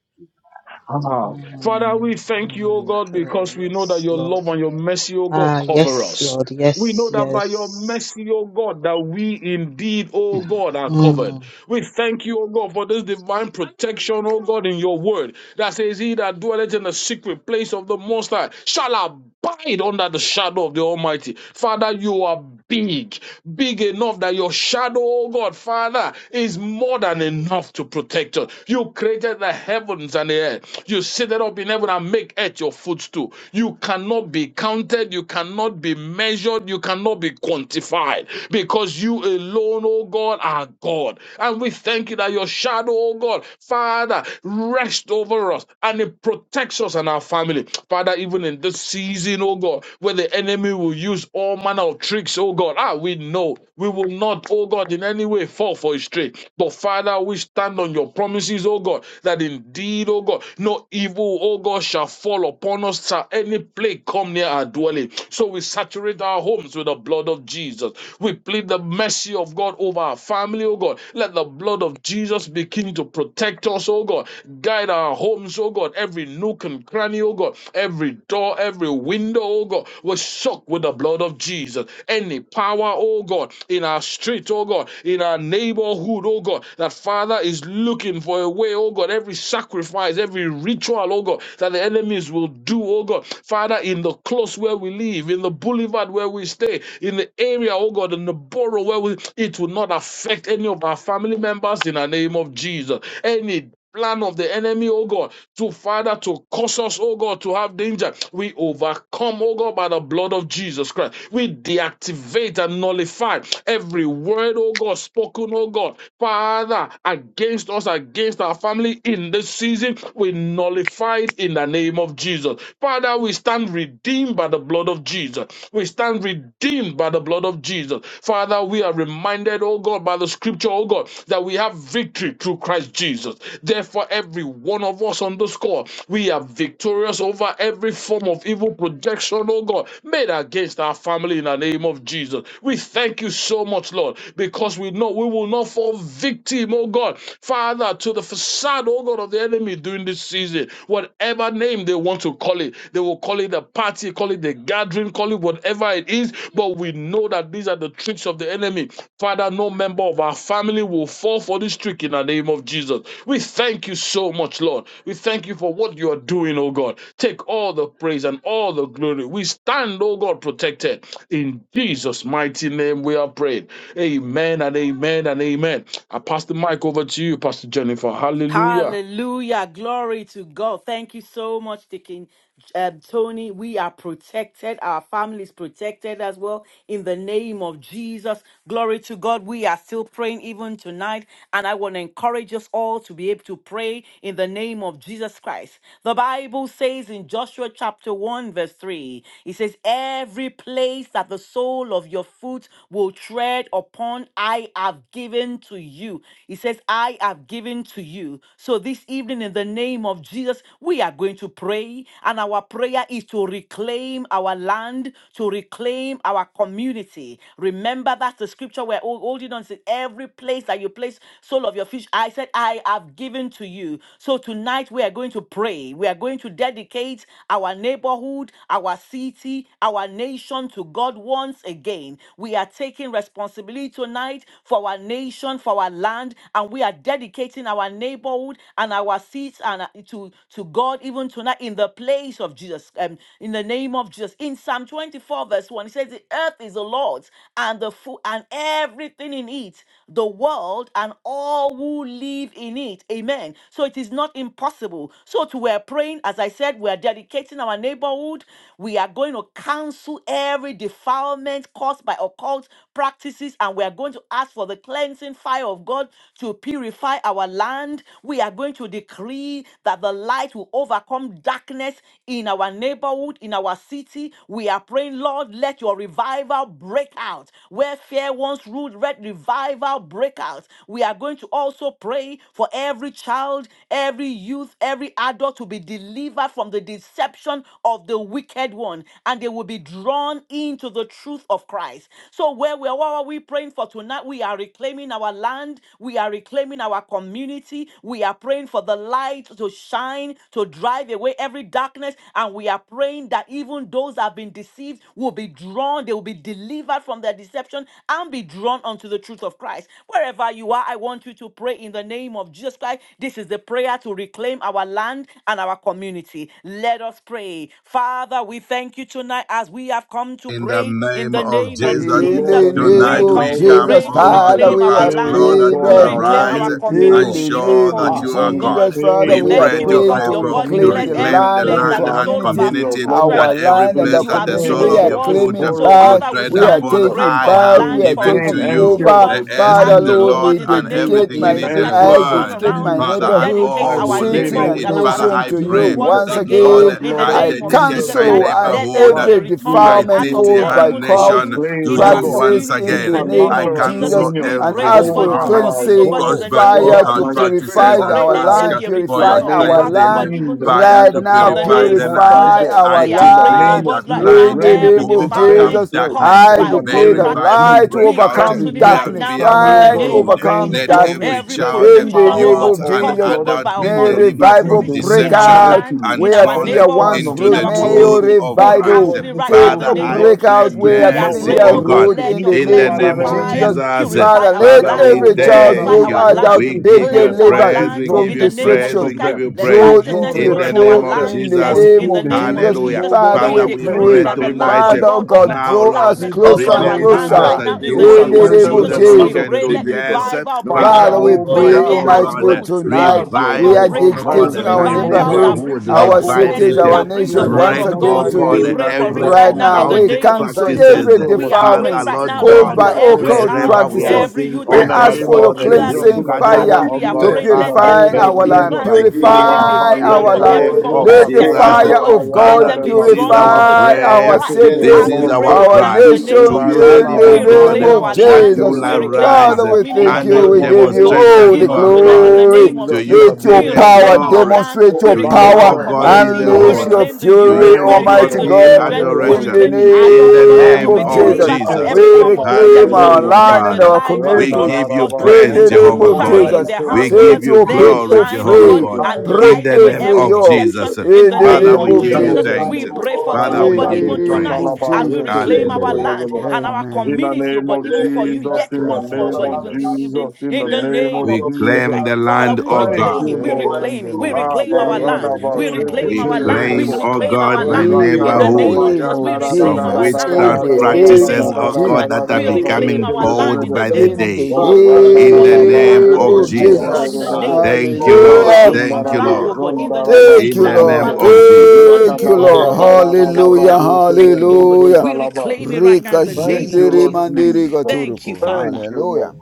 Speaker 7: Ah, Father,
Speaker 8: Mm,
Speaker 7: we thank you, O
Speaker 8: mm,
Speaker 7: God,
Speaker 8: uh,
Speaker 7: because we know that
Speaker 8: Yes,
Speaker 7: your
Speaker 8: Lord.
Speaker 7: love and your mercy, O God,
Speaker 8: Ah,
Speaker 7: cover
Speaker 8: yes,
Speaker 7: us.
Speaker 8: Lord.
Speaker 7: We
Speaker 8: Yes,
Speaker 7: know that by your
Speaker 8: yes.
Speaker 7: mercy, O God, that we indeed, O God, are covered.
Speaker 8: Mm.
Speaker 7: We thank you, O God, for this divine protection, O God, in your word that says, He that dwelleth in the secret place of the Most High shall abide under the shadow of the Almighty. Father, you are big, big enough that your shadow, oh God, Father, is more than enough to protect us. You created the heavens and the earth. You sit it up in heaven and make earth your footstool. You cannot be counted. You cannot be measured. You cannot be quantified because you alone, oh God, are God. And we thank you that your shadow, oh God, Father, rests over us and it protects us and our family. Father, even in this season, oh oh God, where the enemy will use all manner of tricks, oh God. Ah, we know we will not, oh God, in any way fall for his trick. But Father, we stand on your promises, oh God, that indeed, oh God, no evil, oh God, shall fall upon us, shall any plague come near our dwelling. So we saturate our homes with the blood of Jesus. We plead the mercy of God over our family, oh God. Let the blood of Jesus begin to protect us, oh God. Guide our homes homes, oh God, every nook and cranny, oh God, every door, every window, oh God, was soaked with the blood of Jesus. Any power, oh God, in our street, oh God, in our neighborhood, oh God, that Father is looking for a way, oh God, every sacrifice, every ritual, oh God, that the enemies will do, oh God, Father, in the close where we live, in the boulevard where we stay, in the area, oh God, in the borough where we, it will not affect any of our family members in the name of Jesus. Any plan of the enemy, oh God, to Father, to cause us, oh God, to have danger. We overcome, oh God, by the blood of Jesus Christ. We deactivate and nullify every word, oh God, spoken, oh God, Father, against us, against our family in this season. We nullify it in the name of Jesus. Father, we stand redeemed by the blood of Jesus. We stand redeemed by the blood of Jesus. Father, we are we are reminded, oh God, by the scripture, oh God, that we have victory through Christ Jesus. Therefore, every one of us on this call, we are victorious over every form of evil projection, oh God, made against our family in the name of Jesus. We thank you so much, Lord, because we know we will not fall victim, oh God, Father, to the facade, oh God, of the enemy during this season. Whatever name they want to call it, they will call it the past party, call it the gathering, call it whatever it is, but we know that these are the tricks of the enemy. Father, no member of our family will fall for this trick in the name of Jesus. We thank you so much, Lord. We thank you for what you are doing, oh God. Take all the praise and all the glory. We stand, oh God, protected. In Jesus' mighty name we are praying. Amen and amen and amen. I pass the mic over to you, Pastor Jennifer. Hallelujah.
Speaker 4: Hallelujah. Glory to God. Thank you so much, Deacon um, Tony, we are protected. Our family is protected as well. In the name of Jesus, glory to God. We are still praying even tonight. And I want to encourage us all to be able to pray in the name of Jesus Christ. The Bible says in Joshua chapter 1, verse 3, it says, Every place that the sole of your foot will tread upon, I have given to you. It says, I have given to you. So this evening, in the name of Jesus, we are going to pray pray, and our prayer is to reclaim our land, to reclaim our community. Remember that's the scripture we're all holding on to. Every place that you place soul of your fish, I said, I have given to you. So tonight we are going to pray. We are going to dedicate our neighborhood, our city, our nation to God once again. We are taking responsibility tonight for our nation, for our land, and we are dedicating our neighborhood and our seats and uh, to to God even tonight in the place of Jesus, um, in the name of Jesus. In Psalm 24, verse 1, it says, The earth is the Lord's and the full and everything in it, the world and all who live in it. Amen. So it is not impossible. So to we're praying, as I said, we are dedicating our neighborhood. We are going to cancel every defilement caused by occult practices, and we are going to ask for the cleansing fire of God to purify our land. We are going to decree that the light light will overcome darkness in our neighborhood, in our city. We are praying, Lord, let your revival break out. Where fear once ruled, let revival break out. We are going to also pray for every child, every youth, every adult to be delivered from the deception of the wicked one, and they will be drawn into the truth of Christ. So, where we are, what are we praying for tonight? We are reclaiming our land, we are reclaiming our community, we are praying for the light to to shine, to drive away every darkness. And we are praying that even those that have been deceived will be drawn, they will be delivered from their deception and be drawn unto the truth of Christ. Wherever you are, I want you to pray in the name of Jesus Christ. This is the prayer to reclaim our land and our community. Let us pray. Father, we thank you tonight as we have come to
Speaker 1: In the
Speaker 4: pray in
Speaker 1: name
Speaker 4: the
Speaker 1: of
Speaker 4: name of
Speaker 7: Thank
Speaker 1: Jesus,
Speaker 7: you,
Speaker 3: In
Speaker 7: Lord,
Speaker 3: the
Speaker 4: Jesus.
Speaker 7: that even
Speaker 3: name
Speaker 1: tonight
Speaker 7: right
Speaker 4: We
Speaker 3: of
Speaker 4: come
Speaker 1: we
Speaker 7: now,
Speaker 4: to
Speaker 7: God,
Speaker 1: come,
Speaker 7: we
Speaker 3: Jesus,
Speaker 4: pray
Speaker 1: oh
Speaker 4: to
Speaker 7: begin
Speaker 1: God,
Speaker 3: Father,
Speaker 1: to
Speaker 7: to
Speaker 4: reclaim
Speaker 3: we
Speaker 4: our
Speaker 3: are
Speaker 1: ask,
Speaker 7: reclaim,
Speaker 1: Lord,
Speaker 7: oh
Speaker 4: land,
Speaker 1: that
Speaker 3: praying
Speaker 1: you'll
Speaker 4: to
Speaker 7: God,
Speaker 3: right
Speaker 7: our
Speaker 4: reclaim
Speaker 3: now.
Speaker 1: arise
Speaker 4: our
Speaker 7: community, oh
Speaker 3: In
Speaker 1: and
Speaker 7: God.
Speaker 4: community,
Speaker 3: the
Speaker 4: even
Speaker 1: show
Speaker 3: name
Speaker 4: for
Speaker 1: that
Speaker 3: of
Speaker 7: Ah,
Speaker 4: you,
Speaker 1: you
Speaker 7: we
Speaker 4: oh
Speaker 1: are God.
Speaker 4: God.
Speaker 3: Jesus, Father,
Speaker 4: We
Speaker 1: We
Speaker 7: reclaim,
Speaker 3: we
Speaker 7: oh
Speaker 3: are
Speaker 4: thank
Speaker 1: pray
Speaker 4: you
Speaker 1: to,
Speaker 7: God,
Speaker 3: praying
Speaker 4: because
Speaker 1: cre-
Speaker 7: our
Speaker 3: to
Speaker 4: your word
Speaker 1: to
Speaker 3: reclaim
Speaker 7: community.
Speaker 4: declares
Speaker 3: the
Speaker 7: We
Speaker 4: every
Speaker 1: reclaim the
Speaker 3: land
Speaker 4: place
Speaker 3: and
Speaker 7: reclaim
Speaker 4: that
Speaker 1: land
Speaker 4: the
Speaker 7: our
Speaker 1: and
Speaker 4: sole of our
Speaker 3: community,
Speaker 7: city of
Speaker 4: foot
Speaker 1: community,
Speaker 4: will tread
Speaker 1: that
Speaker 7: London.
Speaker 3: our
Speaker 1: every
Speaker 4: upon,
Speaker 3: land and
Speaker 1: place
Speaker 3: our
Speaker 7: We
Speaker 4: you
Speaker 1: that
Speaker 4: have
Speaker 1: the
Speaker 3: community.
Speaker 7: reclaim,
Speaker 1: sole
Speaker 4: given
Speaker 7: oh
Speaker 3: We
Speaker 1: of
Speaker 3: are
Speaker 4: to
Speaker 7: God,
Speaker 1: your
Speaker 4: us.
Speaker 7: this
Speaker 1: foot
Speaker 3: claiming
Speaker 4: So,
Speaker 7: borough for
Speaker 1: will
Speaker 3: back,
Speaker 4: Father, we
Speaker 1: tread
Speaker 3: we are
Speaker 4: stand to
Speaker 1: upon
Speaker 7: Jesus.
Speaker 4: pray
Speaker 3: taking
Speaker 1: I
Speaker 4: for our
Speaker 3: back,
Speaker 1: have
Speaker 3: we
Speaker 7: We
Speaker 4: land,
Speaker 3: are
Speaker 4: for our
Speaker 1: given to
Speaker 7: reclaim
Speaker 3: taking
Speaker 1: you.
Speaker 4: community, oh
Speaker 7: Enfield
Speaker 3: over.
Speaker 1: The
Speaker 7: for
Speaker 4: God,
Speaker 1: earth
Speaker 3: Father,
Speaker 1: is the
Speaker 4: asking, oh
Speaker 3: Lord,
Speaker 7: Jesus.
Speaker 4: God,
Speaker 3: we
Speaker 1: Lord's
Speaker 4: in the
Speaker 1: and
Speaker 7: We
Speaker 4: name of
Speaker 3: dedicate
Speaker 1: everything in
Speaker 7: reclaim
Speaker 3: my,
Speaker 1: it,
Speaker 4: Jesus
Speaker 1: the
Speaker 4: Christ for a
Speaker 3: I
Speaker 7: Enfield for
Speaker 1: word,
Speaker 3: dedicate my
Speaker 4: turnaround.
Speaker 1: Father,
Speaker 7: Jesus.
Speaker 4: We
Speaker 1: and
Speaker 3: neighborhood,
Speaker 4: dedicate
Speaker 7: I
Speaker 1: all
Speaker 4: our
Speaker 1: who live
Speaker 7: reclaim
Speaker 3: city,
Speaker 1: in
Speaker 4: neighborhood
Speaker 3: and
Speaker 1: it.
Speaker 4: and
Speaker 7: Enfield
Speaker 4: our
Speaker 1: Father,
Speaker 7: for
Speaker 3: nation
Speaker 1: I
Speaker 4: city
Speaker 3: to
Speaker 4: to you
Speaker 3: you
Speaker 1: pray
Speaker 7: Jesus.
Speaker 4: once
Speaker 3: once
Speaker 1: that,
Speaker 7: By
Speaker 4: again
Speaker 1: Lord,
Speaker 7: the
Speaker 3: again.
Speaker 4: in the
Speaker 7: blood
Speaker 1: I
Speaker 7: of
Speaker 3: I
Speaker 4: name of
Speaker 1: dedicate
Speaker 7: Jesus,
Speaker 4: Jesus
Speaker 1: my
Speaker 7: we
Speaker 4: Christ.
Speaker 3: cancel
Speaker 7: are
Speaker 3: and
Speaker 4: Let there
Speaker 1: neighborhood,
Speaker 7: sanctified.
Speaker 4: be
Speaker 3: every
Speaker 4: a return
Speaker 7: We
Speaker 4: of
Speaker 1: my
Speaker 7: are
Speaker 4: the
Speaker 3: defilement
Speaker 4: heart of
Speaker 1: city,
Speaker 3: caused
Speaker 4: men,
Speaker 7: purified.
Speaker 3: by
Speaker 1: and
Speaker 4: even to
Speaker 7: I
Speaker 3: cult
Speaker 1: nation
Speaker 4: you
Speaker 7: claim,
Speaker 1: to
Speaker 4: in
Speaker 7: oh
Speaker 4: our
Speaker 1: you
Speaker 7: God,
Speaker 1: once
Speaker 3: practices
Speaker 4: communities,
Speaker 3: in
Speaker 4: in
Speaker 3: the
Speaker 1: again.
Speaker 4: the name
Speaker 3: name
Speaker 1: I
Speaker 4: of
Speaker 3: of
Speaker 7: supernatural
Speaker 4: Jesus.
Speaker 3: Jesus
Speaker 1: cancel
Speaker 7: dominion
Speaker 4: We
Speaker 3: and
Speaker 4: pray,
Speaker 1: every
Speaker 4: oh
Speaker 3: ask for
Speaker 4: God,
Speaker 3: your
Speaker 7: over
Speaker 4: even
Speaker 1: defilement
Speaker 4: for
Speaker 7: our
Speaker 4: this, oh
Speaker 3: cleansing
Speaker 4: God, in
Speaker 7: borough
Speaker 1: caused
Speaker 4: the
Speaker 1: by
Speaker 4: name of
Speaker 3: fire
Speaker 7: over
Speaker 1: occult
Speaker 3: to
Speaker 7: my
Speaker 4: Jesus.
Speaker 7: street,
Speaker 1: practices
Speaker 4: We
Speaker 3: purify
Speaker 7: o-
Speaker 1: and
Speaker 4: pray,
Speaker 3: our
Speaker 4: let
Speaker 7: over
Speaker 1: ask
Speaker 4: there
Speaker 7: this
Speaker 3: land,
Speaker 4: be a
Speaker 7: street
Speaker 1: for
Speaker 7: in the
Speaker 3: purify
Speaker 4: return
Speaker 1: your
Speaker 4: of the
Speaker 7: name
Speaker 3: our
Speaker 7: of
Speaker 4: heart, oh God,
Speaker 3: land
Speaker 1: cleansing
Speaker 4: even
Speaker 7: Jesus.
Speaker 4: to
Speaker 1: fire
Speaker 3: right
Speaker 4: you
Speaker 1: to
Speaker 7: The
Speaker 3: now,
Speaker 4: in the
Speaker 7: power of
Speaker 1: purify
Speaker 7: the
Speaker 4: name
Speaker 1: the
Speaker 4: of
Speaker 7: Most
Speaker 1: land.
Speaker 7: High
Speaker 3: purify
Speaker 4: Jesus.
Speaker 7: God
Speaker 3: our
Speaker 1: I
Speaker 4: We are
Speaker 7: in the
Speaker 4: praying, oh
Speaker 1: decree
Speaker 7: name
Speaker 3: land
Speaker 7: of
Speaker 1: that
Speaker 4: God, right
Speaker 7: Jesus
Speaker 4: now,
Speaker 3: in
Speaker 1: light
Speaker 3: the
Speaker 7: reigns
Speaker 4: every
Speaker 3: name
Speaker 1: will
Speaker 7: in
Speaker 3: of
Speaker 7: this vein
Speaker 4: defilement
Speaker 1: overcome
Speaker 3: Jesus.
Speaker 7: close
Speaker 1: darkness.
Speaker 4: caused
Speaker 3: I
Speaker 4: by
Speaker 7: in the
Speaker 1: May
Speaker 3: declare
Speaker 4: occult
Speaker 7: name
Speaker 3: that
Speaker 7: of
Speaker 1: revival
Speaker 4: practices,
Speaker 3: light
Speaker 7: Jesus.
Speaker 3: will
Speaker 1: break
Speaker 4: we
Speaker 1: out
Speaker 7: Every
Speaker 3: overcome
Speaker 4: cancel it
Speaker 7: nook
Speaker 1: where
Speaker 4: right
Speaker 7: and
Speaker 3: darkness,
Speaker 4: now
Speaker 1: fear
Speaker 7: cranny,
Speaker 4: in
Speaker 1: once
Speaker 7: O
Speaker 4: the
Speaker 3: light
Speaker 7: God,
Speaker 3: will
Speaker 4: name
Speaker 7: of
Speaker 1: ruled.
Speaker 4: of
Speaker 7: veins
Speaker 3: overcome
Speaker 4: Jesus.
Speaker 1: Let
Speaker 4: That
Speaker 7: close,
Speaker 3: darkness
Speaker 1: every
Speaker 4: every
Speaker 7: let the
Speaker 1: child,
Speaker 3: in the
Speaker 4: pollution, oh
Speaker 3: name
Speaker 7: power
Speaker 1: youth,
Speaker 4: God,
Speaker 3: of
Speaker 7: of
Speaker 1: and
Speaker 7: the
Speaker 4: caused,
Speaker 3: Jesus.
Speaker 4: oh
Speaker 7: blood
Speaker 4: God,
Speaker 7: of
Speaker 4: by
Speaker 1: adult be
Speaker 3: May
Speaker 7: Jesus
Speaker 4: occultic
Speaker 1: delivered
Speaker 7: begin
Speaker 3: revival
Speaker 1: from
Speaker 4: practices
Speaker 7: to
Speaker 3: break
Speaker 4: in
Speaker 7: move
Speaker 4: our
Speaker 1: deception
Speaker 3: out
Speaker 4: land,
Speaker 7: mightily.
Speaker 1: and
Speaker 4: in
Speaker 3: where
Speaker 4: our
Speaker 1: drawn
Speaker 7: Every
Speaker 3: fear
Speaker 4: neighborhood,
Speaker 7: plan
Speaker 3: once
Speaker 7: of
Speaker 1: into
Speaker 7: the
Speaker 4: in
Speaker 3: ruled.
Speaker 1: the
Speaker 4: our
Speaker 3: May
Speaker 7: evil one
Speaker 3: your
Speaker 1: truth
Speaker 7: to
Speaker 4: community,
Speaker 1: of
Speaker 4: we
Speaker 7: cause, O
Speaker 1: Christ.
Speaker 7: God,
Speaker 4: cancel
Speaker 3: revival
Speaker 4: it
Speaker 7: this
Speaker 4: right now
Speaker 3: take
Speaker 4: in the
Speaker 7: close,
Speaker 1: Father,
Speaker 3: a
Speaker 7: O
Speaker 4: name
Speaker 1: I
Speaker 4: of
Speaker 7: God,
Speaker 3: break
Speaker 1: pray
Speaker 3: out
Speaker 4: Jesus.
Speaker 7: to be
Speaker 3: where
Speaker 4: We are
Speaker 7: not
Speaker 1: mercy,
Speaker 7: what
Speaker 4: praying,
Speaker 3: fear
Speaker 1: O
Speaker 4: oh
Speaker 7: it
Speaker 4: God,
Speaker 1: God.
Speaker 7: ought
Speaker 3: ruled
Speaker 7: to
Speaker 3: in
Speaker 4: let
Speaker 7: be.
Speaker 4: your
Speaker 3: the
Speaker 1: In the
Speaker 3: name
Speaker 4: cleansing
Speaker 7: Father,
Speaker 1: name
Speaker 3: of
Speaker 7: let
Speaker 1: of
Speaker 7: them
Speaker 4: fire
Speaker 3: Jesus.
Speaker 7: lose
Speaker 1: Jesus,
Speaker 7: sleep
Speaker 1: eh,
Speaker 4: Purify
Speaker 3: Father,
Speaker 4: our
Speaker 3: let
Speaker 1: Father,
Speaker 7: let,
Speaker 1: we
Speaker 4: land.
Speaker 7: oh
Speaker 3: every
Speaker 7: God,
Speaker 3: child,
Speaker 7: Father,
Speaker 4: Purify
Speaker 1: thank
Speaker 3: youth,
Speaker 4: our
Speaker 1: you.
Speaker 7: withdraw
Speaker 4: land.
Speaker 1: We
Speaker 3: adult
Speaker 7: sleep
Speaker 3: be
Speaker 1: give
Speaker 7: from
Speaker 1: you
Speaker 4: Cleanse
Speaker 7: them,
Speaker 4: our
Speaker 3: delivered
Speaker 1: praise. We
Speaker 4: land
Speaker 7: withdraw
Speaker 1: give
Speaker 3: from
Speaker 4: in
Speaker 1: you
Speaker 4: the name
Speaker 7: peace
Speaker 4: of
Speaker 1: praise.
Speaker 4: Jesus
Speaker 3: deception,
Speaker 1: We
Speaker 7: from
Speaker 1: give
Speaker 4: Christ.
Speaker 7: them,
Speaker 1: you
Speaker 4: Let
Speaker 1: praise.
Speaker 3: drawn
Speaker 7: withdraw
Speaker 3: into
Speaker 4: righteousness
Speaker 1: In
Speaker 3: the
Speaker 4: flow
Speaker 1: the
Speaker 4: in
Speaker 7: rest
Speaker 4: our
Speaker 1: name
Speaker 3: truth
Speaker 7: from
Speaker 1: of
Speaker 7: them
Speaker 4: land.
Speaker 3: in the
Speaker 4: Instead,
Speaker 1: Jesus.
Speaker 3: name
Speaker 4: in
Speaker 7: until
Speaker 4: the
Speaker 7: they
Speaker 3: of
Speaker 4: name of
Speaker 3: Jesus.
Speaker 7: leave,
Speaker 1: Hallelujah.
Speaker 4: Jesus,
Speaker 7: oh God,
Speaker 3: Father,
Speaker 7: or
Speaker 4: we
Speaker 1: Father,
Speaker 3: we
Speaker 1: we
Speaker 7: repent
Speaker 4: decree
Speaker 7: in
Speaker 1: pray
Speaker 3: pray.
Speaker 7: the
Speaker 4: that the
Speaker 7: name of
Speaker 4: light
Speaker 1: tonight. eh,
Speaker 4: of
Speaker 3: Father, oh
Speaker 4: God
Speaker 7: Jesus.
Speaker 3: God,
Speaker 1: Now,
Speaker 4: overcomes
Speaker 3: draw
Speaker 7: This
Speaker 1: Lord,
Speaker 3: us
Speaker 1: eh,
Speaker 4: darkness
Speaker 7: street,
Speaker 5: Our
Speaker 7: this
Speaker 3: closer
Speaker 4: in
Speaker 5: Father,
Speaker 3: and
Speaker 4: our
Speaker 5: we
Speaker 7: close,
Speaker 1: remember
Speaker 7: oh
Speaker 4: land
Speaker 1: us
Speaker 5: declare in
Speaker 7: God,
Speaker 4: right
Speaker 3: closer
Speaker 5: the
Speaker 4: now.
Speaker 1: and
Speaker 4: In
Speaker 1: do
Speaker 5: name
Speaker 4: the
Speaker 7: is
Speaker 5: of
Speaker 3: in
Speaker 1: only
Speaker 4: name
Speaker 3: the
Speaker 4: of
Speaker 1: what
Speaker 5: Jesus
Speaker 7: saturated
Speaker 3: name
Speaker 1: you,
Speaker 7: with
Speaker 3: of
Speaker 5: Christ,
Speaker 4: Jesus,
Speaker 1: the
Speaker 7: the
Speaker 5: the
Speaker 1: Lord,
Speaker 5: Son
Speaker 7: blood
Speaker 4: we
Speaker 5: of
Speaker 3: Jesus.
Speaker 7: of
Speaker 1: can
Speaker 5: the
Speaker 4: pray.
Speaker 1: do.
Speaker 4: Let
Speaker 5: living
Speaker 7: Jesus.
Speaker 1: Yes,
Speaker 5: God,
Speaker 1: eh,
Speaker 4: revival
Speaker 5: knowing
Speaker 4: break
Speaker 5: that
Speaker 7: Father,
Speaker 1: Father,
Speaker 3: Father,
Speaker 4: out
Speaker 5: our
Speaker 3: we
Speaker 1: we
Speaker 7: oh
Speaker 5: God,
Speaker 7: God,
Speaker 4: where
Speaker 5: you are
Speaker 1: pray,
Speaker 3: pray,
Speaker 7: have
Speaker 5: not
Speaker 4: fear
Speaker 1: oh
Speaker 5: a
Speaker 7: your
Speaker 4: has
Speaker 5: man
Speaker 3: Almighty
Speaker 1: God,
Speaker 7: way.
Speaker 1: eh,
Speaker 5: that
Speaker 3: God,
Speaker 4: ruled.
Speaker 5: you should
Speaker 4: Let
Speaker 5: lie,
Speaker 3: tonight
Speaker 7: Have your
Speaker 5: nor
Speaker 4: revival
Speaker 3: we
Speaker 1: revive,
Speaker 3: are
Speaker 5: the
Speaker 7: way.
Speaker 4: break
Speaker 1: oh
Speaker 5: Son of
Speaker 4: out.
Speaker 7: I
Speaker 5: Man
Speaker 1: God,
Speaker 4: The
Speaker 1: eh,
Speaker 3: dedicating
Speaker 5: that you
Speaker 3: our
Speaker 1: my
Speaker 7: reclaim,
Speaker 5: should
Speaker 7: oh
Speaker 4: revival
Speaker 7: God,
Speaker 5: repent.
Speaker 3: neighborhood,
Speaker 7: this
Speaker 4: that
Speaker 1: neighborhood,
Speaker 4: brings
Speaker 7: speech,
Speaker 3: our
Speaker 5: Have you
Speaker 7: oh
Speaker 5: not
Speaker 1: revive
Speaker 7: God,
Speaker 4: righteousness,
Speaker 3: cities,
Speaker 1: it.
Speaker 5: said
Speaker 7: to
Speaker 1: eh,
Speaker 5: it?
Speaker 3: our
Speaker 7: the
Speaker 4: that brings the
Speaker 7: throne
Speaker 3: nation
Speaker 5: Shall you
Speaker 7: of the
Speaker 4: fear
Speaker 3: once
Speaker 1: Break,
Speaker 5: not
Speaker 4: of
Speaker 7: Most
Speaker 5: make
Speaker 1: oh
Speaker 3: again
Speaker 4: God.
Speaker 7: High
Speaker 5: it
Speaker 3: to
Speaker 7: God
Speaker 4: We
Speaker 1: God, eh,
Speaker 3: you.
Speaker 7: in
Speaker 5: good?
Speaker 4: pray
Speaker 7: the
Speaker 4: for
Speaker 7: name
Speaker 4: it
Speaker 1: every
Speaker 5: Right
Speaker 7: of
Speaker 3: Right
Speaker 4: right
Speaker 5: now,
Speaker 4: now
Speaker 7: Jesus.
Speaker 3: now,
Speaker 4: in the
Speaker 5: Father,
Speaker 4: name
Speaker 1: occult
Speaker 3: we
Speaker 5: we
Speaker 4: name
Speaker 5: come
Speaker 4: of
Speaker 5: to
Speaker 3: cancel
Speaker 7: Thank
Speaker 5: pray
Speaker 4: Jesus,
Speaker 7: you
Speaker 1: practices.
Speaker 3: every
Speaker 1: eh,
Speaker 7: so
Speaker 4: we
Speaker 5: with
Speaker 7: much,
Speaker 4: are
Speaker 7: Lord.
Speaker 1: Father,
Speaker 4: praying
Speaker 3: defilement
Speaker 4: right
Speaker 5: intensity
Speaker 1: Lord
Speaker 4: now,
Speaker 5: and
Speaker 3: caused
Speaker 7: Thank
Speaker 4: Lord,
Speaker 1: God,
Speaker 7: you
Speaker 3: by
Speaker 5: with
Speaker 4: for
Speaker 7: for all
Speaker 4: every
Speaker 7: you're
Speaker 5: fervency,
Speaker 3: occult
Speaker 7: doing
Speaker 4: child,
Speaker 1: wherever
Speaker 5: Almighty
Speaker 1: we
Speaker 7: for us.
Speaker 1: are
Speaker 5: God.
Speaker 3: practices.
Speaker 4: every
Speaker 1: seeing,
Speaker 4: youth
Speaker 5: We
Speaker 3: We
Speaker 1: oh
Speaker 7: In
Speaker 4: that's
Speaker 7: the
Speaker 4: been
Speaker 5: lift
Speaker 1: God,
Speaker 3: ask
Speaker 5: up
Speaker 7: name
Speaker 3: for
Speaker 7: of
Speaker 4: deceived,
Speaker 5: our
Speaker 3: your
Speaker 1: all the
Speaker 4: either
Speaker 5: voices
Speaker 7: Jesus,
Speaker 1: dream
Speaker 7: in
Speaker 3: cleansing
Speaker 4: too.
Speaker 7: the
Speaker 5: as
Speaker 7: name
Speaker 1: catchers,
Speaker 4: Father,
Speaker 5: we
Speaker 7: of
Speaker 1: oh
Speaker 4: we
Speaker 3: fire
Speaker 4: are
Speaker 3: to
Speaker 1: God,
Speaker 7: Jesus,
Speaker 4: praying,
Speaker 7: in the
Speaker 4: let
Speaker 1: Father,
Speaker 5: declare.
Speaker 4: there
Speaker 3: purify
Speaker 4: be
Speaker 7: name of
Speaker 3: our
Speaker 1: burn
Speaker 5: be
Speaker 1: them
Speaker 3: land.
Speaker 7: Jesus.
Speaker 4: deliverance,
Speaker 1: by
Speaker 5: beginning
Speaker 4: complete
Speaker 1: fire
Speaker 5: now.
Speaker 3: Purify
Speaker 7: Abba,
Speaker 1: in
Speaker 4: deliverance
Speaker 3: our
Speaker 1: the
Speaker 4: from
Speaker 7: leka,
Speaker 3: land.
Speaker 4: every
Speaker 1: name
Speaker 5: Lord,
Speaker 4: form
Speaker 7: lebro,
Speaker 4: of
Speaker 1: of
Speaker 5: I
Speaker 3: Let the
Speaker 7: zatara,
Speaker 1: Jesus.
Speaker 4: deception, oh
Speaker 3: fire
Speaker 5: dedicate
Speaker 4: God.
Speaker 7: raraba,
Speaker 5: my
Speaker 3: of
Speaker 4: Let
Speaker 3: God
Speaker 7: yana,
Speaker 1: Father,
Speaker 4: them be
Speaker 5: neighborhood,
Speaker 1: this
Speaker 7: rema,
Speaker 1: is
Speaker 4: drawn
Speaker 5: city,
Speaker 1: our
Speaker 7: zonta,
Speaker 4: into
Speaker 5: and
Speaker 4: the
Speaker 3: purify
Speaker 4: truth
Speaker 7: raba,
Speaker 4: of
Speaker 5: nation.
Speaker 3: our
Speaker 1: prayer.
Speaker 7: shete,
Speaker 4: Christ.
Speaker 5: Yes,
Speaker 1: This
Speaker 5: oh
Speaker 3: cities,
Speaker 4: As we
Speaker 1: is
Speaker 5: my
Speaker 7: telemondo.
Speaker 4: pray
Speaker 1: our
Speaker 5: God,
Speaker 4: right
Speaker 3: our
Speaker 4: now
Speaker 1: cry
Speaker 4: in the
Speaker 5: to,
Speaker 4: name
Speaker 1: to
Speaker 5: to
Speaker 3: nations
Speaker 4: of
Speaker 7: Riba,
Speaker 1: you, the
Speaker 4: Jesus,
Speaker 5: you
Speaker 3: in
Speaker 7: dala,
Speaker 3: the
Speaker 4: we
Speaker 7: ba,
Speaker 1: living
Speaker 5: once
Speaker 3: name
Speaker 4: reclaim
Speaker 7: loko,
Speaker 5: again.
Speaker 1: God,
Speaker 3: of
Speaker 7: ma,
Speaker 4: our
Speaker 5: I
Speaker 1: that
Speaker 4: land,
Speaker 7: shete,
Speaker 1: you
Speaker 3: Jesus.
Speaker 1: will
Speaker 4: we
Speaker 5: cancel
Speaker 7: lebro, sa.
Speaker 4: reclaim
Speaker 5: every
Speaker 4: our
Speaker 1: arise
Speaker 3: Father, we
Speaker 7: In
Speaker 4: community
Speaker 7: the
Speaker 3: thank
Speaker 1: and
Speaker 4: for
Speaker 3: you.
Speaker 1: you
Speaker 5: department.
Speaker 7: name
Speaker 3: We
Speaker 4: you,
Speaker 7: of
Speaker 3: give
Speaker 4: oh
Speaker 5: Yes,
Speaker 3: you
Speaker 4: God.
Speaker 1: demonstrate
Speaker 7: Jesus,
Speaker 1: that
Speaker 3: all
Speaker 7: in
Speaker 3: the
Speaker 5: Almighty
Speaker 1: you
Speaker 7: the
Speaker 4: Even
Speaker 1: are
Speaker 5: God,
Speaker 4: tonight,
Speaker 7: name
Speaker 1: God.
Speaker 4: in
Speaker 7: of
Speaker 4: the
Speaker 3: glory.
Speaker 5: cause
Speaker 4: name of
Speaker 1: To
Speaker 7: Jesus,
Speaker 5: right
Speaker 7: in
Speaker 5: now
Speaker 4: Jesus,
Speaker 7: the
Speaker 1: you
Speaker 3: Let
Speaker 1: be
Speaker 3: your
Speaker 4: we
Speaker 7: name
Speaker 1: the
Speaker 5: every
Speaker 7: of
Speaker 3: power
Speaker 4: reclaim our
Speaker 7: Jesus.
Speaker 1: glory.
Speaker 4: land,
Speaker 3: demonstrate
Speaker 4: we
Speaker 3: your
Speaker 5: cause
Speaker 1: To you,
Speaker 4: reclaim
Speaker 5: right
Speaker 7: Father,
Speaker 3: power.
Speaker 4: our
Speaker 1: O
Speaker 7: we
Speaker 5: now by
Speaker 1: God,
Speaker 4: community
Speaker 1: be
Speaker 7: thank
Speaker 1: the
Speaker 7: you,
Speaker 4: community. We
Speaker 3: Unleash
Speaker 7: Lord.
Speaker 5: out
Speaker 1: honor.
Speaker 3: your
Speaker 4: reclaim the
Speaker 1: To
Speaker 4: youth.
Speaker 3: fury,
Speaker 5: righteousness.
Speaker 1: you,
Speaker 4: We
Speaker 7: Thank
Speaker 1: O
Speaker 5: I
Speaker 7: you,
Speaker 4: reclaim
Speaker 1: God,
Speaker 3: Almighty
Speaker 4: the
Speaker 7: Lord.
Speaker 5: ask
Speaker 1: be
Speaker 5: you
Speaker 7: In
Speaker 3: God.
Speaker 7: the
Speaker 5: for
Speaker 4: children.
Speaker 5: your
Speaker 7: name
Speaker 4: We
Speaker 7: of
Speaker 3: In
Speaker 1: adoration
Speaker 3: the
Speaker 4: reclaim the
Speaker 5: consecrating
Speaker 7: Jesus.
Speaker 1: in
Speaker 4: adults, oh
Speaker 1: the
Speaker 4: God,
Speaker 5: fire
Speaker 7: Ah,
Speaker 3: name
Speaker 4: to
Speaker 1: name
Speaker 5: to
Speaker 4: be
Speaker 3: of
Speaker 7: Baba
Speaker 1: of
Speaker 3: Jesus,
Speaker 4: delivered
Speaker 5: purify
Speaker 4: from
Speaker 7: Reke
Speaker 1: Jesus.
Speaker 3: we
Speaker 5: the
Speaker 4: every form
Speaker 5: land,
Speaker 4: of
Speaker 7: Bashota
Speaker 3: reclaim
Speaker 4: deception.
Speaker 3: our
Speaker 7: Rabayende.
Speaker 5: purify
Speaker 1: Hallelujah,
Speaker 3: land
Speaker 4: Let
Speaker 5: the
Speaker 4: the
Speaker 3: and
Speaker 1: Father.
Speaker 5: land.
Speaker 3: our
Speaker 4: light of the
Speaker 7: Randa
Speaker 1: We
Speaker 3: community.
Speaker 4: glorious
Speaker 1: give
Speaker 5: Purify.
Speaker 1: you
Speaker 4: gospel
Speaker 7: Raba
Speaker 4: of
Speaker 3: In
Speaker 1: praise,
Speaker 3: the
Speaker 4: Jesus
Speaker 3: name
Speaker 1: Jehovah
Speaker 3: of
Speaker 7: Zondorobo
Speaker 5: Father,
Speaker 4: shine
Speaker 1: God.
Speaker 4: in
Speaker 5: right
Speaker 3: Jesus,
Speaker 4: their
Speaker 5: now
Speaker 1: We
Speaker 4: hearts,
Speaker 5: in
Speaker 4: oh
Speaker 7: Shikolaba.
Speaker 5: the name
Speaker 1: give
Speaker 4: God.
Speaker 3: set
Speaker 1: you
Speaker 3: your
Speaker 5: of
Speaker 4: Let it
Speaker 5: Jesus,
Speaker 1: glory,
Speaker 3: people
Speaker 4: shine, oh
Speaker 1: Jehovah
Speaker 4: God,
Speaker 3: free.
Speaker 1: God,
Speaker 5: purify
Speaker 4: and
Speaker 5: the
Speaker 7: In
Speaker 3: Break
Speaker 1: in
Speaker 5: land
Speaker 4: drive
Speaker 1: the
Speaker 5: in
Speaker 4: away
Speaker 1: name
Speaker 5: the
Speaker 3: every
Speaker 4: every
Speaker 5: name
Speaker 1: of
Speaker 5: of
Speaker 3: yoke.
Speaker 5: Jesus.
Speaker 1: Jesus.
Speaker 4: deception in
Speaker 3: In
Speaker 4: the
Speaker 3: the
Speaker 5: I
Speaker 1: Father,
Speaker 4: name
Speaker 7: the
Speaker 3: name
Speaker 1: we
Speaker 4: of
Speaker 5: decree
Speaker 3: of
Speaker 1: give
Speaker 5: that
Speaker 7: name
Speaker 1: you
Speaker 4: Jesus.
Speaker 7: of
Speaker 5: the
Speaker 3: Jesus.
Speaker 5: light
Speaker 1: thanks.
Speaker 4: We
Speaker 5: will
Speaker 7: Jesus.
Speaker 4: pray for this,
Speaker 5: overcome
Speaker 1: Father,
Speaker 4: oh
Speaker 1: we
Speaker 4: God,
Speaker 3: In
Speaker 1: give
Speaker 3: the
Speaker 1: you
Speaker 7: Kalabrado
Speaker 4: even
Speaker 5: darkness
Speaker 3: name
Speaker 5: right
Speaker 4: tonight
Speaker 1: praise.
Speaker 3: of
Speaker 4: as
Speaker 7: Zatalaba
Speaker 5: now.
Speaker 4: we
Speaker 7: Reke
Speaker 3: Jesus.
Speaker 5: Let
Speaker 4: reclaim our
Speaker 5: the
Speaker 1: Hallelujah.
Speaker 5: light
Speaker 4: land
Speaker 7: Senderebo.
Speaker 4: and our
Speaker 5: overcome
Speaker 7: In
Speaker 3: Amen.
Speaker 7: the
Speaker 5: darkness.
Speaker 4: community, oh
Speaker 7: name
Speaker 4: God,
Speaker 7: of
Speaker 4: even
Speaker 5: Let
Speaker 4: for you
Speaker 5: it
Speaker 7: Jesus,
Speaker 5: burn.
Speaker 4: yet
Speaker 7: in
Speaker 5: The
Speaker 7: the
Speaker 4: once
Speaker 3: Thank
Speaker 5: light
Speaker 3: you,
Speaker 4: more, oh
Speaker 7: name
Speaker 4: God,
Speaker 7: of
Speaker 5: overcome
Speaker 4: even this
Speaker 3: Jesus.
Speaker 5: darkness.
Speaker 4: evening
Speaker 7: Jesus, in
Speaker 4: in
Speaker 7: the
Speaker 5: May
Speaker 4: the
Speaker 7: name
Speaker 4: name
Speaker 7: of
Speaker 1: We
Speaker 4: of
Speaker 5: revival
Speaker 4: Jesus
Speaker 5: break
Speaker 7: Jesus.
Speaker 1: claim
Speaker 4: Christ.
Speaker 5: out
Speaker 1: the
Speaker 5: where
Speaker 4: Father,
Speaker 1: land,
Speaker 4: we
Speaker 1: O
Speaker 5: fear
Speaker 3: We
Speaker 7: Thank
Speaker 5: was
Speaker 4: reclaim
Speaker 1: God.
Speaker 7: you,
Speaker 4: it. We
Speaker 7: Lord.
Speaker 3: claim
Speaker 5: once
Speaker 4: reclaim
Speaker 3: the
Speaker 4: it. We
Speaker 5: ruled.
Speaker 7: Ah,
Speaker 3: land
Speaker 4: reclaim
Speaker 7: ba
Speaker 5: Let
Speaker 4: our
Speaker 3: in
Speaker 7: ra
Speaker 4: land.
Speaker 7: da
Speaker 3: the
Speaker 5: every
Speaker 7: ba
Speaker 4: We
Speaker 7: she
Speaker 5: child
Speaker 3: name
Speaker 7: ke
Speaker 5: and
Speaker 3: of
Speaker 4: reclaim
Speaker 7: te
Speaker 1: We
Speaker 4: our
Speaker 7: re
Speaker 5: youth
Speaker 7: re
Speaker 4: land.
Speaker 7: re
Speaker 4: We
Speaker 1: claim,
Speaker 5: and
Speaker 7: bo.
Speaker 3: Jesus.
Speaker 1: O
Speaker 4: reclaim
Speaker 5: adult of
Speaker 1: God,
Speaker 4: our
Speaker 5: God
Speaker 7: Oh,
Speaker 1: my
Speaker 4: land.
Speaker 7: ra
Speaker 3: In
Speaker 7: ta
Speaker 5: be
Speaker 4: In
Speaker 3: the
Speaker 4: the
Speaker 7: ra da
Speaker 4: name
Speaker 7: ba
Speaker 4: of
Speaker 1: neighborhood
Speaker 5: delivered
Speaker 3: name
Speaker 7: ya
Speaker 4: Jesus,
Speaker 5: from
Speaker 4: we
Speaker 7: na
Speaker 3: of
Speaker 7: ra ra
Speaker 4: reclaim
Speaker 7: ra
Speaker 1: from
Speaker 5: deception
Speaker 7: ra
Speaker 4: our
Speaker 3: Jesus.
Speaker 7: ra ra
Speaker 4: land, oh
Speaker 7: ra
Speaker 5: and
Speaker 3: In
Speaker 1: witchcraft
Speaker 4: God.
Speaker 3: the
Speaker 7: ra ra
Speaker 4: In
Speaker 5: brought
Speaker 7: ra
Speaker 4: the
Speaker 7: ra
Speaker 3: name
Speaker 5: into
Speaker 7: ra
Speaker 1: practices,
Speaker 4: name
Speaker 3: of
Speaker 4: of
Speaker 5: the
Speaker 1: O
Speaker 7: ra
Speaker 4: Jesus
Speaker 7: ra
Speaker 5: light,
Speaker 1: God,
Speaker 4: Christ,
Speaker 3: Jesus.
Speaker 7: ra
Speaker 1: that
Speaker 7: ra
Speaker 1: are
Speaker 4: we
Speaker 7: ra ba
Speaker 5: into
Speaker 7: ye
Speaker 4: reclaim
Speaker 5: the
Speaker 1: becoming
Speaker 7: te
Speaker 4: our
Speaker 7: re
Speaker 5: truth
Speaker 7: re
Speaker 4: land
Speaker 7: re
Speaker 1: bold
Speaker 4: in
Speaker 7: re.
Speaker 5: of
Speaker 4: the
Speaker 1: by the
Speaker 4: name
Speaker 5: Christ.
Speaker 4: of
Speaker 3: In the
Speaker 1: day.
Speaker 7: Oh,
Speaker 4: Jesus
Speaker 7: ra
Speaker 4: Christ.
Speaker 5: Father,
Speaker 7: da
Speaker 1: in
Speaker 7: ra
Speaker 4: For
Speaker 5: this
Speaker 1: the
Speaker 7: ra
Speaker 5: is
Speaker 4: you,
Speaker 7: ba
Speaker 5: our
Speaker 1: name
Speaker 7: she
Speaker 4: Father,
Speaker 3: name
Speaker 1: of
Speaker 5: prayer
Speaker 4: for
Speaker 7: ke
Speaker 3: of
Speaker 5: and
Speaker 4: you,
Speaker 7: te
Speaker 4: oh
Speaker 7: re
Speaker 5: our
Speaker 7: re
Speaker 1: Jesus.
Speaker 4: God, in
Speaker 7: re
Speaker 4: the
Speaker 7: re
Speaker 3: Jesus.
Speaker 5: cry.
Speaker 4: name
Speaker 7: bo.
Speaker 4: of
Speaker 1: Thank you,
Speaker 4: Jesus
Speaker 5: Oh
Speaker 7: Oh,
Speaker 1: Lord.
Speaker 4: Christ.
Speaker 3: Hallelujah.
Speaker 4: A
Speaker 7: zin
Speaker 5: God,
Speaker 7: da
Speaker 4: turn
Speaker 1: Thank
Speaker 7: ra
Speaker 1: you,
Speaker 7: ba
Speaker 4: around,
Speaker 5: hear
Speaker 4: oh
Speaker 1: Lord.
Speaker 4: God,
Speaker 7: zon
Speaker 5: our
Speaker 4: in
Speaker 7: da
Speaker 4: the
Speaker 7: ra
Speaker 4: name
Speaker 5: prayer.
Speaker 7: ba
Speaker 4: of
Speaker 3: Thank
Speaker 4: Jesus
Speaker 1: In
Speaker 7: she
Speaker 3: you,
Speaker 4: Christ,
Speaker 1: the
Speaker 4: of
Speaker 7: ke
Speaker 1: name
Speaker 4: our
Speaker 7: te.
Speaker 3: Lord.
Speaker 5: Father,
Speaker 1: of
Speaker 5: we
Speaker 4: land
Speaker 1: Jesus.
Speaker 7: Ye
Speaker 4: towards
Speaker 7: ka
Speaker 3: Thank
Speaker 5: decree
Speaker 4: you, oh
Speaker 7: na
Speaker 3: you,
Speaker 5: in
Speaker 4: God,
Speaker 7: ra
Speaker 4: in
Speaker 5: the
Speaker 4: the
Speaker 7: ra
Speaker 3: Lord.
Speaker 7: ra
Speaker 5: name
Speaker 4: name
Speaker 5: of
Speaker 7: ra
Speaker 4: of
Speaker 7: ra
Speaker 4: Jesus Christ,
Speaker 7: ra
Speaker 4: where
Speaker 5: Jesus.
Speaker 7: ba
Speaker 4: we
Speaker 3: Hallelujah.
Speaker 4: are
Speaker 7: ye te re
Speaker 4: forsaken, you, oh
Speaker 7: bro
Speaker 4: God.
Speaker 7: zon
Speaker 3: Hallelujah.
Speaker 7: ta
Speaker 4: We
Speaker 7: la ba.
Speaker 4: reclaim it right now in
Speaker 3: Rika
Speaker 4: the
Speaker 7: Thank
Speaker 4: name of
Speaker 7: you,
Speaker 3: jendiri
Speaker 7: Lord
Speaker 4: Jesus Christ.
Speaker 3: mandiri
Speaker 7: Jesus.
Speaker 4: Thank you,
Speaker 3: gaturuku.
Speaker 4: Father.
Speaker 7: Thank you,
Speaker 3: Hallelujah.
Speaker 7: Lord.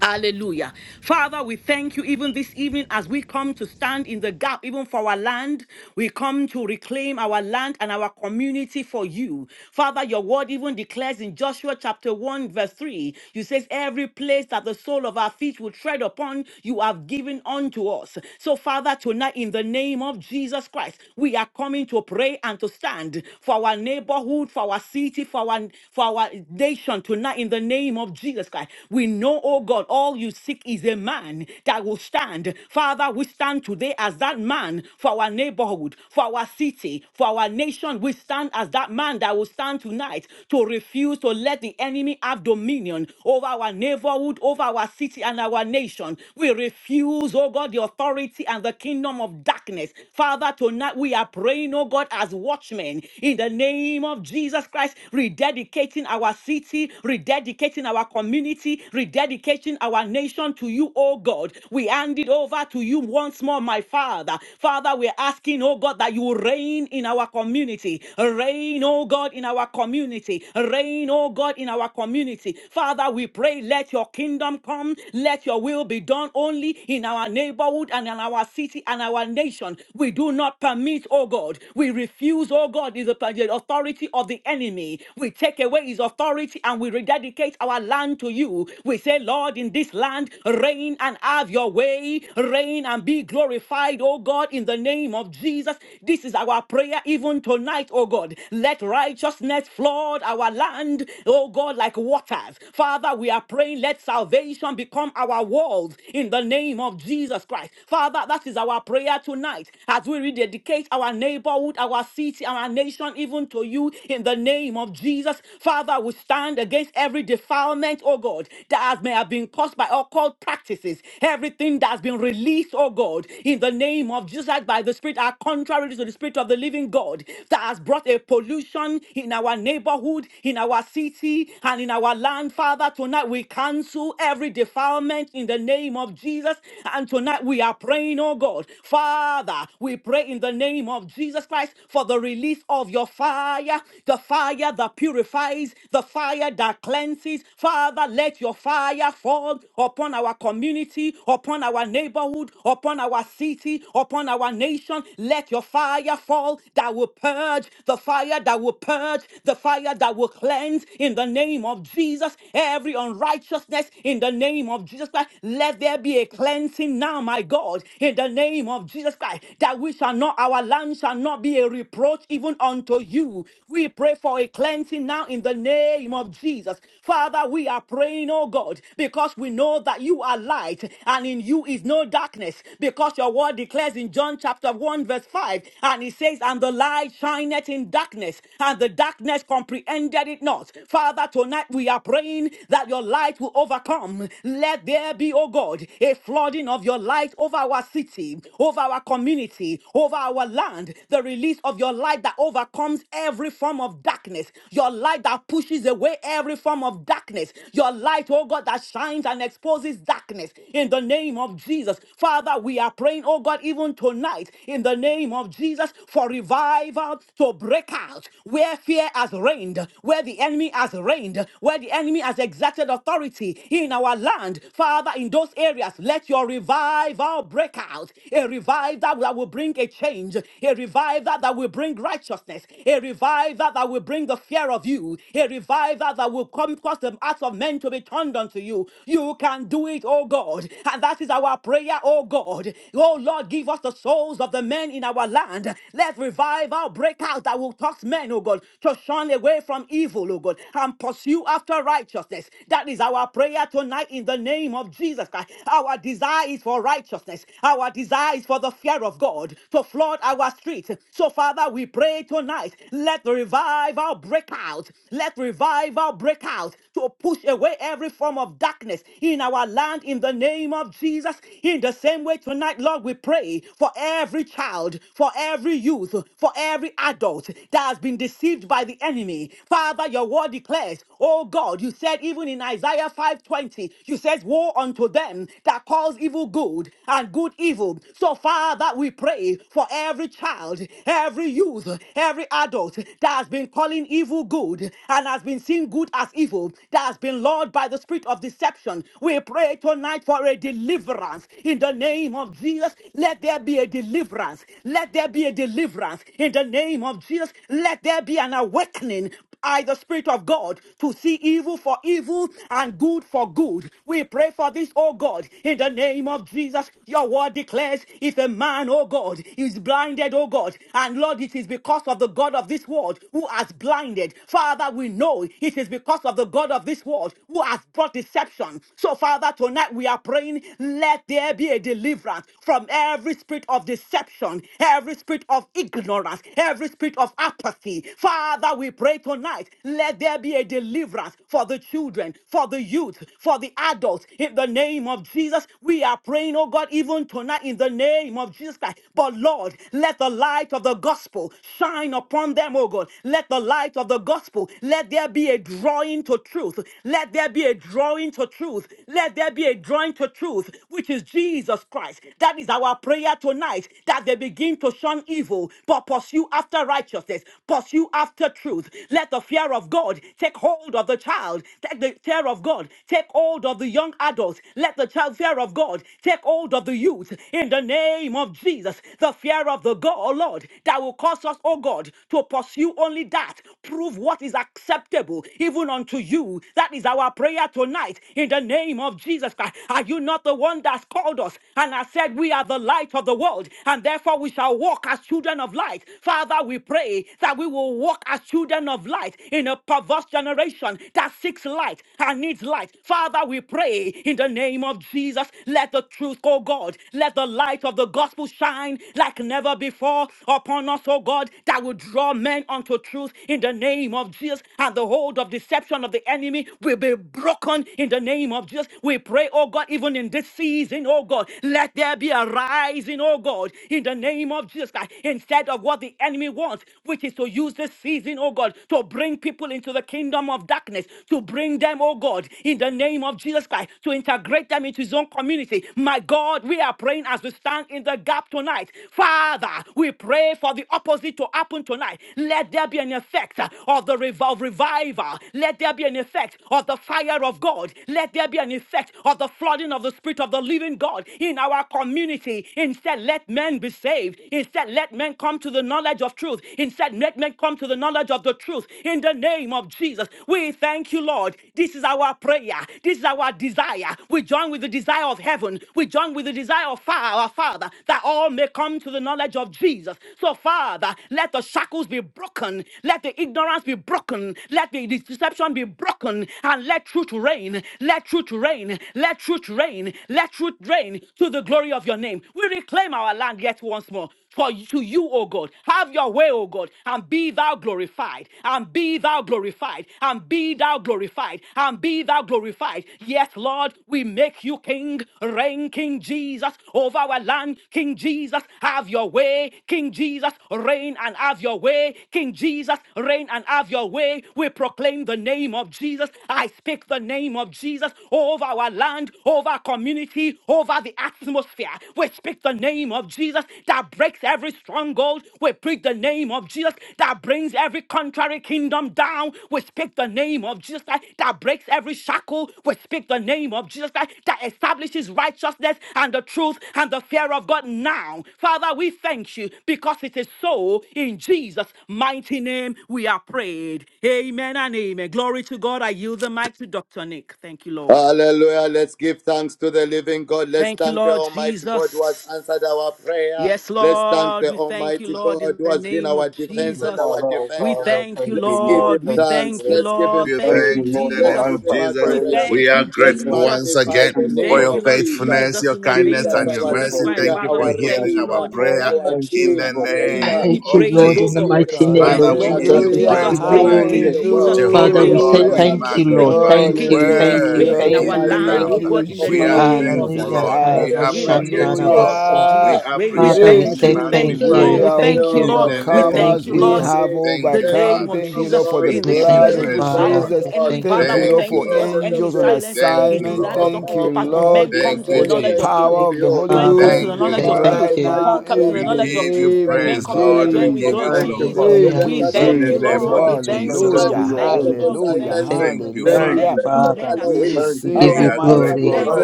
Speaker 4: Hallelujah. Father, we thank you even this evening as we come to stand in the gap, even for our land. We come to reclaim our land and our community for you. Father, your word even declares in Joshua chapter 1, verse 3, you says, Every place that the sole of our feet will tread upon, you have given unto us. So, Father, tonight in the name of Jesus Christ, we are coming to pray and to stand for our neighborhood, for our city, for our, for our nation tonight in the name of Jesus Christ. We know, oh God all you seek is a man that will stand. Father, we stand today as that man for our neighborhood, for our city, for our nation. We stand as that man that will stand tonight to refuse to let the enemy have dominion over our neighborhood, over our city, and our nation. We refuse, oh God, the authority and the kingdom of darkness. Father, tonight we are praying, oh God, as watchmen in the name of Jesus Christ, rededicating our city, rededicating our community, rededicating hand our nation to you, oh God. We hand it over to you once more, my Father. Father, we're asking, oh God, that you will reign in our community. Reign, oh God, in our community. Reign, oh God, in our community. Father, we pray, let your kingdom come. Let your will be done only in our neighborhood and in our city and our nation. We do not permit, oh God. We refuse, oh God, the the authority of the enemy. We take away his authority and we rededicate our land to you. We say, Lord, in in this land. Reign and have your way. Reign and be glorified, oh God, in the name of Jesus. This is our prayer even tonight, oh God. Let righteousness flood our land, oh God, like waters. Father, we are praying, let salvation become our walls in the name of Jesus Christ. Father, that is our prayer tonight as we rededicate our neighborhood, our city, our nation, even to you in the name of Jesus. Father, we stand against every defilement, oh God, that has may have been caused by occult practices, everything that's been released, oh God, in the name of Jesus by the Spirit are contrary to the Spirit of the living God that has brought a pollution in our neighborhood, in our city, and in our land. Father, tonight we cancel every defilement in the name of Jesus. And tonight we are praying, oh God, Father, we pray in the name of Jesus Christ for the release of your fire, the fire that purifies, the fire that cleanses. Father, let your fire fall world, upon our community, upon our neighborhood, upon our city, upon our nation. Let your fire fall that will purge, the fire that will purge, the fire that will cleanse in the name of Jesus. Every unrighteousness in the name of Jesus Christ. Let there be a cleansing now, my God, in the name of Jesus Christ, that we shall not, our land shall not be a reproach even unto you. We pray for a cleansing now in the name of Jesus. Father, we are praying, oh God, because we we know that you are light and in you is no darkness because your word declares in John chapter 1 verse 5 and it says, and the light shineth in darkness and the darkness comprehended it not. Father, tonight we are praying that your light will overcome. Let there be, oh God, a flooding of your light over our city, over our community, over our land, the release of your light that overcomes every form of darkness, your light that pushes away every form of darkness, your light, oh God, that shines and and exposes darkness in the name of Jesus. Father, we are praying, oh God, even tonight in the name of Jesus for revival to break out where fear has reigned, where the enemy has reigned, where the enemy has exerted authority in our land. Father, in those areas, let your revival break out. A revival that will bring a change, a revival that will bring righteousness, a revival that will bring the fear of you, a revival that will come cause the hearts of men to be turned unto you. You you can do it, oh God. And that is our prayer, oh God. Oh Lord, give us the souls of the men in our land. Let revival break out that will touch men, oh God, to shun away from evil, oh God, and pursue after righteousness. That is our prayer tonight in the name of Jesus Christ. Our desire is for righteousness. Our desire is for the fear of God to flood our streets. So, Father, we pray tonight. Let the revival break out. Let revival break out to push away every form of darkness, in our land in the name of Jesus. In the same way, tonight, Lord, we pray for every child, for every youth, for every adult that has been deceived by the enemy. Father, your word declares, oh God, you said even in Isaiah 5:20, you said, Woe unto them that calls evil good and good evil. So, Father, we pray for every child, every youth, every adult that has been calling evil good and has been seeing good as evil, that has been lured by the spirit of deception salvation. We pray tonight for a deliverance in the name of Jesus. Let there be a deliverance. Let there be a deliverance in the name of Jesus. Let there be an awakening by the Spirit of God to see evil for evil and good for good. We pray for this, oh God, in the name of Jesus. Your word declares if a man, oh God, is blinded, oh God, and Lord, it is because of the God of this world who has blinded. Father, we know it is because of the God of this world who has brought deception. So, Father, tonight we are praying, let there be a deliverance from every spirit of deception, every spirit of ignorance, every spirit of apathy. Father, we pray tonight, let there be a deliverance for the children, for the youth, for the adults. In the name of Jesus, we are praying, oh God, even tonight in the name of Jesus Christ. But Lord, let the light of the gospel shine upon them, oh God. Let the light of the gospel, let there be a drawing to truth. Let there be a drawing to truth truth. Let there be a drawing to truth, which is Jesus Christ. That is our prayer tonight that they begin to shun evil, but pursue after righteousness, pursue after truth. Let the fear of God take hold of the child, take the fear of God, take hold of the young adults. Let the child fear of God take hold of the youth in the name of Jesus. The fear of the God, oh Lord, that will cause us, oh God, to pursue only that, prove what is acceptable even unto you. That is our prayer tonight in the name name of Jesus Christ. Are you not the one that's called us and has said we are the light of the world and therefore we shall walk as children of light? Father, we pray that we will walk as children of light in a perverse generation that seeks light and needs light. Father, we pray in the name of Jesus, let the truth, oh God, let the light of the gospel shine like never before upon us, oh God, that will draw men unto truth in the name of Jesus and the hold of deception of the enemy will be broken in the name of of Jesus, we pray, oh God, even in this season, oh God, let there be a rising, oh God, in the name of Jesus Christ, instead of what the enemy wants, which is to use this season, oh God, to bring people into the kingdom of darkness, to bring them, oh God, in the name of Jesus Christ, to integrate them into his own community. My God, we are praying as we stand in the gap tonight. Father, we pray for the opposite to happen tonight. Let there be an effect uh, of the rev- of revival. Let there be an effect of the fire of God. Let there be be an effect of the flooding of the Spirit of the living God in our community. Instead, let men be saved. Instead, let men come to the knowledge of truth. Instead, let men come to the knowledge of the truth in the name of Jesus. We thank you, Lord. This is our prayer. This is our desire. We join with the desire of heaven. We join with the desire of our Father that all may come to the knowledge of Jesus. So, Father, let the shackles be broken. Let the ignorance be broken. Let the deception be broken. And let truth reign. Let truth truth reign. Let truth reign. Let truth reign to the glory of your name. We reclaim our land yet once more. For to you, O God, have your way, O God, and be thou glorified, and be thou glorified, and be thou glorified, and be thou glorified. Yes, Lord, we make you King, reign, King Jesus, over our land, King Jesus, have your way, King Jesus, reign and have your way, King Jesus, reign and have your way. We proclaim the name of Jesus. I speak the name of Jesus over our land, over our community, over the atmosphere. We speak the name of Jesus that breaks every stronghold. We preach the name of Jesus that brings every contrary kingdom down. We speak the name of Jesus that, that breaks every shackle. We speak the name of Jesus that, that establishes righteousness and the truth and the fear of God now. Father, we thank you because it is so in Jesus' mighty name we are prayed. Amen and amen. Glory to God. I yield the mic to Dr. Nick. Thank you, Lord.
Speaker 5: Hallelujah. Let's give thanks to the living God. Let's
Speaker 4: Thank you,
Speaker 5: thank the
Speaker 4: Lord
Speaker 5: Almighty God who has
Speaker 4: Jesus.
Speaker 5: answered our prayer.
Speaker 4: Yes,
Speaker 5: Let's thank
Speaker 4: Lord,
Speaker 5: the
Speaker 4: we thank you,
Speaker 5: Almighty
Speaker 4: Lord,
Speaker 5: God
Speaker 4: in
Speaker 5: who
Speaker 4: the
Speaker 5: has been
Speaker 4: name
Speaker 5: our
Speaker 4: of
Speaker 7: Thank
Speaker 5: defense
Speaker 7: you,
Speaker 5: and our
Speaker 4: Jesus.
Speaker 7: Father,
Speaker 4: We
Speaker 5: defender.
Speaker 7: Father.
Speaker 4: thank you,
Speaker 7: Thank you,
Speaker 5: Let's give
Speaker 7: Lord.
Speaker 4: Lord.
Speaker 5: him
Speaker 4: We
Speaker 7: Thank you,
Speaker 5: thanks.
Speaker 4: thank
Speaker 7: Lord.
Speaker 4: you,
Speaker 5: Let's give
Speaker 4: Lord.
Speaker 5: him
Speaker 1: you
Speaker 7: Thank
Speaker 4: Thank
Speaker 5: praise.
Speaker 4: you,
Speaker 7: you,
Speaker 1: thanked in
Speaker 7: Lord,
Speaker 1: the
Speaker 5: Let's
Speaker 1: name
Speaker 7: for
Speaker 5: give
Speaker 4: Jesus.
Speaker 1: of
Speaker 5: him
Speaker 7: answered
Speaker 1: Jesus.
Speaker 4: We
Speaker 7: prayers.
Speaker 1: We
Speaker 5: adoration.
Speaker 4: thank
Speaker 1: are
Speaker 4: you,
Speaker 7: Thank you,
Speaker 5: Let's
Speaker 1: grateful
Speaker 7: Lord, for the
Speaker 1: once
Speaker 4: Jesus.
Speaker 5: magnify
Speaker 1: again
Speaker 5: the
Speaker 7: victory
Speaker 4: We
Speaker 7: in the
Speaker 1: for
Speaker 5: name
Speaker 7: blood
Speaker 4: thank
Speaker 1: your
Speaker 5: of
Speaker 4: you,
Speaker 7: of
Speaker 4: Lord
Speaker 7: Jesus.
Speaker 5: Jesus.
Speaker 1: faithfulness,
Speaker 4: Jesus,
Speaker 1: your
Speaker 4: in the
Speaker 1: kindness,
Speaker 4: name of
Speaker 5: Jesus,
Speaker 1: and
Speaker 7: Thank
Speaker 1: your
Speaker 5: our
Speaker 7: you,
Speaker 4: Jesus
Speaker 1: mercy.
Speaker 7: Lord, for
Speaker 4: Christ.
Speaker 5: Savior,
Speaker 1: Thank
Speaker 7: your
Speaker 1: you
Speaker 4: Father,
Speaker 1: for
Speaker 4: we
Speaker 5: our
Speaker 7: faithfulness
Speaker 4: thank
Speaker 1: hearing
Speaker 4: you,
Speaker 7: in
Speaker 1: our
Speaker 7: the
Speaker 5: Redeemer,
Speaker 4: Lord, in the
Speaker 7: Lord.
Speaker 1: prayer
Speaker 4: name
Speaker 5: our
Speaker 4: of
Speaker 7: Thank
Speaker 4: Jesus
Speaker 1: in
Speaker 7: you,
Speaker 1: the
Speaker 5: King,
Speaker 7: Lord,
Speaker 4: Christ.
Speaker 7: for all
Speaker 4: To
Speaker 7: you
Speaker 4: you
Speaker 5: greater
Speaker 1: name
Speaker 8: Thank
Speaker 7: do
Speaker 4: be
Speaker 8: you,
Speaker 1: of
Speaker 5: is
Speaker 7: for
Speaker 5: the
Speaker 4: praise,
Speaker 8: Lord,
Speaker 4: oh
Speaker 5: Lord
Speaker 8: in the
Speaker 1: Jesus.
Speaker 4: God.
Speaker 5: Jesus
Speaker 8: mighty
Speaker 7: us.
Speaker 8: name
Speaker 5: Christ
Speaker 7: Thank
Speaker 4: Yes,
Speaker 8: of
Speaker 5: in
Speaker 1: Father,
Speaker 7: you
Speaker 1: we
Speaker 5: us
Speaker 4: Lord,
Speaker 7: so
Speaker 1: give
Speaker 4: Je-
Speaker 7: much,
Speaker 5: and
Speaker 8: Jesus.
Speaker 1: you
Speaker 5: the
Speaker 8: We
Speaker 7: Lord.
Speaker 8: give
Speaker 5: one
Speaker 1: praise
Speaker 3: Hallelujah,
Speaker 5: who's
Speaker 4: Jesus,
Speaker 8: you
Speaker 5: out
Speaker 7: Thank
Speaker 4: reign,
Speaker 5: there
Speaker 7: you,
Speaker 5: in
Speaker 4: King
Speaker 1: tonight.
Speaker 8: glory.
Speaker 7: Lord.
Speaker 5: the world.
Speaker 4: Jesus,
Speaker 7: Oh,
Speaker 4: King,
Speaker 8: Father,
Speaker 1: Jehovah
Speaker 5: We
Speaker 8: we
Speaker 4: reign,
Speaker 5: have
Speaker 8: say
Speaker 5: come
Speaker 1: God,
Speaker 4: King
Speaker 1: we
Speaker 3: hallelujah,
Speaker 5: back
Speaker 8: thank
Speaker 5: to
Speaker 8: you,
Speaker 4: Jesus,
Speaker 5: say
Speaker 8: Lord.
Speaker 4: reign,
Speaker 1: magnify
Speaker 5: thank you
Speaker 1: you.
Speaker 8: Thank
Speaker 5: to
Speaker 4: King
Speaker 8: you,
Speaker 5: you,
Speaker 4: Jesus
Speaker 8: thank you,
Speaker 4: reign
Speaker 5: the
Speaker 1: Worthy
Speaker 3: hallelujah.
Speaker 4: in
Speaker 8: thank
Speaker 1: is
Speaker 4: our
Speaker 8: you,
Speaker 1: the
Speaker 5: Almighty
Speaker 8: thank
Speaker 4: land,
Speaker 3: Thank
Speaker 5: God,
Speaker 1: Lamb.
Speaker 4: oh
Speaker 8: you.
Speaker 5: the
Speaker 3: you,
Speaker 4: God, in
Speaker 5: All
Speaker 4: the
Speaker 1: We are
Speaker 5: Powerful
Speaker 4: name
Speaker 5: God,
Speaker 4: of
Speaker 5: the
Speaker 1: thankful,
Speaker 3: Jesus.
Speaker 8: Hallelujah.
Speaker 5: All
Speaker 4: Jesus
Speaker 1: Lord.
Speaker 4: Christ,
Speaker 1: We
Speaker 5: Glorious
Speaker 4: in the
Speaker 5: God,
Speaker 1: appreciate
Speaker 4: name of
Speaker 1: you,
Speaker 4: this
Speaker 5: our
Speaker 1: Lord.
Speaker 8: Karabashandarabosu.
Speaker 1: We
Speaker 3: Hallelujah.
Speaker 5: Father.
Speaker 4: Jesus reign.
Speaker 5: We
Speaker 4: We
Speaker 5: have
Speaker 8: Father,
Speaker 1: appreciate,
Speaker 8: we
Speaker 1: we
Speaker 4: thank
Speaker 5: come
Speaker 3: Thank
Speaker 4: you,
Speaker 8: say
Speaker 4: we
Speaker 3: you,
Speaker 5: back to
Speaker 3: Lord.
Speaker 4: thank
Speaker 8: thank
Speaker 4: you,
Speaker 5: say
Speaker 1: magnify
Speaker 8: you.
Speaker 3: We
Speaker 4: Lord,
Speaker 1: you
Speaker 4: we
Speaker 5: thank
Speaker 3: are
Speaker 4: thank
Speaker 8: Thank
Speaker 4: you,
Speaker 8: you,
Speaker 5: you.
Speaker 1: in
Speaker 4: Lord,
Speaker 1: the
Speaker 8: Lord.
Speaker 4: we
Speaker 1: name
Speaker 5: Thank
Speaker 1: of
Speaker 5: you,
Speaker 4: thank
Speaker 3: overcomers.
Speaker 8: Thank
Speaker 4: you,
Speaker 5: King
Speaker 8: you,
Speaker 3: We
Speaker 5: of
Speaker 4: Lord.
Speaker 8: Lord.
Speaker 1: Jesus.
Speaker 3: have
Speaker 5: Kings.
Speaker 1: Thank
Speaker 4: The
Speaker 1: you,
Speaker 5: Thank you,
Speaker 4: name
Speaker 3: overcome.
Speaker 4: of
Speaker 1: Father.
Speaker 5: King
Speaker 3: Thank
Speaker 5: of
Speaker 3: you,
Speaker 4: Jesus
Speaker 3: Lord, for
Speaker 1: We
Speaker 3: the
Speaker 5: Glory.
Speaker 4: in
Speaker 8: I
Speaker 4: this
Speaker 1: give you
Speaker 3: blood
Speaker 8: thank you,
Speaker 5: Thank
Speaker 4: season
Speaker 3: of
Speaker 4: we
Speaker 1: praise,
Speaker 5: you, Lord
Speaker 1: Lord.
Speaker 5: of
Speaker 8: Father.
Speaker 4: silence the
Speaker 3: Jesus.
Speaker 8: We
Speaker 5: Lords.
Speaker 4: enemy,
Speaker 8: thank
Speaker 3: Thank
Speaker 4: Father.
Speaker 8: you.
Speaker 3: you,
Speaker 4: We
Speaker 5: Thank
Speaker 1: Thank
Speaker 3: Lord,
Speaker 1: you,
Speaker 4: thank
Speaker 5: you,
Speaker 3: for
Speaker 4: you because the
Speaker 1: Lord.
Speaker 5: Ancient of
Speaker 4: enemy
Speaker 3: angels
Speaker 4: is
Speaker 3: on
Speaker 5: Days.
Speaker 4: silenced.
Speaker 1: Thank
Speaker 4: His
Speaker 5: Thank
Speaker 1: you,
Speaker 3: assignment.
Speaker 5: you,
Speaker 4: desire
Speaker 5: oh
Speaker 4: does
Speaker 1: Lord.
Speaker 4: not
Speaker 3: Thank
Speaker 4: come to
Speaker 3: you,
Speaker 4: pass,
Speaker 5: powerful
Speaker 4: but
Speaker 5: God.
Speaker 3: Lord,
Speaker 4: men
Speaker 8: Yes,
Speaker 5: We are
Speaker 4: come
Speaker 1: Thank
Speaker 4: to the
Speaker 1: you,
Speaker 8: Lord.
Speaker 3: for
Speaker 5: saying
Speaker 3: the
Speaker 4: knowledge
Speaker 1: Jesus.
Speaker 4: of
Speaker 5: thank you
Speaker 4: truth.
Speaker 5: to
Speaker 3: power
Speaker 8: Thank
Speaker 3: of the
Speaker 8: you,
Speaker 5: you.
Speaker 3: Holy
Speaker 4: When come
Speaker 8: Father.
Speaker 4: to
Speaker 3: Ghost
Speaker 5: Thank
Speaker 4: the
Speaker 1: Thank
Speaker 8: We
Speaker 5: you,
Speaker 1: you,
Speaker 4: knowledge
Speaker 8: say
Speaker 4: of
Speaker 5: Father,
Speaker 8: thank
Speaker 1: Father.
Speaker 3: right
Speaker 4: truth,
Speaker 5: for
Speaker 8: you.
Speaker 3: now
Speaker 4: come
Speaker 5: fighting
Speaker 4: come to
Speaker 5: our
Speaker 4: the
Speaker 3: in
Speaker 1: We
Speaker 3: the
Speaker 4: knowledge
Speaker 5: battles.
Speaker 4: of
Speaker 1: give you
Speaker 4: truth.
Speaker 3: name
Speaker 5: Thank
Speaker 4: Men
Speaker 5: you,
Speaker 1: praise,
Speaker 3: of
Speaker 4: come to
Speaker 5: Father,
Speaker 1: Lord.
Speaker 4: Nigeria
Speaker 1: We
Speaker 5: for
Speaker 4: and with
Speaker 1: give
Speaker 3: Jesus.
Speaker 4: go,
Speaker 1: you
Speaker 7: thank you,
Speaker 5: contending
Speaker 1: glory.
Speaker 4: Jesus.
Speaker 5: with
Speaker 7: Father.
Speaker 3: Thank
Speaker 8: Hallelujah.
Speaker 5: them
Speaker 4: We
Speaker 3: you,
Speaker 5: that
Speaker 1: In
Speaker 4: thank
Speaker 7: Thank
Speaker 4: you,
Speaker 5: contend
Speaker 8: So
Speaker 1: the
Speaker 7: you,
Speaker 3: Jesus.
Speaker 1: name
Speaker 8: we
Speaker 7: Lord.
Speaker 4: Lord.
Speaker 1: of
Speaker 4: We
Speaker 5: against
Speaker 8: give
Speaker 5: us.
Speaker 8: you
Speaker 4: thank you,
Speaker 1: Jesus.
Speaker 7: Blessed
Speaker 5: Thank
Speaker 4: Lord.
Speaker 7: be
Speaker 3: Hallelujah.
Speaker 4: We
Speaker 8: glory,
Speaker 5: you,
Speaker 7: your
Speaker 4: thank
Speaker 5: Father,
Speaker 7: holy
Speaker 4: you,
Speaker 8: Lord.
Speaker 5: for
Speaker 8: We
Speaker 4: Lord.
Speaker 7: name.
Speaker 4: We
Speaker 8: give you
Speaker 3: Hallelujah.
Speaker 4: thank you,
Speaker 8: thank
Speaker 5: silencing
Speaker 4: Lord.
Speaker 1: Thank
Speaker 8: Lord.
Speaker 1: you,
Speaker 5: the
Speaker 4: We
Speaker 8: Thank
Speaker 7: Thank
Speaker 8: you,
Speaker 1: Father.
Speaker 3: Hallelujah.
Speaker 7: you,
Speaker 4: thank you,
Speaker 5: effects
Speaker 4: Lord.
Speaker 7: Jesus.
Speaker 5: of
Speaker 4: Men
Speaker 8: Father.
Speaker 4: are
Speaker 3: We
Speaker 5: Halloween.
Speaker 4: saved,
Speaker 7: Thank
Speaker 8: We
Speaker 7: you,
Speaker 8: give
Speaker 4: men
Speaker 3: receive
Speaker 5: Our
Speaker 1: We
Speaker 4: are
Speaker 8: you
Speaker 7: Jesus.
Speaker 1: are
Speaker 4: delivered.
Speaker 3: Almighty
Speaker 5: Father, we
Speaker 1: grateful,
Speaker 8: glory.
Speaker 5: are
Speaker 3: God.
Speaker 4: Thank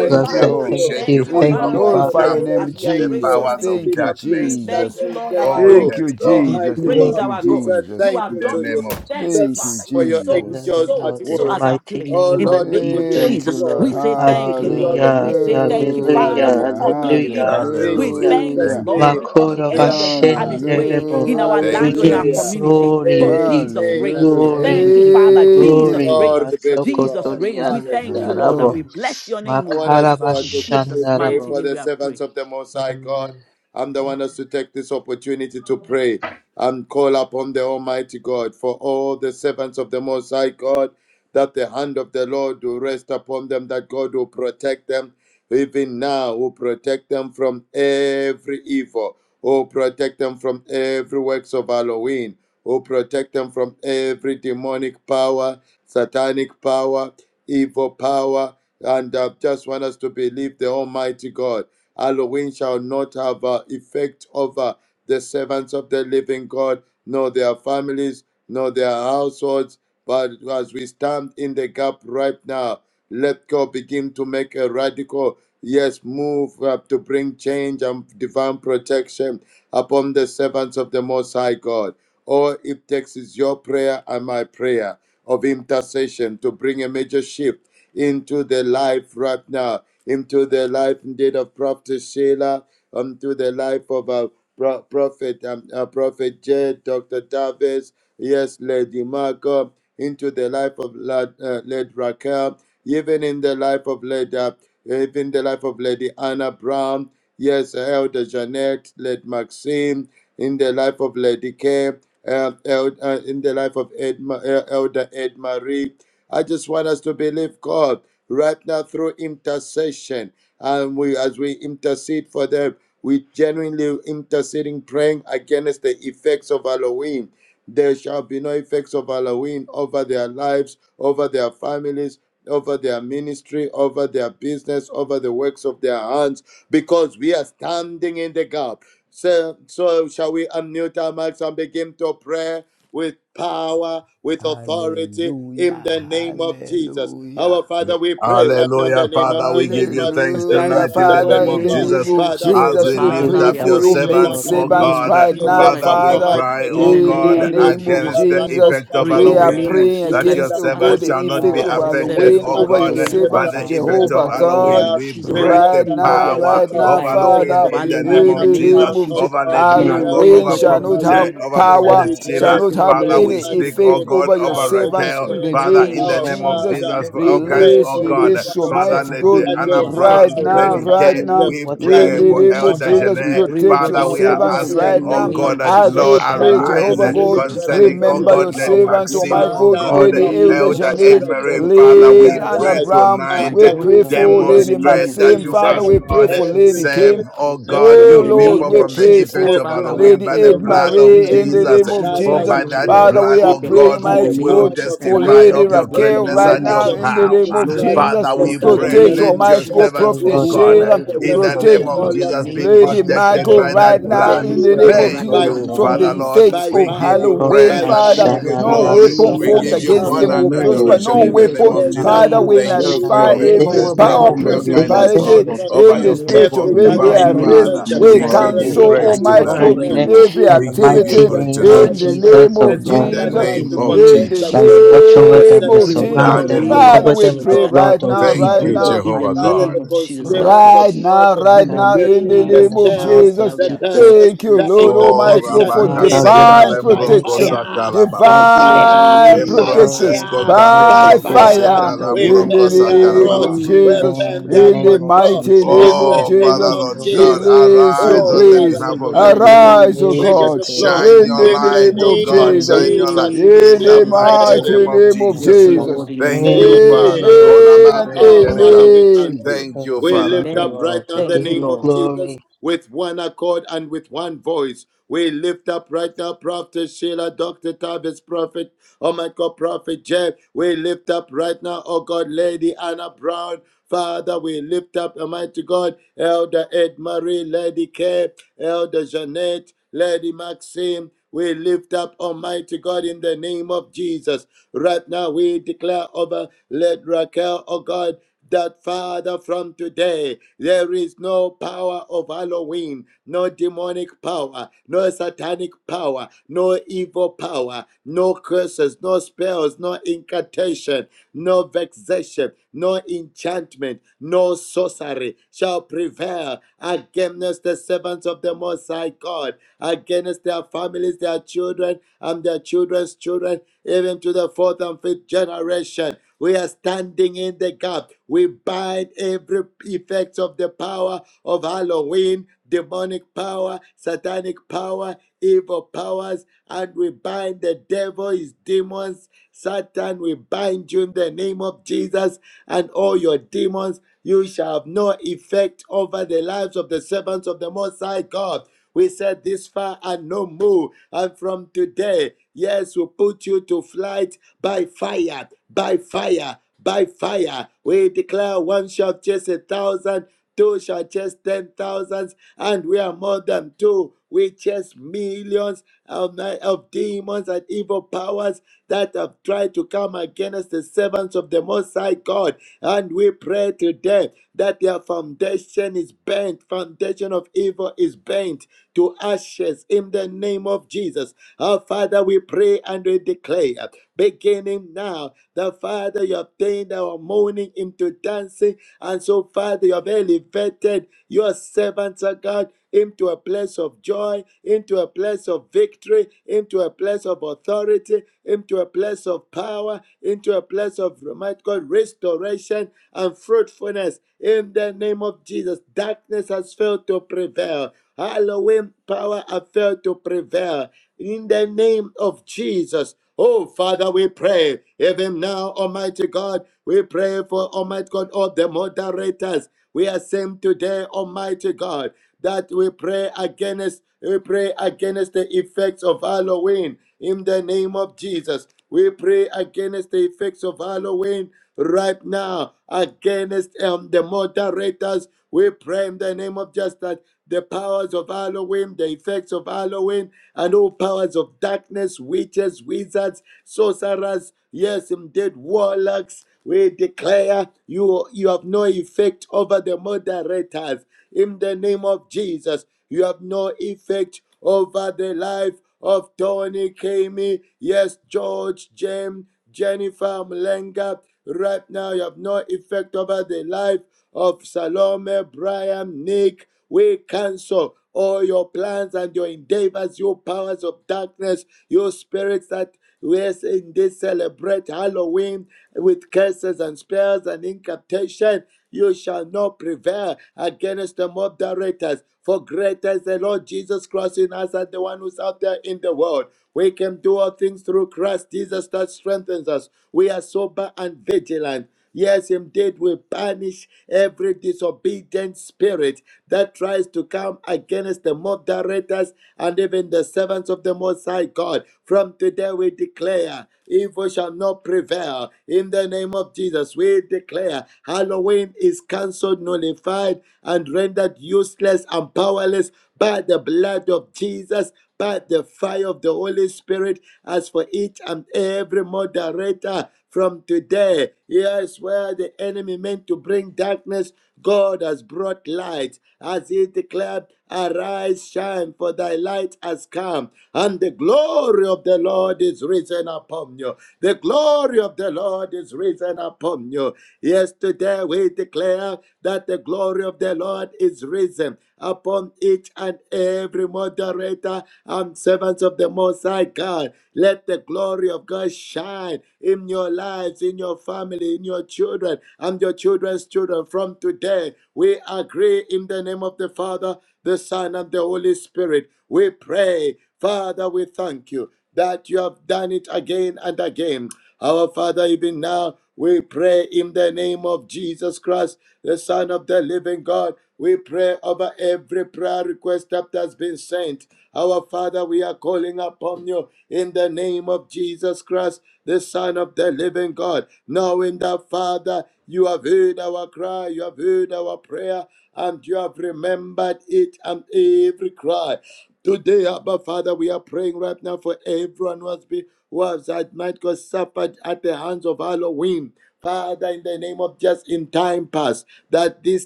Speaker 4: you,
Speaker 8: Lord,
Speaker 1: We
Speaker 3: you,
Speaker 7: you,
Speaker 5: thank
Speaker 8: say
Speaker 4: Father.
Speaker 7: Lord,
Speaker 3: Lord.
Speaker 5: you.
Speaker 7: for
Speaker 1: appreciate
Speaker 8: thank
Speaker 1: you
Speaker 8: you.
Speaker 4: Thank
Speaker 7: answered
Speaker 4: you,
Speaker 5: Our
Speaker 1: for
Speaker 3: We
Speaker 1: you
Speaker 7: prayers.
Speaker 8: Thank
Speaker 1: have
Speaker 8: you,
Speaker 7: In
Speaker 4: Father.
Speaker 7: the name
Speaker 5: Father,
Speaker 4: It
Speaker 7: of
Speaker 5: we
Speaker 3: glorify
Speaker 4: is
Speaker 5: are
Speaker 8: Father.
Speaker 3: your
Speaker 1: overcome
Speaker 4: so as
Speaker 3: name,
Speaker 5: saying
Speaker 4: we are
Speaker 1: the
Speaker 5: thank
Speaker 4: praying
Speaker 5: you.
Speaker 3: Jesus.
Speaker 4: even
Speaker 1: powers
Speaker 4: this
Speaker 1: of
Speaker 3: Thank
Speaker 5: King
Speaker 3: you,
Speaker 4: evening.
Speaker 5: of Kings,
Speaker 4: We
Speaker 1: darkness.
Speaker 5: we are
Speaker 4: thank
Speaker 3: Jesus.
Speaker 4: you,
Speaker 5: saying
Speaker 4: Lord,
Speaker 5: thank
Speaker 4: our
Speaker 1: Oh,
Speaker 3: Thank
Speaker 5: you.
Speaker 4: God.
Speaker 1: yes,
Speaker 3: you,
Speaker 4: We
Speaker 8: Thank
Speaker 1: Lord.
Speaker 4: give you
Speaker 3: Jesus.
Speaker 8: you,
Speaker 5: Almighty
Speaker 4: praise,
Speaker 3: Thank
Speaker 8: Lord.
Speaker 5: God,
Speaker 3: you,
Speaker 4: our
Speaker 5: we
Speaker 4: God.
Speaker 5: say
Speaker 4: You
Speaker 3: Jesus.
Speaker 5: thank
Speaker 1: In
Speaker 4: have
Speaker 5: you
Speaker 1: the
Speaker 5: to
Speaker 4: done it.
Speaker 5: you.
Speaker 1: name of
Speaker 4: Thank you,
Speaker 5: Thank you
Speaker 3: Thank you,
Speaker 4: Father.
Speaker 1: Jesus.
Speaker 5: for
Speaker 4: It is
Speaker 5: your
Speaker 4: so, it
Speaker 3: Jesus.
Speaker 4: is
Speaker 5: angels
Speaker 4: so, it
Speaker 5: at
Speaker 4: is
Speaker 8: In
Speaker 4: so
Speaker 8: the
Speaker 5: work.
Speaker 4: as I
Speaker 8: mighty
Speaker 4: prayed
Speaker 5: Oh
Speaker 8: name
Speaker 4: in
Speaker 8: of
Speaker 4: the
Speaker 5: Lord, we
Speaker 4: name
Speaker 5: give you all
Speaker 8: Jesus.
Speaker 5: the
Speaker 3: Thank
Speaker 4: of
Speaker 3: you,
Speaker 4: Jesus.
Speaker 3: Lord.
Speaker 4: We
Speaker 5: glory.
Speaker 4: say
Speaker 5: We
Speaker 4: thank you,
Speaker 5: give you all
Speaker 4: Lord.
Speaker 5: the
Speaker 4: We
Speaker 8: Hallelujah,
Speaker 5: praise.
Speaker 4: say thank you,
Speaker 5: Father,
Speaker 4: Father,
Speaker 8: hallelujah,
Speaker 4: for
Speaker 5: we
Speaker 3: Hallelujah.
Speaker 5: honor
Speaker 4: complete
Speaker 5: you.
Speaker 8: hallelujah,
Speaker 4: deliverance.
Speaker 5: In
Speaker 4: We
Speaker 8: hallelujah.
Speaker 1: Hallelujah.
Speaker 4: thank you,
Speaker 5: Jesus'
Speaker 1: Thank
Speaker 3: Hallelujah.
Speaker 1: you,
Speaker 4: Lord,
Speaker 5: name,
Speaker 4: because
Speaker 1: Lord.
Speaker 4: the
Speaker 8: Makoro
Speaker 5: we
Speaker 4: enemy
Speaker 5: have
Speaker 1: Thank
Speaker 4: doesn't have
Speaker 5: done.
Speaker 4: his
Speaker 1: you.
Speaker 4: way
Speaker 8: bashenderebo.
Speaker 4: in our
Speaker 8: We
Speaker 4: land
Speaker 1: Thank
Speaker 4: or in
Speaker 3: Hallelujah.
Speaker 8: give
Speaker 4: our
Speaker 8: you
Speaker 1: you.
Speaker 5: Hallelujah.
Speaker 4: community.
Speaker 8: glory,
Speaker 4: But
Speaker 8: we give
Speaker 4: Jesus
Speaker 8: you
Speaker 5: Amen and
Speaker 4: reigns.
Speaker 3: Hallelujah.
Speaker 5: amen.
Speaker 8: glory, we
Speaker 4: Thank you,
Speaker 8: give you
Speaker 4: Father. Jesus
Speaker 8: glory.
Speaker 3: Amen.
Speaker 5: Glory
Speaker 4: reigns.
Speaker 5: be to
Speaker 8: Masoko
Speaker 4: Jesus
Speaker 5: God.
Speaker 4: reigns. We thank you,
Speaker 5: Hallelujah.
Speaker 4: Lord, and
Speaker 8: toliandarabo.
Speaker 4: we
Speaker 3: Hallelujah.
Speaker 4: bless your name,
Speaker 5: I
Speaker 4: O
Speaker 5: want us
Speaker 4: God.
Speaker 8: Makara
Speaker 5: to, uh,
Speaker 4: In
Speaker 5: to
Speaker 3: Amen.
Speaker 5: quickly
Speaker 4: Jesus'
Speaker 5: pray
Speaker 4: mighty
Speaker 8: bashandarabo.
Speaker 5: for
Speaker 4: name,
Speaker 5: the
Speaker 4: we are
Speaker 5: servants
Speaker 4: praying.
Speaker 5: of the Most
Speaker 8: In the
Speaker 5: High God.
Speaker 8: name-
Speaker 5: I'm the one us to take this opportunity to pray and call upon the Almighty God for all the servants of the Most High God, that the hand of the Lord will rest upon them, that God will protect them, even now, will protect them from every evil, will protect them from every works of Halloween, will protect them from every demonic power, satanic power, evil power and uh, just want us to believe the Almighty God. Halloween shall not have uh, effect over the servants of the living God, nor their families, nor their households. But as we stand in the gap right now, let God begin to make a radical, yes, move uh, to bring change and divine protection upon the servants of the Most High God. All it takes is your prayer and my prayer of intercession to bring a major shift into the life right now, into the life indeed of Prophet Sheila, into the life of our pro- prophet, um, uh, Prophet Jed, Dr. Davis, yes, Lady Margot, into the life of Lad, uh, Lady Raquel, even in the life of Lady, uh, even the life of Lady Anna Brown, yes, Elder Jeanette, Lady Maxine, in the life of Lady K, uh, El- uh, in the life of Ed, Ma- uh, Elder Ed Marie, I just want us to believe God right now through intercession. And we, as we intercede for them, we genuinely interceding, praying against the effects of Halloween. There shall be no effects of Halloween over their lives, over their families, over their ministry, over their business, over the works of their hands, because we are standing in the gap. So, so shall we unmute our mics and begin to pray? with power, with authority in the
Speaker 3: Hallelujah.
Speaker 5: name of Jesus.
Speaker 3: Hallelujah.
Speaker 5: Our Father, we pray right now in
Speaker 1: Hallelujah,
Speaker 5: the name of
Speaker 1: Father. We
Speaker 5: Jesus
Speaker 1: give you
Speaker 5: Christ,
Speaker 1: thanks
Speaker 4: That's
Speaker 5: the
Speaker 4: why we
Speaker 5: Son
Speaker 3: Hallelujah.
Speaker 1: tonight
Speaker 5: of
Speaker 4: pray,
Speaker 1: in
Speaker 4: O
Speaker 1: the
Speaker 5: the
Speaker 4: God,
Speaker 3: Father,
Speaker 1: name
Speaker 4: in
Speaker 5: living
Speaker 4: the
Speaker 3: in
Speaker 1: of
Speaker 3: the
Speaker 4: name
Speaker 5: God.
Speaker 4: of
Speaker 3: name
Speaker 1: Jesus
Speaker 3: of
Speaker 4: Jesus
Speaker 5: Father, we
Speaker 4: Christ.
Speaker 1: as
Speaker 3: Jesus,
Speaker 1: we
Speaker 5: lift
Speaker 3: we
Speaker 5: up
Speaker 8: Give
Speaker 1: lift
Speaker 4: Father,
Speaker 8: you
Speaker 3: pray
Speaker 1: up
Speaker 4: we are
Speaker 3: for
Speaker 1: your
Speaker 5: Prophet
Speaker 3: your
Speaker 4: praying,
Speaker 8: thanks,
Speaker 4: O
Speaker 3: maid
Speaker 1: servants,
Speaker 4: God,
Speaker 5: Sheila,
Speaker 8: Lord
Speaker 4: in
Speaker 5: oh
Speaker 4: the
Speaker 1: oh
Speaker 5: God.
Speaker 3: servants
Speaker 4: name
Speaker 1: God.
Speaker 4: of
Speaker 8: Almighty
Speaker 3: right
Speaker 5: We
Speaker 4: Jesus
Speaker 8: God,
Speaker 3: now,
Speaker 5: lift
Speaker 4: Christ,
Speaker 1: Father,
Speaker 8: for
Speaker 5: up
Speaker 4: O
Speaker 8: the
Speaker 1: we
Speaker 4: God.
Speaker 3: Father.
Speaker 5: Almighty
Speaker 1: cry,
Speaker 5: God,
Speaker 4: In
Speaker 8: power
Speaker 1: oh
Speaker 4: the
Speaker 5: Dr.
Speaker 3: In
Speaker 1: God,
Speaker 3: the
Speaker 8: that
Speaker 4: name
Speaker 5: Tavis,
Speaker 4: of
Speaker 3: name
Speaker 8: you
Speaker 3: of
Speaker 4: Jesus
Speaker 5: uh,
Speaker 1: against the
Speaker 8: uh,
Speaker 5: my God,
Speaker 3: Jesus,
Speaker 1: effect of
Speaker 4: pray
Speaker 8: watch
Speaker 5: Prophet
Speaker 4: in
Speaker 3: we
Speaker 4: the
Speaker 3: are
Speaker 1: Halloween,
Speaker 5: Jim.
Speaker 4: name
Speaker 8: over
Speaker 4: of
Speaker 3: praying
Speaker 5: We
Speaker 4: Jesus
Speaker 1: that
Speaker 5: lift
Speaker 1: your
Speaker 4: Christ.
Speaker 3: against,
Speaker 5: up
Speaker 3: oh
Speaker 4: Father,
Speaker 3: God,
Speaker 1: servants
Speaker 4: as we
Speaker 5: Lady,
Speaker 1: shall
Speaker 3: the
Speaker 5: my
Speaker 1: not
Speaker 4: pray,
Speaker 1: be
Speaker 4: God,
Speaker 3: effects
Speaker 8: uh,
Speaker 3: of
Speaker 5: God.
Speaker 4: as a
Speaker 8: Elder
Speaker 1: affected,
Speaker 5: Yes,
Speaker 4: servant,
Speaker 3: Halloween
Speaker 5: oh
Speaker 4: oh
Speaker 1: oh
Speaker 5: my
Speaker 4: God,
Speaker 8: Jeanette,
Speaker 3: over
Speaker 5: God,
Speaker 1: God,
Speaker 3: your
Speaker 4: they
Speaker 5: we
Speaker 8: Lady
Speaker 4: will not be
Speaker 8: Anna
Speaker 5: lift
Speaker 1: by
Speaker 3: servants,
Speaker 5: up
Speaker 1: the
Speaker 8: Brown,
Speaker 4: affected,
Speaker 1: effect
Speaker 4: oh
Speaker 5: Lady
Speaker 8: Lady
Speaker 1: of
Speaker 3: Jehovah
Speaker 4: God, in the name
Speaker 3: God.
Speaker 1: Halloween.
Speaker 8: Maxine,
Speaker 4: of
Speaker 5: Raquel.
Speaker 1: We
Speaker 4: Jesus
Speaker 5: We
Speaker 1: break
Speaker 4: Christ.
Speaker 5: lift
Speaker 1: the
Speaker 3: right
Speaker 4: They
Speaker 5: up
Speaker 4: will not be
Speaker 3: now,
Speaker 5: Almighty
Speaker 1: power
Speaker 3: right
Speaker 4: affected
Speaker 5: God.
Speaker 1: of
Speaker 3: now,
Speaker 4: by the
Speaker 5: Yes,
Speaker 4: effects
Speaker 1: Halloween
Speaker 8: Lady.
Speaker 4: of
Speaker 3: Father,
Speaker 1: in
Speaker 5: Lady
Speaker 1: the
Speaker 4: Halloween
Speaker 1: name
Speaker 4: in
Speaker 3: in
Speaker 4: the
Speaker 5: Anna
Speaker 1: of
Speaker 3: the
Speaker 4: name of
Speaker 1: Jesus,
Speaker 5: Brown,
Speaker 3: name of
Speaker 5: oh
Speaker 3: Jesus.
Speaker 4: Jesus.
Speaker 1: over
Speaker 5: God.
Speaker 1: Lady
Speaker 4: We are
Speaker 8: Okay,
Speaker 1: Margot,
Speaker 4: praying, oh
Speaker 5: Elder
Speaker 3: Halloween
Speaker 1: over
Speaker 4: God,
Speaker 5: Ed
Speaker 4: in
Speaker 3: shall
Speaker 4: the
Speaker 1: Prophet
Speaker 3: not
Speaker 1: Jay,
Speaker 5: Marie,
Speaker 3: have
Speaker 4: name of
Speaker 1: over
Speaker 4: Jesus Christ.
Speaker 3: power,
Speaker 1: Prophet
Speaker 5: Lady
Speaker 8: uh,
Speaker 4: And for
Speaker 1: Sheila,
Speaker 8: Ed,
Speaker 3: shall
Speaker 5: K.
Speaker 4: this,
Speaker 3: not
Speaker 4: in the
Speaker 3: have
Speaker 1: Father,
Speaker 4: name
Speaker 5: Lady
Speaker 8: Elder
Speaker 4: of
Speaker 1: we
Speaker 3: any
Speaker 1: speak,
Speaker 4: Jesus
Speaker 1: oh
Speaker 3: effect
Speaker 5: Maxim,
Speaker 1: God,
Speaker 8: Marie,
Speaker 3: over your
Speaker 8: in
Speaker 1: over
Speaker 8: the
Speaker 5: Elder
Speaker 4: Christ.
Speaker 3: servants
Speaker 8: mighty
Speaker 1: Raquel.
Speaker 3: in
Speaker 4: But
Speaker 3: the
Speaker 8: name
Speaker 4: in
Speaker 5: Jeanette,
Speaker 4: the
Speaker 8: of
Speaker 1: Father,
Speaker 3: name
Speaker 1: in
Speaker 4: name
Speaker 1: the
Speaker 3: of
Speaker 4: of
Speaker 5: our
Speaker 1: name of
Speaker 4: Jesus
Speaker 8: Rochelle,
Speaker 3: Jesus.
Speaker 4: Christ,
Speaker 5: Father,
Speaker 1: Jesus,
Speaker 4: let
Speaker 1: for
Speaker 5: we
Speaker 4: there
Speaker 1: all
Speaker 4: be
Speaker 1: kinds,
Speaker 5: pray
Speaker 8: Prophet
Speaker 4: open
Speaker 3: Release,
Speaker 1: oh
Speaker 4: in
Speaker 5: for
Speaker 4: the
Speaker 5: each
Speaker 1: God.
Speaker 4: name
Speaker 8: Jay,
Speaker 3: release
Speaker 5: one
Speaker 4: of
Speaker 3: your
Speaker 5: of
Speaker 4: Jesus
Speaker 8: Lady
Speaker 1: Father,
Speaker 4: Christ.
Speaker 5: them
Speaker 3: mighty
Speaker 1: let
Speaker 4: It
Speaker 1: the
Speaker 3: God
Speaker 4: will
Speaker 5: that
Speaker 8: Marge,
Speaker 4: not be
Speaker 1: Anna
Speaker 5: your hand
Speaker 3: right
Speaker 8: Margot,
Speaker 1: Brown,
Speaker 5: shall
Speaker 4: affected, oh
Speaker 8: Lord
Speaker 5: rest
Speaker 3: now,
Speaker 4: God,
Speaker 1: Lady
Speaker 4: by
Speaker 1: K,
Speaker 3: right
Speaker 8: Almighty,
Speaker 5: upon
Speaker 8: that
Speaker 3: now.
Speaker 5: them
Speaker 8: you
Speaker 4: Halloween.
Speaker 1: we
Speaker 8: watch
Speaker 4: In the
Speaker 5: by
Speaker 3: In
Speaker 1: pray
Speaker 8: over
Speaker 3: the
Speaker 4: name
Speaker 1: for
Speaker 4: of
Speaker 5: day
Speaker 8: them
Speaker 3: name
Speaker 8: in the
Speaker 5: and
Speaker 3: of
Speaker 4: Jesus
Speaker 1: Elder
Speaker 4: Christ,
Speaker 5: by
Speaker 3: Jesus,
Speaker 8: mighty
Speaker 4: we
Speaker 1: Jeanette.
Speaker 5: night.
Speaker 8: name
Speaker 4: pray, oh
Speaker 8: of
Speaker 3: protect
Speaker 4: God,
Speaker 3: your
Speaker 1: Father,
Speaker 5: Our
Speaker 4: even
Speaker 1: we
Speaker 4: for
Speaker 1: are
Speaker 8: Jesus.
Speaker 4: this,
Speaker 5: Father,
Speaker 3: servants
Speaker 4: oh
Speaker 5: we
Speaker 4: God,
Speaker 5: are
Speaker 1: asking,
Speaker 3: right
Speaker 4: in the
Speaker 1: oh
Speaker 3: now.
Speaker 5: calling
Speaker 4: name
Speaker 8: Marco,
Speaker 1: God,
Speaker 4: of
Speaker 1: that
Speaker 5: upon
Speaker 4: Jesus
Speaker 8: Rabba,
Speaker 3: As
Speaker 5: you
Speaker 4: Christ,
Speaker 1: Lord
Speaker 3: we
Speaker 4: that
Speaker 5: that
Speaker 3: pray,
Speaker 5: your
Speaker 8: Shanda,
Speaker 4: Lord, in
Speaker 1: arise
Speaker 4: the
Speaker 3: Jehovah
Speaker 8: Rabba,
Speaker 4: name
Speaker 5: exceeding
Speaker 3: God,
Speaker 4: of Jesus
Speaker 8: Seke,
Speaker 4: Christ, we
Speaker 1: concerning,
Speaker 5: greatness of
Speaker 8: Tele,
Speaker 4: pray,
Speaker 1: oh
Speaker 4: oh
Speaker 3: remember
Speaker 5: your
Speaker 1: God,
Speaker 4: God,
Speaker 3: your
Speaker 4: to
Speaker 8: Yende,
Speaker 1: let
Speaker 4: hear
Speaker 5: power,
Speaker 8: Rabba.
Speaker 4: from
Speaker 3: servants,
Speaker 4: yes,
Speaker 1: Maxine,
Speaker 3: Almighty
Speaker 4: Lord,
Speaker 3: God,
Speaker 1: oh
Speaker 5: Father,
Speaker 4: in
Speaker 8: Oh
Speaker 1: God,
Speaker 4: the
Speaker 3: Lady
Speaker 5: shall
Speaker 8: Lord
Speaker 5: be
Speaker 4: name
Speaker 3: Elder
Speaker 4: of
Speaker 1: Elder
Speaker 4: Jesus Christ,
Speaker 3: Janet,
Speaker 8: Almighty,
Speaker 4: we
Speaker 1: Edmary,
Speaker 5: demonstrated
Speaker 4: call upon you in
Speaker 5: in
Speaker 1: Father,
Speaker 4: the
Speaker 1: we
Speaker 3: Lady
Speaker 5: their
Speaker 4: name
Speaker 8: Rabba,
Speaker 4: of
Speaker 3: Anna
Speaker 1: pray
Speaker 4: Jesus
Speaker 5: lives.
Speaker 4: Christ.
Speaker 3: Brown.
Speaker 4: My
Speaker 1: tonight
Speaker 3: We
Speaker 5: Father,
Speaker 4: God,
Speaker 3: pray
Speaker 5: we
Speaker 4: I
Speaker 8: Rabba,
Speaker 4: pray, oh
Speaker 3: for
Speaker 4: God, in
Speaker 5: silence
Speaker 4: the
Speaker 3: Lady
Speaker 8: Rabba,
Speaker 4: name
Speaker 1: demonstrate
Speaker 4: of
Speaker 1: that
Speaker 5: every
Speaker 3: Maxim.
Speaker 1: you
Speaker 4: Jesus
Speaker 8: in
Speaker 1: are
Speaker 3: Father,
Speaker 4: Christ,
Speaker 5: spell,
Speaker 8: the
Speaker 3: we
Speaker 4: oh
Speaker 3: pray
Speaker 4: God.
Speaker 1: God.
Speaker 3: for
Speaker 8: mighty
Speaker 5: every
Speaker 3: Lady
Speaker 1: Save,
Speaker 8: name
Speaker 3: Kim.
Speaker 8: of
Speaker 1: oh
Speaker 5: curse,
Speaker 8: Jesus,
Speaker 1: God,
Speaker 5: every
Speaker 8: O
Speaker 4: In
Speaker 1: your
Speaker 3: Lord,
Speaker 4: the
Speaker 3: Lord,
Speaker 8: Lord,
Speaker 1: people
Speaker 4: name
Speaker 3: we
Speaker 4: of
Speaker 1: from
Speaker 8: O
Speaker 1: the
Speaker 5: incantation,
Speaker 8: Lord,
Speaker 3: pray
Speaker 4: Jesus
Speaker 1: effects
Speaker 4: Christ,
Speaker 3: for
Speaker 1: of
Speaker 5: every,
Speaker 4: Father, we are
Speaker 1: Halloween
Speaker 3: Lady
Speaker 1: by the
Speaker 4: praying, oh
Speaker 3: Ed
Speaker 5: every
Speaker 4: God.
Speaker 1: blood of
Speaker 8: Master,
Speaker 4: In the
Speaker 3: Marie in
Speaker 5: vexation
Speaker 3: the
Speaker 4: name
Speaker 8: in
Speaker 1: Jesus.
Speaker 4: of
Speaker 3: name
Speaker 8: the
Speaker 3: of
Speaker 4: Jesus
Speaker 8: name
Speaker 1: For
Speaker 5: Father,
Speaker 4: Christ,
Speaker 8: of
Speaker 3: Jesus.
Speaker 5: we
Speaker 1: by
Speaker 4: Lord
Speaker 1: that
Speaker 5: club,
Speaker 4: God,
Speaker 3: Father,
Speaker 4: I
Speaker 1: blood,
Speaker 3: we
Speaker 8: Jesus.
Speaker 4: pray,
Speaker 3: are
Speaker 5: we
Speaker 1: oh
Speaker 4: God.
Speaker 5: club
Speaker 3: praying,
Speaker 1: God,
Speaker 5: by
Speaker 4: In
Speaker 1: we
Speaker 4: the
Speaker 5: the
Speaker 3: mighty
Speaker 1: will
Speaker 4: name of
Speaker 3: God,
Speaker 5: powers
Speaker 4: Jesus,
Speaker 5: of
Speaker 4: I
Speaker 3: for
Speaker 4: love
Speaker 1: testify
Speaker 8: In
Speaker 5: darkness
Speaker 4: there
Speaker 3: Lady
Speaker 1: of
Speaker 4: be
Speaker 1: your
Speaker 4: God.
Speaker 5: with
Speaker 4: In
Speaker 5: the
Speaker 8: the
Speaker 3: Raquel
Speaker 4: the
Speaker 1: greatness
Speaker 3: right
Speaker 4: name
Speaker 1: and
Speaker 4: of
Speaker 5: blood
Speaker 8: mighty
Speaker 1: your
Speaker 3: now
Speaker 5: of
Speaker 3: in
Speaker 4: Jesus
Speaker 8: name
Speaker 3: the
Speaker 8: of
Speaker 1: power.
Speaker 4: Christ,
Speaker 3: name
Speaker 5: Jesus
Speaker 3: of
Speaker 8: Jesus,
Speaker 4: Lord,
Speaker 5: Christ,
Speaker 8: O
Speaker 4: as I
Speaker 3: Jesus.
Speaker 1: Father,
Speaker 5: the
Speaker 4: pray,
Speaker 8: Lord
Speaker 1: we
Speaker 4: in
Speaker 5: Son
Speaker 4: the
Speaker 5: of
Speaker 1: pray,
Speaker 5: the
Speaker 3: Protect
Speaker 1: let
Speaker 8: Almighty,
Speaker 4: name of
Speaker 5: living
Speaker 1: your
Speaker 3: Almighty
Speaker 5: God.
Speaker 4: Jesus
Speaker 3: God,
Speaker 8: O
Speaker 1: servants,
Speaker 4: Christ,
Speaker 3: Prophet
Speaker 1: oh
Speaker 5: We
Speaker 8: Lord
Speaker 4: oh
Speaker 8: of
Speaker 1: God,
Speaker 4: God,
Speaker 5: destroy
Speaker 3: Sheila.
Speaker 4: I
Speaker 5: the
Speaker 8: Heaven,
Speaker 4: pray
Speaker 1: in
Speaker 8: no
Speaker 4: for
Speaker 5: works
Speaker 1: the
Speaker 5: of
Speaker 8: harm
Speaker 4: this,
Speaker 5: the
Speaker 1: name
Speaker 8: shall
Speaker 3: Protect.
Speaker 4: oh
Speaker 1: of
Speaker 8: come
Speaker 4: God, in
Speaker 8: to
Speaker 4: the
Speaker 5: warlocks
Speaker 1: Jesus,
Speaker 8: them
Speaker 1: be
Speaker 8: in
Speaker 4: name
Speaker 8: the
Speaker 4: of
Speaker 5: by
Speaker 3: Lady
Speaker 5: the
Speaker 4: Jesus
Speaker 8: mighty
Speaker 1: protected
Speaker 4: Christ,
Speaker 5: power
Speaker 3: Margot,
Speaker 5: of
Speaker 1: by
Speaker 4: in
Speaker 5: the
Speaker 4: the
Speaker 1: that
Speaker 3: right
Speaker 8: name
Speaker 4: name
Speaker 8: of
Speaker 4: of
Speaker 5: blood of
Speaker 3: now,
Speaker 1: blood.
Speaker 3: in the
Speaker 4: everybody,
Speaker 8: Jesus,
Speaker 5: Jesus,
Speaker 3: name
Speaker 4: even
Speaker 3: of
Speaker 8: O
Speaker 4: right
Speaker 1: Thank
Speaker 3: Jesus,
Speaker 5: by
Speaker 4: now,
Speaker 8: Lord
Speaker 1: you,
Speaker 4: in the
Speaker 3: from
Speaker 5: fire,
Speaker 1: Father
Speaker 3: the
Speaker 4: name
Speaker 8: Almighty.
Speaker 4: of
Speaker 1: Lord.
Speaker 3: effects
Speaker 4: Jesus
Speaker 5: by
Speaker 4: Christ,
Speaker 1: We
Speaker 3: of
Speaker 1: give
Speaker 5: fire,
Speaker 1: you
Speaker 4: Lord
Speaker 8: Akoro
Speaker 4: God,
Speaker 3: Halloween,
Speaker 1: praise
Speaker 5: by
Speaker 4: we
Speaker 1: and we
Speaker 4: pray,
Speaker 3: Father,
Speaker 4: oh
Speaker 1: give
Speaker 5: fire,
Speaker 4: God,
Speaker 1: you
Speaker 8: bashanda la
Speaker 4: in
Speaker 3: no
Speaker 4: the
Speaker 5: by
Speaker 1: glory.
Speaker 3: weapon
Speaker 1: We
Speaker 4: name
Speaker 5: fire.
Speaker 8: basoko
Speaker 4: of
Speaker 3: formed
Speaker 1: give
Speaker 7: Jesus.
Speaker 1: you
Speaker 5: Our
Speaker 3: against
Speaker 4: Jesus
Speaker 7: In
Speaker 3: them
Speaker 7: the
Speaker 1: honor
Speaker 4: Christ.
Speaker 3: will
Speaker 1: and
Speaker 5: Father,
Speaker 7: name
Speaker 4: We
Speaker 5: we
Speaker 3: prosper.
Speaker 7: of
Speaker 8: tori
Speaker 1: adoration
Speaker 3: No
Speaker 4: pray,
Speaker 5: pray.
Speaker 1: in
Speaker 4: oh
Speaker 1: the
Speaker 7: Jesus,
Speaker 4: God,
Speaker 1: name
Speaker 4: in
Speaker 3: weapon,
Speaker 7: God.
Speaker 1: of
Speaker 5: There
Speaker 4: the
Speaker 5: shall
Speaker 1: Jesus.
Speaker 3: Father,
Speaker 4: name
Speaker 5: be
Speaker 4: of
Speaker 3: we
Speaker 1: Thank
Speaker 4: Jesus.
Speaker 5: no
Speaker 1: you
Speaker 7: Yes,
Speaker 1: for
Speaker 4: Christ,
Speaker 1: your
Speaker 8: Makarabashana,
Speaker 3: nullify
Speaker 5: weapon
Speaker 7: Lord.
Speaker 4: Let
Speaker 7: No
Speaker 5: fashioned
Speaker 3: every
Speaker 4: there
Speaker 8: this
Speaker 1: faithfulness.
Speaker 4: be, oh
Speaker 7: weapon
Speaker 1: Thank
Speaker 3: power,
Speaker 4: God,
Speaker 5: against
Speaker 1: you
Speaker 7: formed
Speaker 8: month
Speaker 1: for
Speaker 4: in
Speaker 5: them
Speaker 4: the
Speaker 1: your
Speaker 8: of
Speaker 7: against
Speaker 4: name
Speaker 8: this
Speaker 5: that
Speaker 7: them
Speaker 1: kindness,
Speaker 4: of
Speaker 7: shall
Speaker 5: shall
Speaker 1: Lord,
Speaker 8: thing
Speaker 3: principality
Speaker 4: Jesus
Speaker 8: as
Speaker 7: prosper.
Speaker 8: we
Speaker 4: Christ,
Speaker 1: over
Speaker 3: in
Speaker 4: oh
Speaker 8: go
Speaker 5: prosper.
Speaker 3: the
Speaker 1: your
Speaker 8: into
Speaker 4: Lord
Speaker 3: spiritual
Speaker 1: people.
Speaker 5: Every
Speaker 3: realm.
Speaker 4: pray
Speaker 8: Halloween,
Speaker 5: tongue
Speaker 7: In
Speaker 3: We
Speaker 4: in
Speaker 5: of
Speaker 8: the
Speaker 4: the
Speaker 1: My
Speaker 8: Lord
Speaker 4: name
Speaker 3: arrest,
Speaker 4: of
Speaker 7: Jesus'
Speaker 1: Father,
Speaker 5: accusation
Speaker 8: Almighty,
Speaker 4: Jesus
Speaker 7: name
Speaker 3: we
Speaker 1: we
Speaker 8: you
Speaker 5: we
Speaker 4: Christ.
Speaker 7: I
Speaker 1: give
Speaker 8: send your
Speaker 7: pray.
Speaker 1: you
Speaker 3: cancel,
Speaker 4: May
Speaker 5: refute
Speaker 4: Lord,
Speaker 8: angels
Speaker 5: and
Speaker 4: I
Speaker 1: praise
Speaker 8: to
Speaker 5: we
Speaker 4: pray
Speaker 3: Almighty
Speaker 8: watch
Speaker 4: in
Speaker 1: tonight.
Speaker 4: the
Speaker 3: God,
Speaker 7: Thank
Speaker 8: over
Speaker 5: condemn.
Speaker 7: you,
Speaker 4: name of
Speaker 8: them
Speaker 7: Lord.
Speaker 4: Jesus
Speaker 3: every
Speaker 5: We
Speaker 8: in
Speaker 1: We
Speaker 8: the
Speaker 1: give
Speaker 5: condemn
Speaker 1: you
Speaker 8: mighty
Speaker 3: activity
Speaker 5: the
Speaker 1: glory
Speaker 8: name
Speaker 1: tonight
Speaker 8: of
Speaker 5: powers
Speaker 3: in
Speaker 5: of
Speaker 3: the
Speaker 4: Jesus Christ.
Speaker 3: name
Speaker 8: Jesus, O
Speaker 3: of
Speaker 5: darkness
Speaker 1: in
Speaker 4: Father,
Speaker 8: Lord
Speaker 1: the
Speaker 8: of
Speaker 5: that
Speaker 3: Jesus.
Speaker 4: Lord,
Speaker 5: tries
Speaker 1: name
Speaker 4: in the
Speaker 5: to
Speaker 1: of
Speaker 8: Jesus,
Speaker 4: name
Speaker 5: condemn
Speaker 3: In
Speaker 4: of
Speaker 3: the
Speaker 5: the
Speaker 1: Jesus.
Speaker 8: that you
Speaker 4: Jesus.
Speaker 5: against
Speaker 8: watch over
Speaker 5: the
Speaker 8: them,
Speaker 3: name
Speaker 4: We
Speaker 8: you
Speaker 3: of
Speaker 5: servants
Speaker 4: pray,
Speaker 5: of
Speaker 4: Lord,
Speaker 5: the
Speaker 4: in
Speaker 8: surround
Speaker 3: Jesus.
Speaker 4: the
Speaker 5: Most
Speaker 8: them, you
Speaker 5: High
Speaker 4: name
Speaker 3: Father,
Speaker 4: of
Speaker 5: God.
Speaker 1: Hallelujah.
Speaker 8: cover
Speaker 3: we
Speaker 8: them with
Speaker 4: Jesus
Speaker 8: the
Speaker 3: pray
Speaker 5: Our
Speaker 4: Christ.
Speaker 8: blood
Speaker 3: right
Speaker 5: Father,
Speaker 8: of
Speaker 5: we
Speaker 3: now,
Speaker 4: Father, we
Speaker 1: Thank
Speaker 3: right
Speaker 5: bend
Speaker 4: pray,
Speaker 1: you,
Speaker 8: Jesus in
Speaker 5: them.
Speaker 4: Lord,
Speaker 8: the
Speaker 3: now.
Speaker 4: in the
Speaker 1: Jehovah
Speaker 8: mighty
Speaker 5: Father,
Speaker 1: God.
Speaker 5: the
Speaker 4: name
Speaker 8: name
Speaker 4: of
Speaker 8: of
Speaker 4: Jesus Christ
Speaker 8: Jesus.
Speaker 5: conspiracy
Speaker 4: for
Speaker 5: of
Speaker 3: Right
Speaker 4: this.
Speaker 5: powers
Speaker 3: now,
Speaker 5: of
Speaker 8: Your
Speaker 3: right
Speaker 4: In the
Speaker 8: God
Speaker 3: now,
Speaker 5: darkness,
Speaker 8: is
Speaker 3: in the
Speaker 8: now
Speaker 4: name
Speaker 5: the
Speaker 8: in
Speaker 4: of
Speaker 3: name
Speaker 8: the
Speaker 3: of
Speaker 5: spells,
Speaker 8: might
Speaker 4: Jesus,
Speaker 8: of
Speaker 4: Father,
Speaker 3: Jesus.
Speaker 4: we
Speaker 5: the
Speaker 4: are praying.
Speaker 8: Jesus.
Speaker 5: curses,
Speaker 3: Thank you,
Speaker 5: the
Speaker 4: Yes,
Speaker 3: Lord
Speaker 4: Lord,
Speaker 1: Oh,
Speaker 3: Almighty
Speaker 8: Thank
Speaker 4: in
Speaker 8: you,
Speaker 4: the
Speaker 3: God,
Speaker 5: incantation,
Speaker 3: for
Speaker 4: name
Speaker 5: be
Speaker 8: Father,
Speaker 4: of
Speaker 1: Rabakase
Speaker 8: Lord
Speaker 3: divine
Speaker 5: dissolved
Speaker 4: Jesus.
Speaker 5: by
Speaker 1: Kalembro
Speaker 8: Almighty.
Speaker 3: protection,
Speaker 5: fire,
Speaker 1: Sakala Baba.
Speaker 5: by
Speaker 8: Our
Speaker 4: Thank you, Lord, in the
Speaker 8: Savior,
Speaker 5: fire,
Speaker 8: our
Speaker 3: divine
Speaker 4: name
Speaker 5: by
Speaker 4: of
Speaker 3: protection
Speaker 8: servant,
Speaker 4: Jesus.
Speaker 1: Lembrasesco
Speaker 8: in the
Speaker 5: fire, by
Speaker 3: by
Speaker 8: mighty
Speaker 1: Kalembro
Speaker 4: Yes, my
Speaker 1: se
Speaker 5: fire.
Speaker 4: Father,
Speaker 3: fire
Speaker 8: Jesus,
Speaker 4: and my
Speaker 8: O
Speaker 4: God,
Speaker 5: We
Speaker 1: Kalambro
Speaker 3: in
Speaker 4: I
Speaker 8: Lord of
Speaker 3: the
Speaker 5: bend
Speaker 4: pray, but
Speaker 5: their
Speaker 4: in the
Speaker 8: my
Speaker 3: name of
Speaker 5: roads,
Speaker 4: name
Speaker 5: we
Speaker 4: of
Speaker 3: Jesus.
Speaker 8: in
Speaker 5: bend
Speaker 8: the
Speaker 4: Jesus.
Speaker 5: their
Speaker 3: In the
Speaker 8: name of
Speaker 4: Yes,
Speaker 5: control
Speaker 4: Lord,
Speaker 3: mighty
Speaker 4: do
Speaker 8: Jesus,
Speaker 5: in
Speaker 3: name
Speaker 4: this
Speaker 3: of
Speaker 4: again
Speaker 5: the
Speaker 1: Oh,
Speaker 4: in the
Speaker 5: name
Speaker 1: Father
Speaker 3: Jesus,
Speaker 5: of
Speaker 8: oh
Speaker 4: name of
Speaker 1: Lord
Speaker 8: Lord
Speaker 1: God,
Speaker 4: Jesus.
Speaker 5: Jesus.
Speaker 3: release
Speaker 8: Almighty,
Speaker 3: your
Speaker 4: Oh
Speaker 1: arise
Speaker 5: Oh,
Speaker 1: on
Speaker 4: God,
Speaker 1: the
Speaker 4: we
Speaker 5: Father,
Speaker 3: grace.
Speaker 5: we
Speaker 1: behalf
Speaker 4: pray,
Speaker 1: of
Speaker 4: God, in
Speaker 1: your
Speaker 5: thank
Speaker 4: the
Speaker 8: mm,
Speaker 5: you.
Speaker 1: people.
Speaker 4: name
Speaker 3: Arise,
Speaker 4: of
Speaker 3: O
Speaker 5: We
Speaker 8: release
Speaker 5: give
Speaker 8: your
Speaker 4: Jesus.
Speaker 5: you
Speaker 3: God,
Speaker 4: That
Speaker 8: grace
Speaker 5: glory.
Speaker 8: in
Speaker 4: Lord,
Speaker 1: Shine
Speaker 8: the
Speaker 4: God,
Speaker 3: in
Speaker 4: I
Speaker 1: your
Speaker 4: do
Speaker 3: the
Speaker 5: In
Speaker 8: mighty
Speaker 4: this
Speaker 5: the
Speaker 1: light,
Speaker 3: name
Speaker 4: over.
Speaker 1: oh
Speaker 3: of
Speaker 5: name
Speaker 8: name
Speaker 4: In
Speaker 1: God,
Speaker 4: the
Speaker 5: of
Speaker 8: of
Speaker 3: Jesus.
Speaker 1: shine your light
Speaker 5: Jesus,
Speaker 8: Jesus.
Speaker 4: name of
Speaker 1: in
Speaker 3: In
Speaker 5: we
Speaker 1: the
Speaker 5: are
Speaker 3: the
Speaker 4: Jesus, that we
Speaker 1: mighty
Speaker 5: prayed.
Speaker 1: name
Speaker 3: mighty
Speaker 4: pray.
Speaker 1: of
Speaker 3: name of
Speaker 1: Jesus.
Speaker 4: Yes,
Speaker 3: Jesus.
Speaker 4: Lord,
Speaker 8: Asotoriandababa.
Speaker 4: in the
Speaker 1: Thank
Speaker 8: In
Speaker 1: you,
Speaker 8: the
Speaker 4: name of
Speaker 8: name
Speaker 1: Father.
Speaker 5: Amen.
Speaker 4: Jesus,
Speaker 8: of
Speaker 4: that we are
Speaker 3: Amen and
Speaker 4: praying,
Speaker 8: Jesus,
Speaker 4: Lord.
Speaker 1: Kolabate
Speaker 5: Oh,
Speaker 1: Tereba.
Speaker 5: Father,
Speaker 8: Lord,
Speaker 5: we
Speaker 4: In
Speaker 5: thank
Speaker 3: amen.
Speaker 4: Jesus.
Speaker 5: you.
Speaker 1: Thank you,
Speaker 8: oh,
Speaker 5: We
Speaker 1: Father.
Speaker 8: thank
Speaker 5: lift
Speaker 8: you,
Speaker 5: up
Speaker 4: Amen.
Speaker 5: right
Speaker 8: Lord,
Speaker 5: now
Speaker 8: we
Speaker 5: in the
Speaker 4: Thank
Speaker 8: give
Speaker 4: you,
Speaker 5: name
Speaker 8: you
Speaker 5: of
Speaker 4: Lord.
Speaker 8: glory.
Speaker 5: Jesus with one accord and with one voice. We lift up right now Prophet Sheila, Dr. Tavis, Prophet, oh my God, Prophet Jeff. We lift up right now, oh God, Lady Anna Brown. Father, we lift up, Almighty God, Elder Ed Marie, Lady Kay, Elder Jeanette, Lady Maxine. We lift up, Almighty God, in the name of Jesus. Right now, we declare over, let Raquel, oh God, that Father, from today, there is no power of Halloween, no demonic power, no satanic power, no evil power, no curses, no spells, no incantation, no vexation, no enchantment, no sorcery shall prevail against the servants of the Most High God, against their families, their children, and their children's children, even to the fourth and fifth generation. We are standing in the gap. We bind every effect of the power of Halloween, demonic power, satanic power, evil powers and we bind the devil, his demons. Satan, we bind you in the name of Jesus and all your demons. You shall have no effect over the lives of the servants of the Most High God. We said this far and no more. And from today, yes, we put you to flight by fire, by fire, by fire. We declare one shall chase a thousand, two shall chase ten thousands, and we are more than two. We chase millions of, of demons and evil powers that have tried to come against the servants of the Most High God. And we pray today that their foundation is bent, foundation of evil is bent to ashes in the name of Jesus. Our Father, we pray and we declare, beginning now, the Father, you have turned our mourning into dancing. And so, Father, you have elevated your servants, O God, into a place of joy, into a place of victory, into a place of authority, into a place of power, into a place of might God restoration and fruitfulness. In the name of Jesus, darkness has failed to prevail. Halloween power I fail to prevail in the name of Jesus. Oh, Father, we pray. Even now, Almighty God, we pray for Almighty God, all the moderators. We are sent today, Almighty God, that we pray against, we pray against the effects of Halloween in the name of Jesus. We pray against the effects of Halloween right now, against um, the moderators. We pray in the name of Jesus that the powers of Halloween, the effects of Halloween, and all powers of darkness, witches, wizards, sorcerers, yes, indeed, warlocks. We declare you, you have no effect over the moderators. In the name of Jesus, you have no effect over the life of Tony Kami, yes, George, James. Jennifer Mlenga. Right now, you have no effect over the life of Salome, Brian, Nick. We cancel all your plans and your endeavors, your powers of darkness, your spirits that Yes, indeed, celebrate Halloween with curses and spells and incantation. You shall not prevail against the mob directors. For greater is the Lord Jesus Christ in us than the one who's out there in the world. We can do all things through Christ Jesus that strengthens us. We are sober and vigilant. Yes, indeed, we banish every disobedient spirit that tries to come against the mob directors and even the servants of the Most High God. From today, we declare evil shall not prevail. In the name of name of Jesus, we declare Halloween is cancelled, nullified, and rendered useless and powerless by the blood of Jesus, by the fire of the Holy Spirit, as for each and every moderator from today. Yes, where the enemy meant to bring darkness, God has brought light. As he declared, Arise, shine, for thy light has come, and the glory of the Lord is risen upon you you. The glory of the Lord is risen upon you. Yes, today we declare that the glory of the Lord is risen upon each and every moderator and servants of the Most High God. Let the glory of God shine in your lives, in your family, in your children, and your children's children. From today, we agree in the name of the Father, the Son, and the Holy Spirit. We pray. Father, we thank you that you have done it again and again. Our Father, even now, we pray in the name of Jesus Christ, the Son of the living God. We pray over every prayer request that has been sent. Our Father, we are calling upon you in the name of Jesus Christ, the Son of the living God, knowing that, Father, you have heard our cry, you have heard our prayer, and you have remembered it and every cry. Today, Abba Father, we are praying right now for everyone who has been who has that might God suffered at the hands of Halloween. Father, in the name of just in time past, that this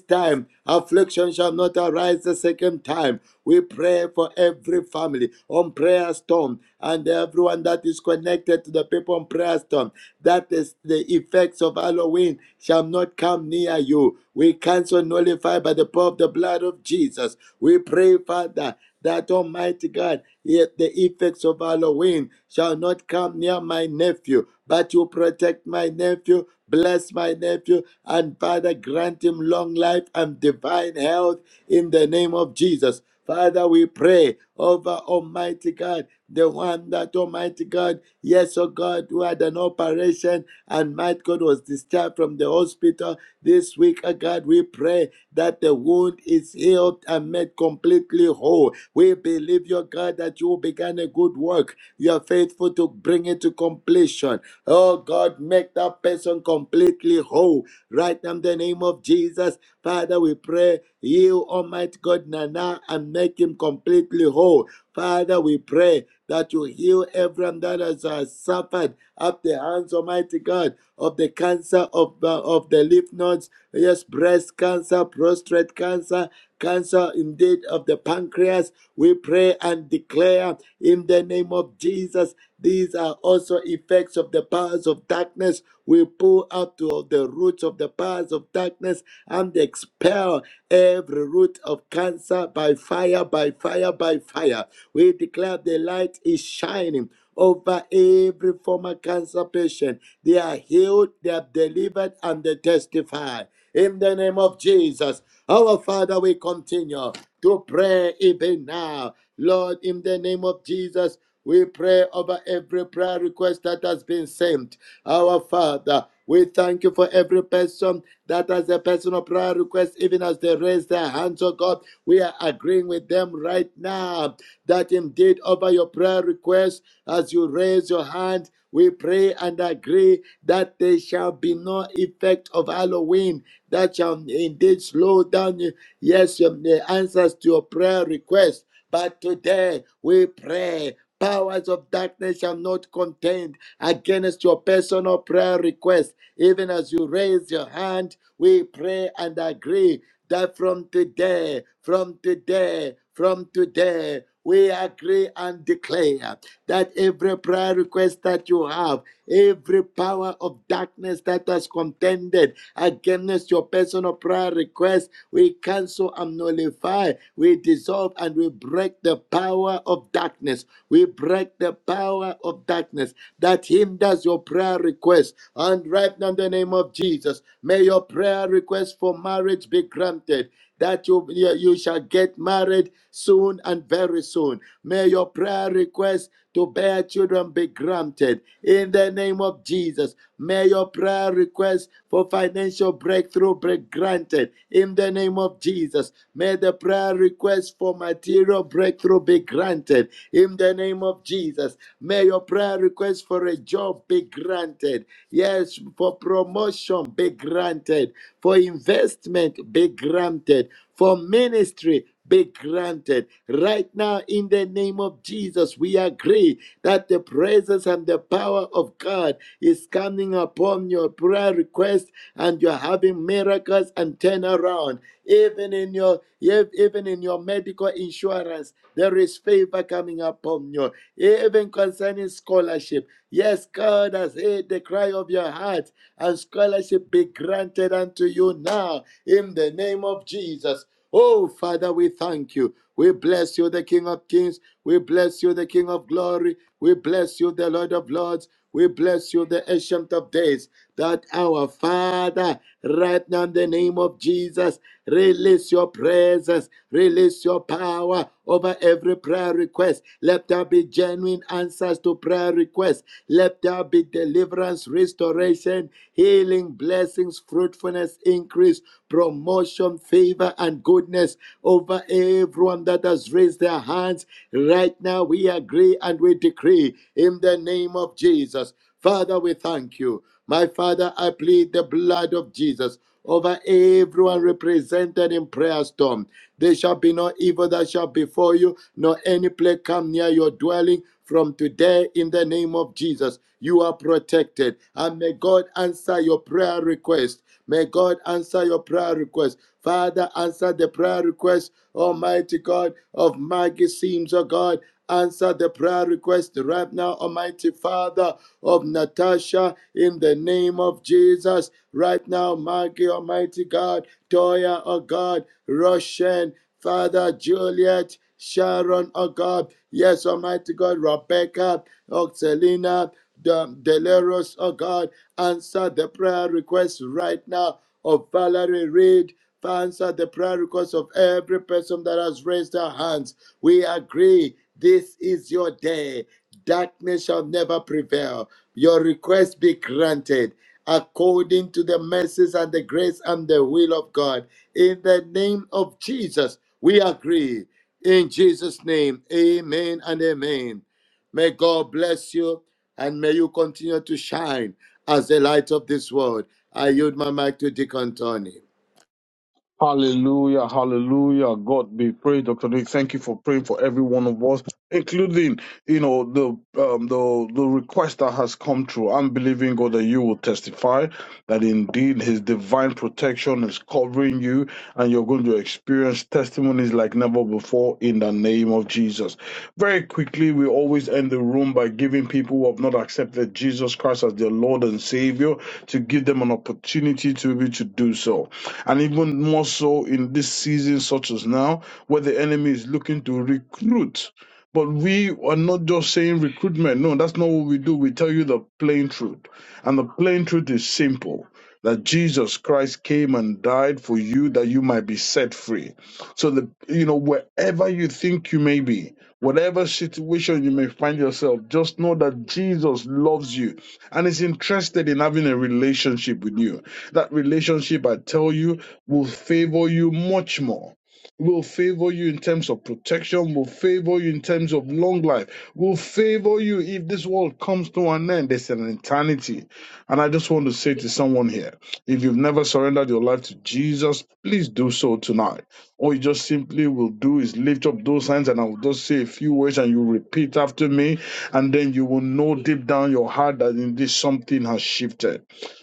Speaker 5: time affliction shall not arise the second time. We pray for every family on prayer storm and everyone that is connected to the people on prayer storm, that is the effects of Halloween shall not come near you. We cancel nullify by the power of the blood of Jesus. We pray, Father that Almighty God, yet the effects of Halloween shall not come near my nephew, but you protect my nephew, bless my nephew, and Father, grant him long life and divine health in the name of Jesus. Father, we pray over Almighty God, the one that Almighty God, yes, oh God, who had an operation and might God was discharged from the hospital this week, oh God, we pray that the wound is healed and made completely whole we believe, your God, that you began a good work. You are faithful to bring it to completion. Oh God, make that person completely whole. Right now, in the name of Jesus, Father, we pray, you, Almighty God, Nana, and make him completely whole. Father, we pray that you heal everyone that has uh, suffered at the hands, Almighty God, of the cancer of, uh, of the lymph nodes, yes, breast cancer, prostate cancer, cancer indeed of the pancreas, we pray and declare in the name of Jesus, these are also effects of the powers of darkness. We pull out to the roots of the powers of darkness and expel every root of cancer by fire, by fire, by fire. We declare the light is shining over every former cancer patient. They are healed, they are delivered, and they testify. In the name of Jesus, our Father, we continue to pray even now. Lord, in the name of Jesus, we pray over every prayer request that has been sent. Our Father, we thank you for every person that has a personal prayer request, even as they raise their hands, oh God. We are agreeing with them right now that indeed over your prayer request, as you raise your hand, we pray and agree that there shall be no effect of Halloween that shall indeed slow down Yes, your- the answers to your prayer request. But today we pray. Powers of darkness shall not contend against your personal prayer request. Even as you raise your hand, we pray and agree that from today, from today, from today, we agree and declare that every prayer request that you have, every power of darkness that has contended against your personal prayer request, we cancel and nullify, we dissolve and we break the power of darkness we break the power of darkness that hinders your prayer request. And right now, in the name of Jesus, may your prayer request for marriage be granted. That you, you you shall get married soon and very soon. May your prayer request to bear children be granted. In the name of Jesus, may your prayer request for financial breakthrough be granted. In the name of Jesus, May. May the prayer request for material breakthrough be granted in the name of Jesus. May your prayer request for a job be granted. Yes, for promotion be granted. For investment be granted. For ministry be granted. Right now, in the name of Jesus, we agree that the presence and the power of God is coming upon your prayer request and you're having miracles and turnaround. Even in your even in your medical insurance, there is favor coming upon you. Even concerning scholarship. Yes, God has heard the cry of your heart, and scholarship be granted unto you now in the name of Jesus. Oh, Father, we thank you. We bless you, the King of Kings. We bless you, the King of Glory. We bless you, the Lord of Lords. We bless you, the Ancient of Days. That our Father, right now in the name of Jesus, release your presence, release your power over every prayer request. Let there be genuine answers to prayer requests. Let there be deliverance, restoration, healing, blessings, fruitfulness, increase increase, promotion, favor, and goodness over everyone that has raised their hands. Right now, we agree and we decree in the name of Jesus. Father, we thank you. My Father, I plead the blood of Jesus over everyone represented in prayer storm. There shall be no evil that shall befall you, nor any plague come near your dwelling. From today, in the name of Jesus, you are protected. And may God answer your prayer request. May God answer your prayer request. Father, answer the prayer request, Almighty God, of Maggie Sims, oh God. Answer the prayer request right now, Almighty Father of Natasha, in the name of Jesus. Right now, Maggie, Almighty God, Toya, oh God, Roshan, Father Juliet, Sharon, oh God, yes, Almighty God, Rebecca, oh Selena, De- Deleros, oh God, answer the prayer request right now of Valerie Reed. Answer the prayer request of every person that has raised their hands. We agree, this is your day. Darkness shall never prevail. Your request be granted according to the mercies and the grace and the will of God. In the name of Jesus, we agree. In Jesus' name, amen and amen. May God bless you and may you continue to shine as the light of this world. I yield my mic to Deacon Tony.
Speaker 7: Hallelujah, hallelujah. God be praised, Dr. Nick. Thank you for praying for every one of us, including, you know, the um the the request that has come through. I'm believing God that you will testify that indeed his divine protection is covering you and you're going to experience testimonies like never before in the name of Jesus. Very quickly, we always end the room by giving people who have not accepted Jesus Christ as their Lord and Savior to give them an opportunity to be able to do so. And even more so in this season, such as now, where the enemy is looking to recruit. But we are not just saying recruitment. No, that's not what we do. We tell you the plain truth. And the plain truth is simple that Jesus Christ came and died for you that you might be set free. So the you know wherever you think you may be, whatever situation you may find yourself, just know that Jesus loves you and is interested in having a relationship with you. That relationship, I tell you, will favor you much more. Will favor you in terms of protection, will favor you in terms of long life, will favor you if this world comes to an end. There's an eternity. And I just want to say to someone here if you've never surrendered your life to Jesus, please do so tonight. All you just simply will do is lift up those hands and I will just say a few words and you repeat after me. And then you will know deep down your heart that indeed something has shifted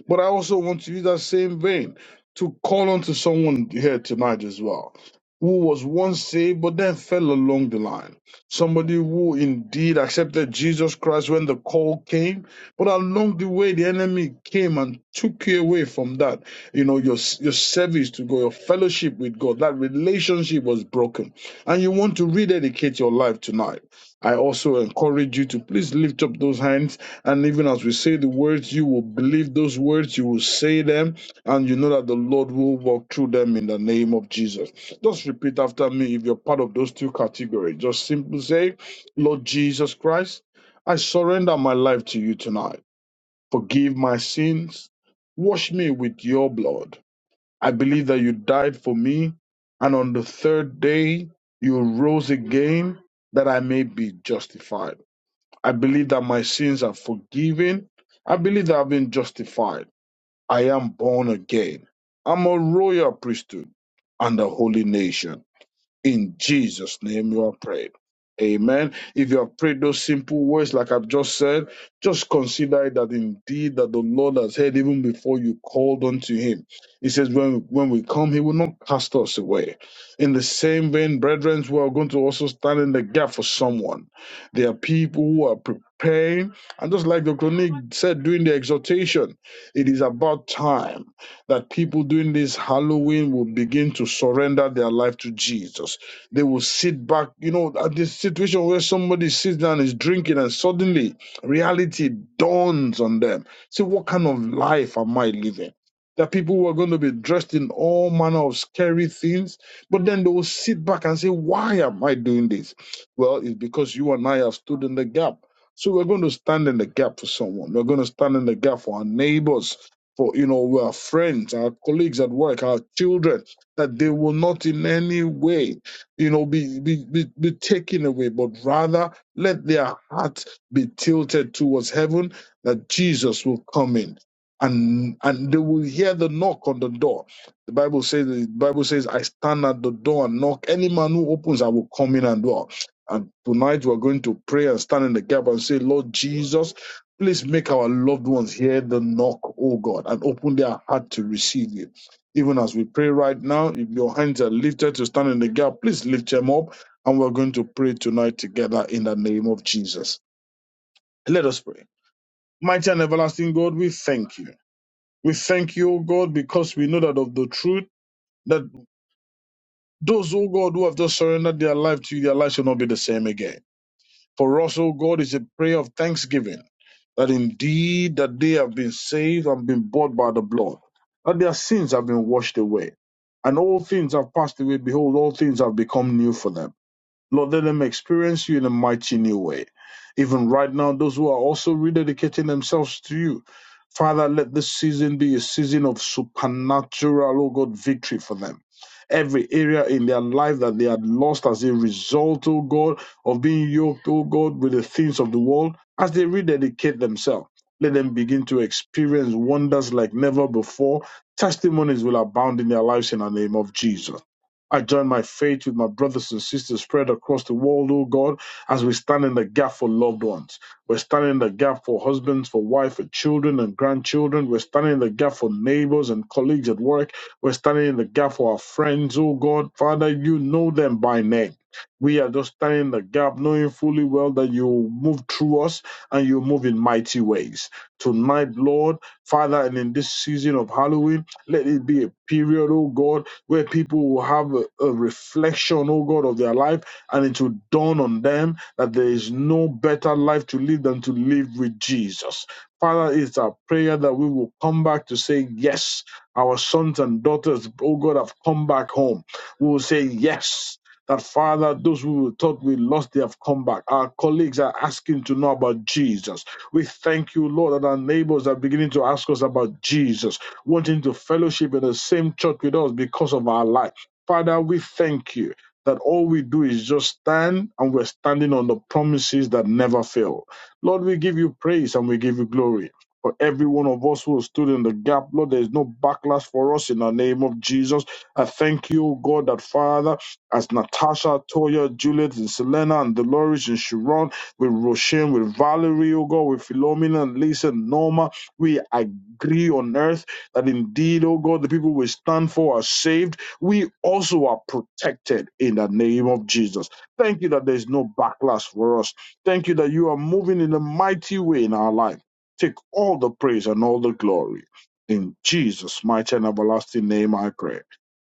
Speaker 7: but I also want to use that same vein to call on to someone here tonight as well, who was once saved but then fell along the line. Somebody who indeed accepted Jesus Christ when the call came, but along the way the enemy came and took you away from that. You know, your your service to God, your fellowship with God, that relationship was broken. And you want to rededicate your life tonight. I also encourage you to please lift up those hands and even as we say the words, you will believe those words, you will say them, and you know that the Lord will walk through them in the name of Jesus. Just repeat after me if you're part of those two categories. Just simply say, Lord Jesus Christ, I surrender my life to you tonight. Forgive my sins. Wash me with your blood. I believe that you died for me, and on the third day you rose again that I may be justified. I believe that my sins are forgiven. I believe that I've been justified. I am born again. I'm a royal priesthood and a holy nation. In Jesus' name you are prayed. Amen. If you have prayed those simple words, like I've just said, just consider it that indeed that the Lord has heard even before you called unto him. He says, when, when we come, he will not cast us away. In the same vein, brethren, we are going to also stand in the gap for someone. There are people who are preparing, and just like Dr. Nick said during the exhortation, it is about time that people during this Halloween will begin to surrender their life to Jesus. They will sit back, you know, at this situation where somebody sits down, is drinking, and suddenly reality dawns on them. Say, what kind of life am I living? That people who are going to be dressed in all manner of scary things, but then they will sit back and say, Why am I doing this? Well, it's because you and I have stood in the gap. So we're going to stand in the gap for someone. We're going to stand in the gap for our neighbors for you know our friends our colleagues at work our children that they will not in any way you know be be, be, be taken away but rather let their heart be tilted towards heaven that jesus will come in and and they will hear the knock on the door the bible says the bible says i stand at the door and knock any man who opens i will come in and dwell and tonight we're going to pray and stand in the gap and say lord jesus Please make our loved ones hear the knock, O God, and open their heart to receive you. Even as we pray right now, if your hands are lifted to stand in the gap, please lift them up, and we're going to pray tonight together in the name of Jesus. Let us pray. Mighty and everlasting God, we thank you. We thank you, O God, because we know that of the truth, that those, O God, who have just surrendered their life to you, their life shall not be the same again. For us, O God, is a prayer of thanksgiving that indeed that they have been saved and been bought by the blood, that their sins have been washed away, and all things have passed away. Behold, all things have become new for them. Lord, let them experience you in a mighty new way. Even right now, those who are also rededicating themselves to you, Father, let this season be a season of supernatural, oh God, victory for them. Every area in their life that they had lost as a result, oh God, of being yoked, oh God, with the things of the world, as they rededicate themselves, let them begin to experience wonders like never before. Testimonies will abound in their lives in the name of Jesus. I join my faith with my brothers and sisters spread across the world, oh God, as we stand in the gap for loved ones. We're standing in the gap for husbands, for wife, for children and grandchildren. We're standing in the gap for neighbors and colleagues at work. We're standing in the gap for our friends, oh God. Father, you know them by name. We are just standing in the gap, knowing fully well that you move through us and you move in mighty ways. Tonight, Lord, Father, and in this season of Halloween, let it be a period, oh God where people will have a, a reflection, oh God, of their life, and it will dawn on them that there is no better life to live than to live with Jesus. Father, it's our prayer that we will come back to say, Yes, our sons and daughters, oh God, have come back home. We will say, Yes. That Father, those who thought we lost, they have come back. Our colleagues are asking to know about Jesus. We thank you, Lord, that our neighbors are beginning to ask us about Jesus wanting to fellowship in the same church with us because of our life. Father, we thank you that all we do is just stand and we're standing on the promises that never fail. Lord, we give you praise and we give you glory. For every one of us who has stood in the gap, Lord, there is no backlash for us in the name of Jesus. I thank you, O God, that Father, as Natasha, Toya, Juliet, and Selena, and Dolores, and Sharon, with Rochelle, with Valerie, O God, with Philomena, and Lisa, and Norma, we agree on earth that indeed, oh God, the people we stand for are saved. We also are protected in the name of Jesus. Thank you that there's no backlash for us. Thank you that you are moving in a mighty way in our life. Take all the praise and all the glory. In Jesus' mighty and everlasting name, I pray.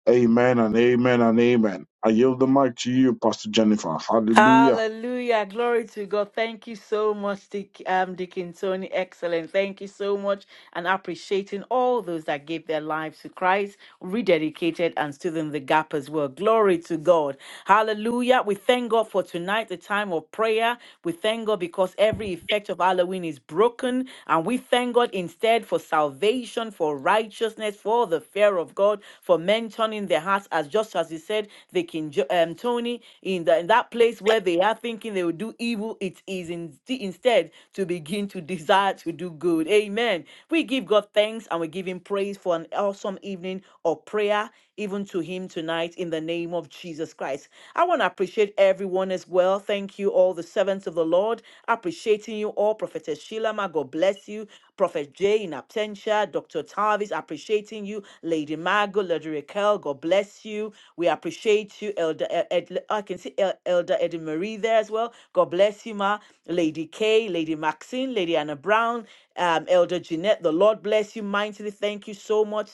Speaker 7: Amen and amen and amen. I yield the mic to you, Pastor Jennifer. Hallelujah.
Speaker 4: Hallelujah. Glory to God. Thank you so much, Dick, um, Deacon Tony. Excellent. Thank you so much. And appreciating all those that gave their lives to Christ, rededicated and stood in the gap as well. Glory to God. Hallelujah. We thank God for tonight, the time of prayer. We thank God because every effect of Halloween is broken. And we thank God instead for salvation, for righteousness, for the fear of God, for men turning their hearts as just as he said, they can um, Tony, in, the, in that place where they are thinking they will do evil, it is in, instead to begin to desire to do good. Amen. We give God thanks and we give Him praise for an awesome evening of prayer, even to Him tonight, in the name of Jesus Christ. I want to appreciate everyone as well. Thank you, all the servants of the Lord. Appreciating you all, Prophetess Shilama. God bless you. Prophet Jay in absentia, Dr. Tarvis, appreciating you. Lady Margot, Lady Raquel, God bless you you. We appreciate you, Elder. Ed, Ed- I can see El- Elder Eddie Marie there as well. God bless you, ma. Lady Kay, Lady Maxine, Lady Anna Brown, um, Elder Jeanette. The Lord bless you mightily. Thank you so much.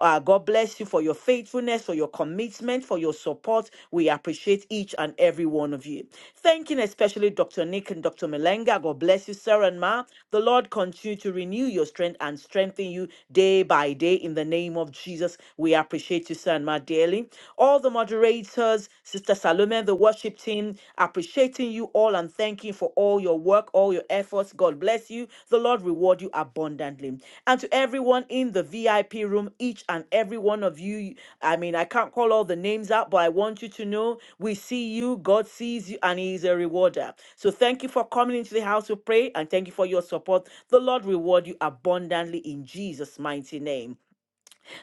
Speaker 4: Uh, God bless you for your faithfulness, for your commitment, for your support. We appreciate each and every one of you. Thanking especially Dr. Nick and Dr. Melenga. God bless you, sir and ma. The Lord continue to renew your strength and strengthen you day by day in the name of Jesus. We we appreciate you, sir, and my dearly. All the moderators, Sister Salome, the worship team, appreciating you all and thanking for all your work, all your efforts. God bless you. The Lord reward you abundantly. And to everyone in the VIP room, each and every one of you, I mean, I can't call all the names out, but I want you to know we see you, God sees you, and He is a rewarder. So thank you for coming into the house to pray and thank you for your support. The Lord reward you abundantly in Jesus' mighty name.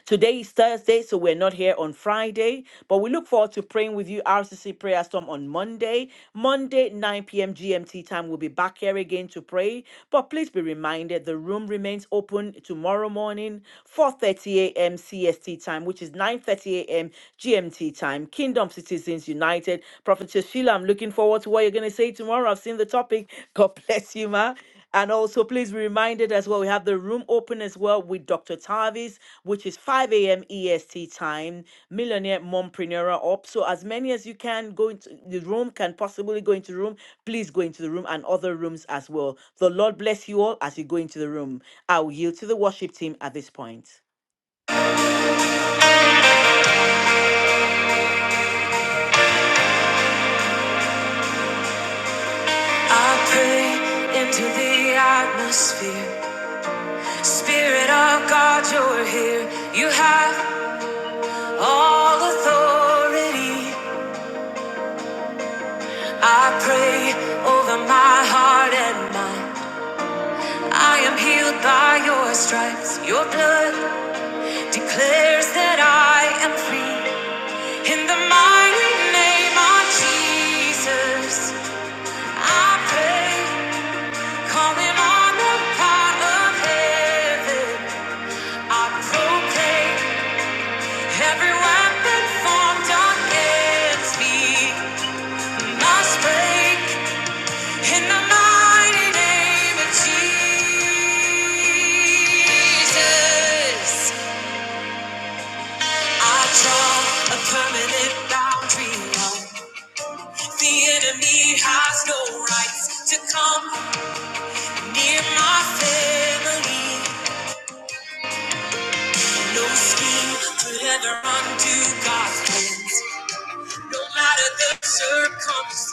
Speaker 4: Today is Thursday, so we're not here on Friday, but we look forward to praying with you RCC Prayer Storm on Monday. Monday, 9 p.m. GMT time, we'll be back here again to pray. But please be reminded the room remains open tomorrow morning, 4:30 a.m. CST time, which is 9:30 a.m. GMT time. Kingdom Citizens United. Prophetess Sheila, I'm looking forward to what you're going to say tomorrow. I've seen the topic. [LAUGHS] God bless you, ma. And also, please be reminded as well, we have the room open as well with Dr. Tavis, which is 5 a.m. EST time, Millionaire Mompreneur Up. So as many as you can go into the room, can possibly go into the room, please go into the room and other rooms as well. The Lord bless you all as you go into the room. I will yield to the worship team at this point.
Speaker 1: I pray into the atmosphere. Spirit of God, you're here. You have all authority. I pray over my heart and mind. I am healed by your stripes. Your blood declares that I am free. In the mighty name of Jesus, I pray, calling on the power of heaven. I proclaim. Every weapon formed against me must break in the mighty name of Jesus. I draw a permanent boundary line. The enemy has no rights to come near my family. No scheme could ever undo God's plans, no matter the circumstance.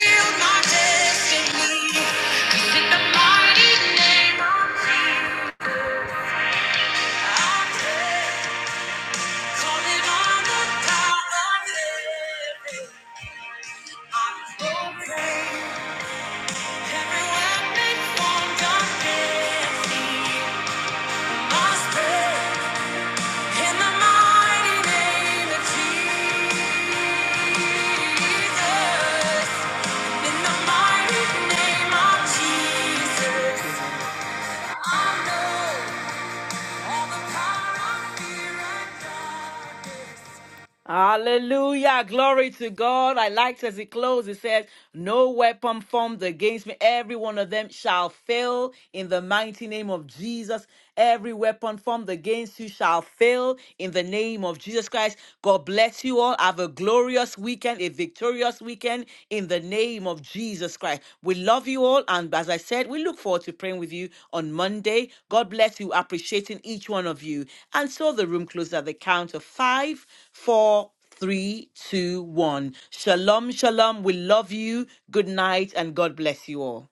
Speaker 1: In the mighty name of Jesus.
Speaker 4: Thank you, Lord.
Speaker 1: All the power of fear and doubt.
Speaker 4: Hallelujah. Glory to God. I liked as it closed. It says, No weapon formed against me. Every one of them shall fail in the mighty name of Jesus. Every weapon formed against you shall fail in the name of Jesus Christ. God bless you all. Have a glorious weekend, a victorious weekend broken in the name of Jesus Christ. We love you all. And as I said, we look forward to praying with you on Monday. God bless you, appreciating each one of you. And so the room closes at the count of five, four, three, two, one. Shalom, shalom. We love you. Good night, and God bless you all.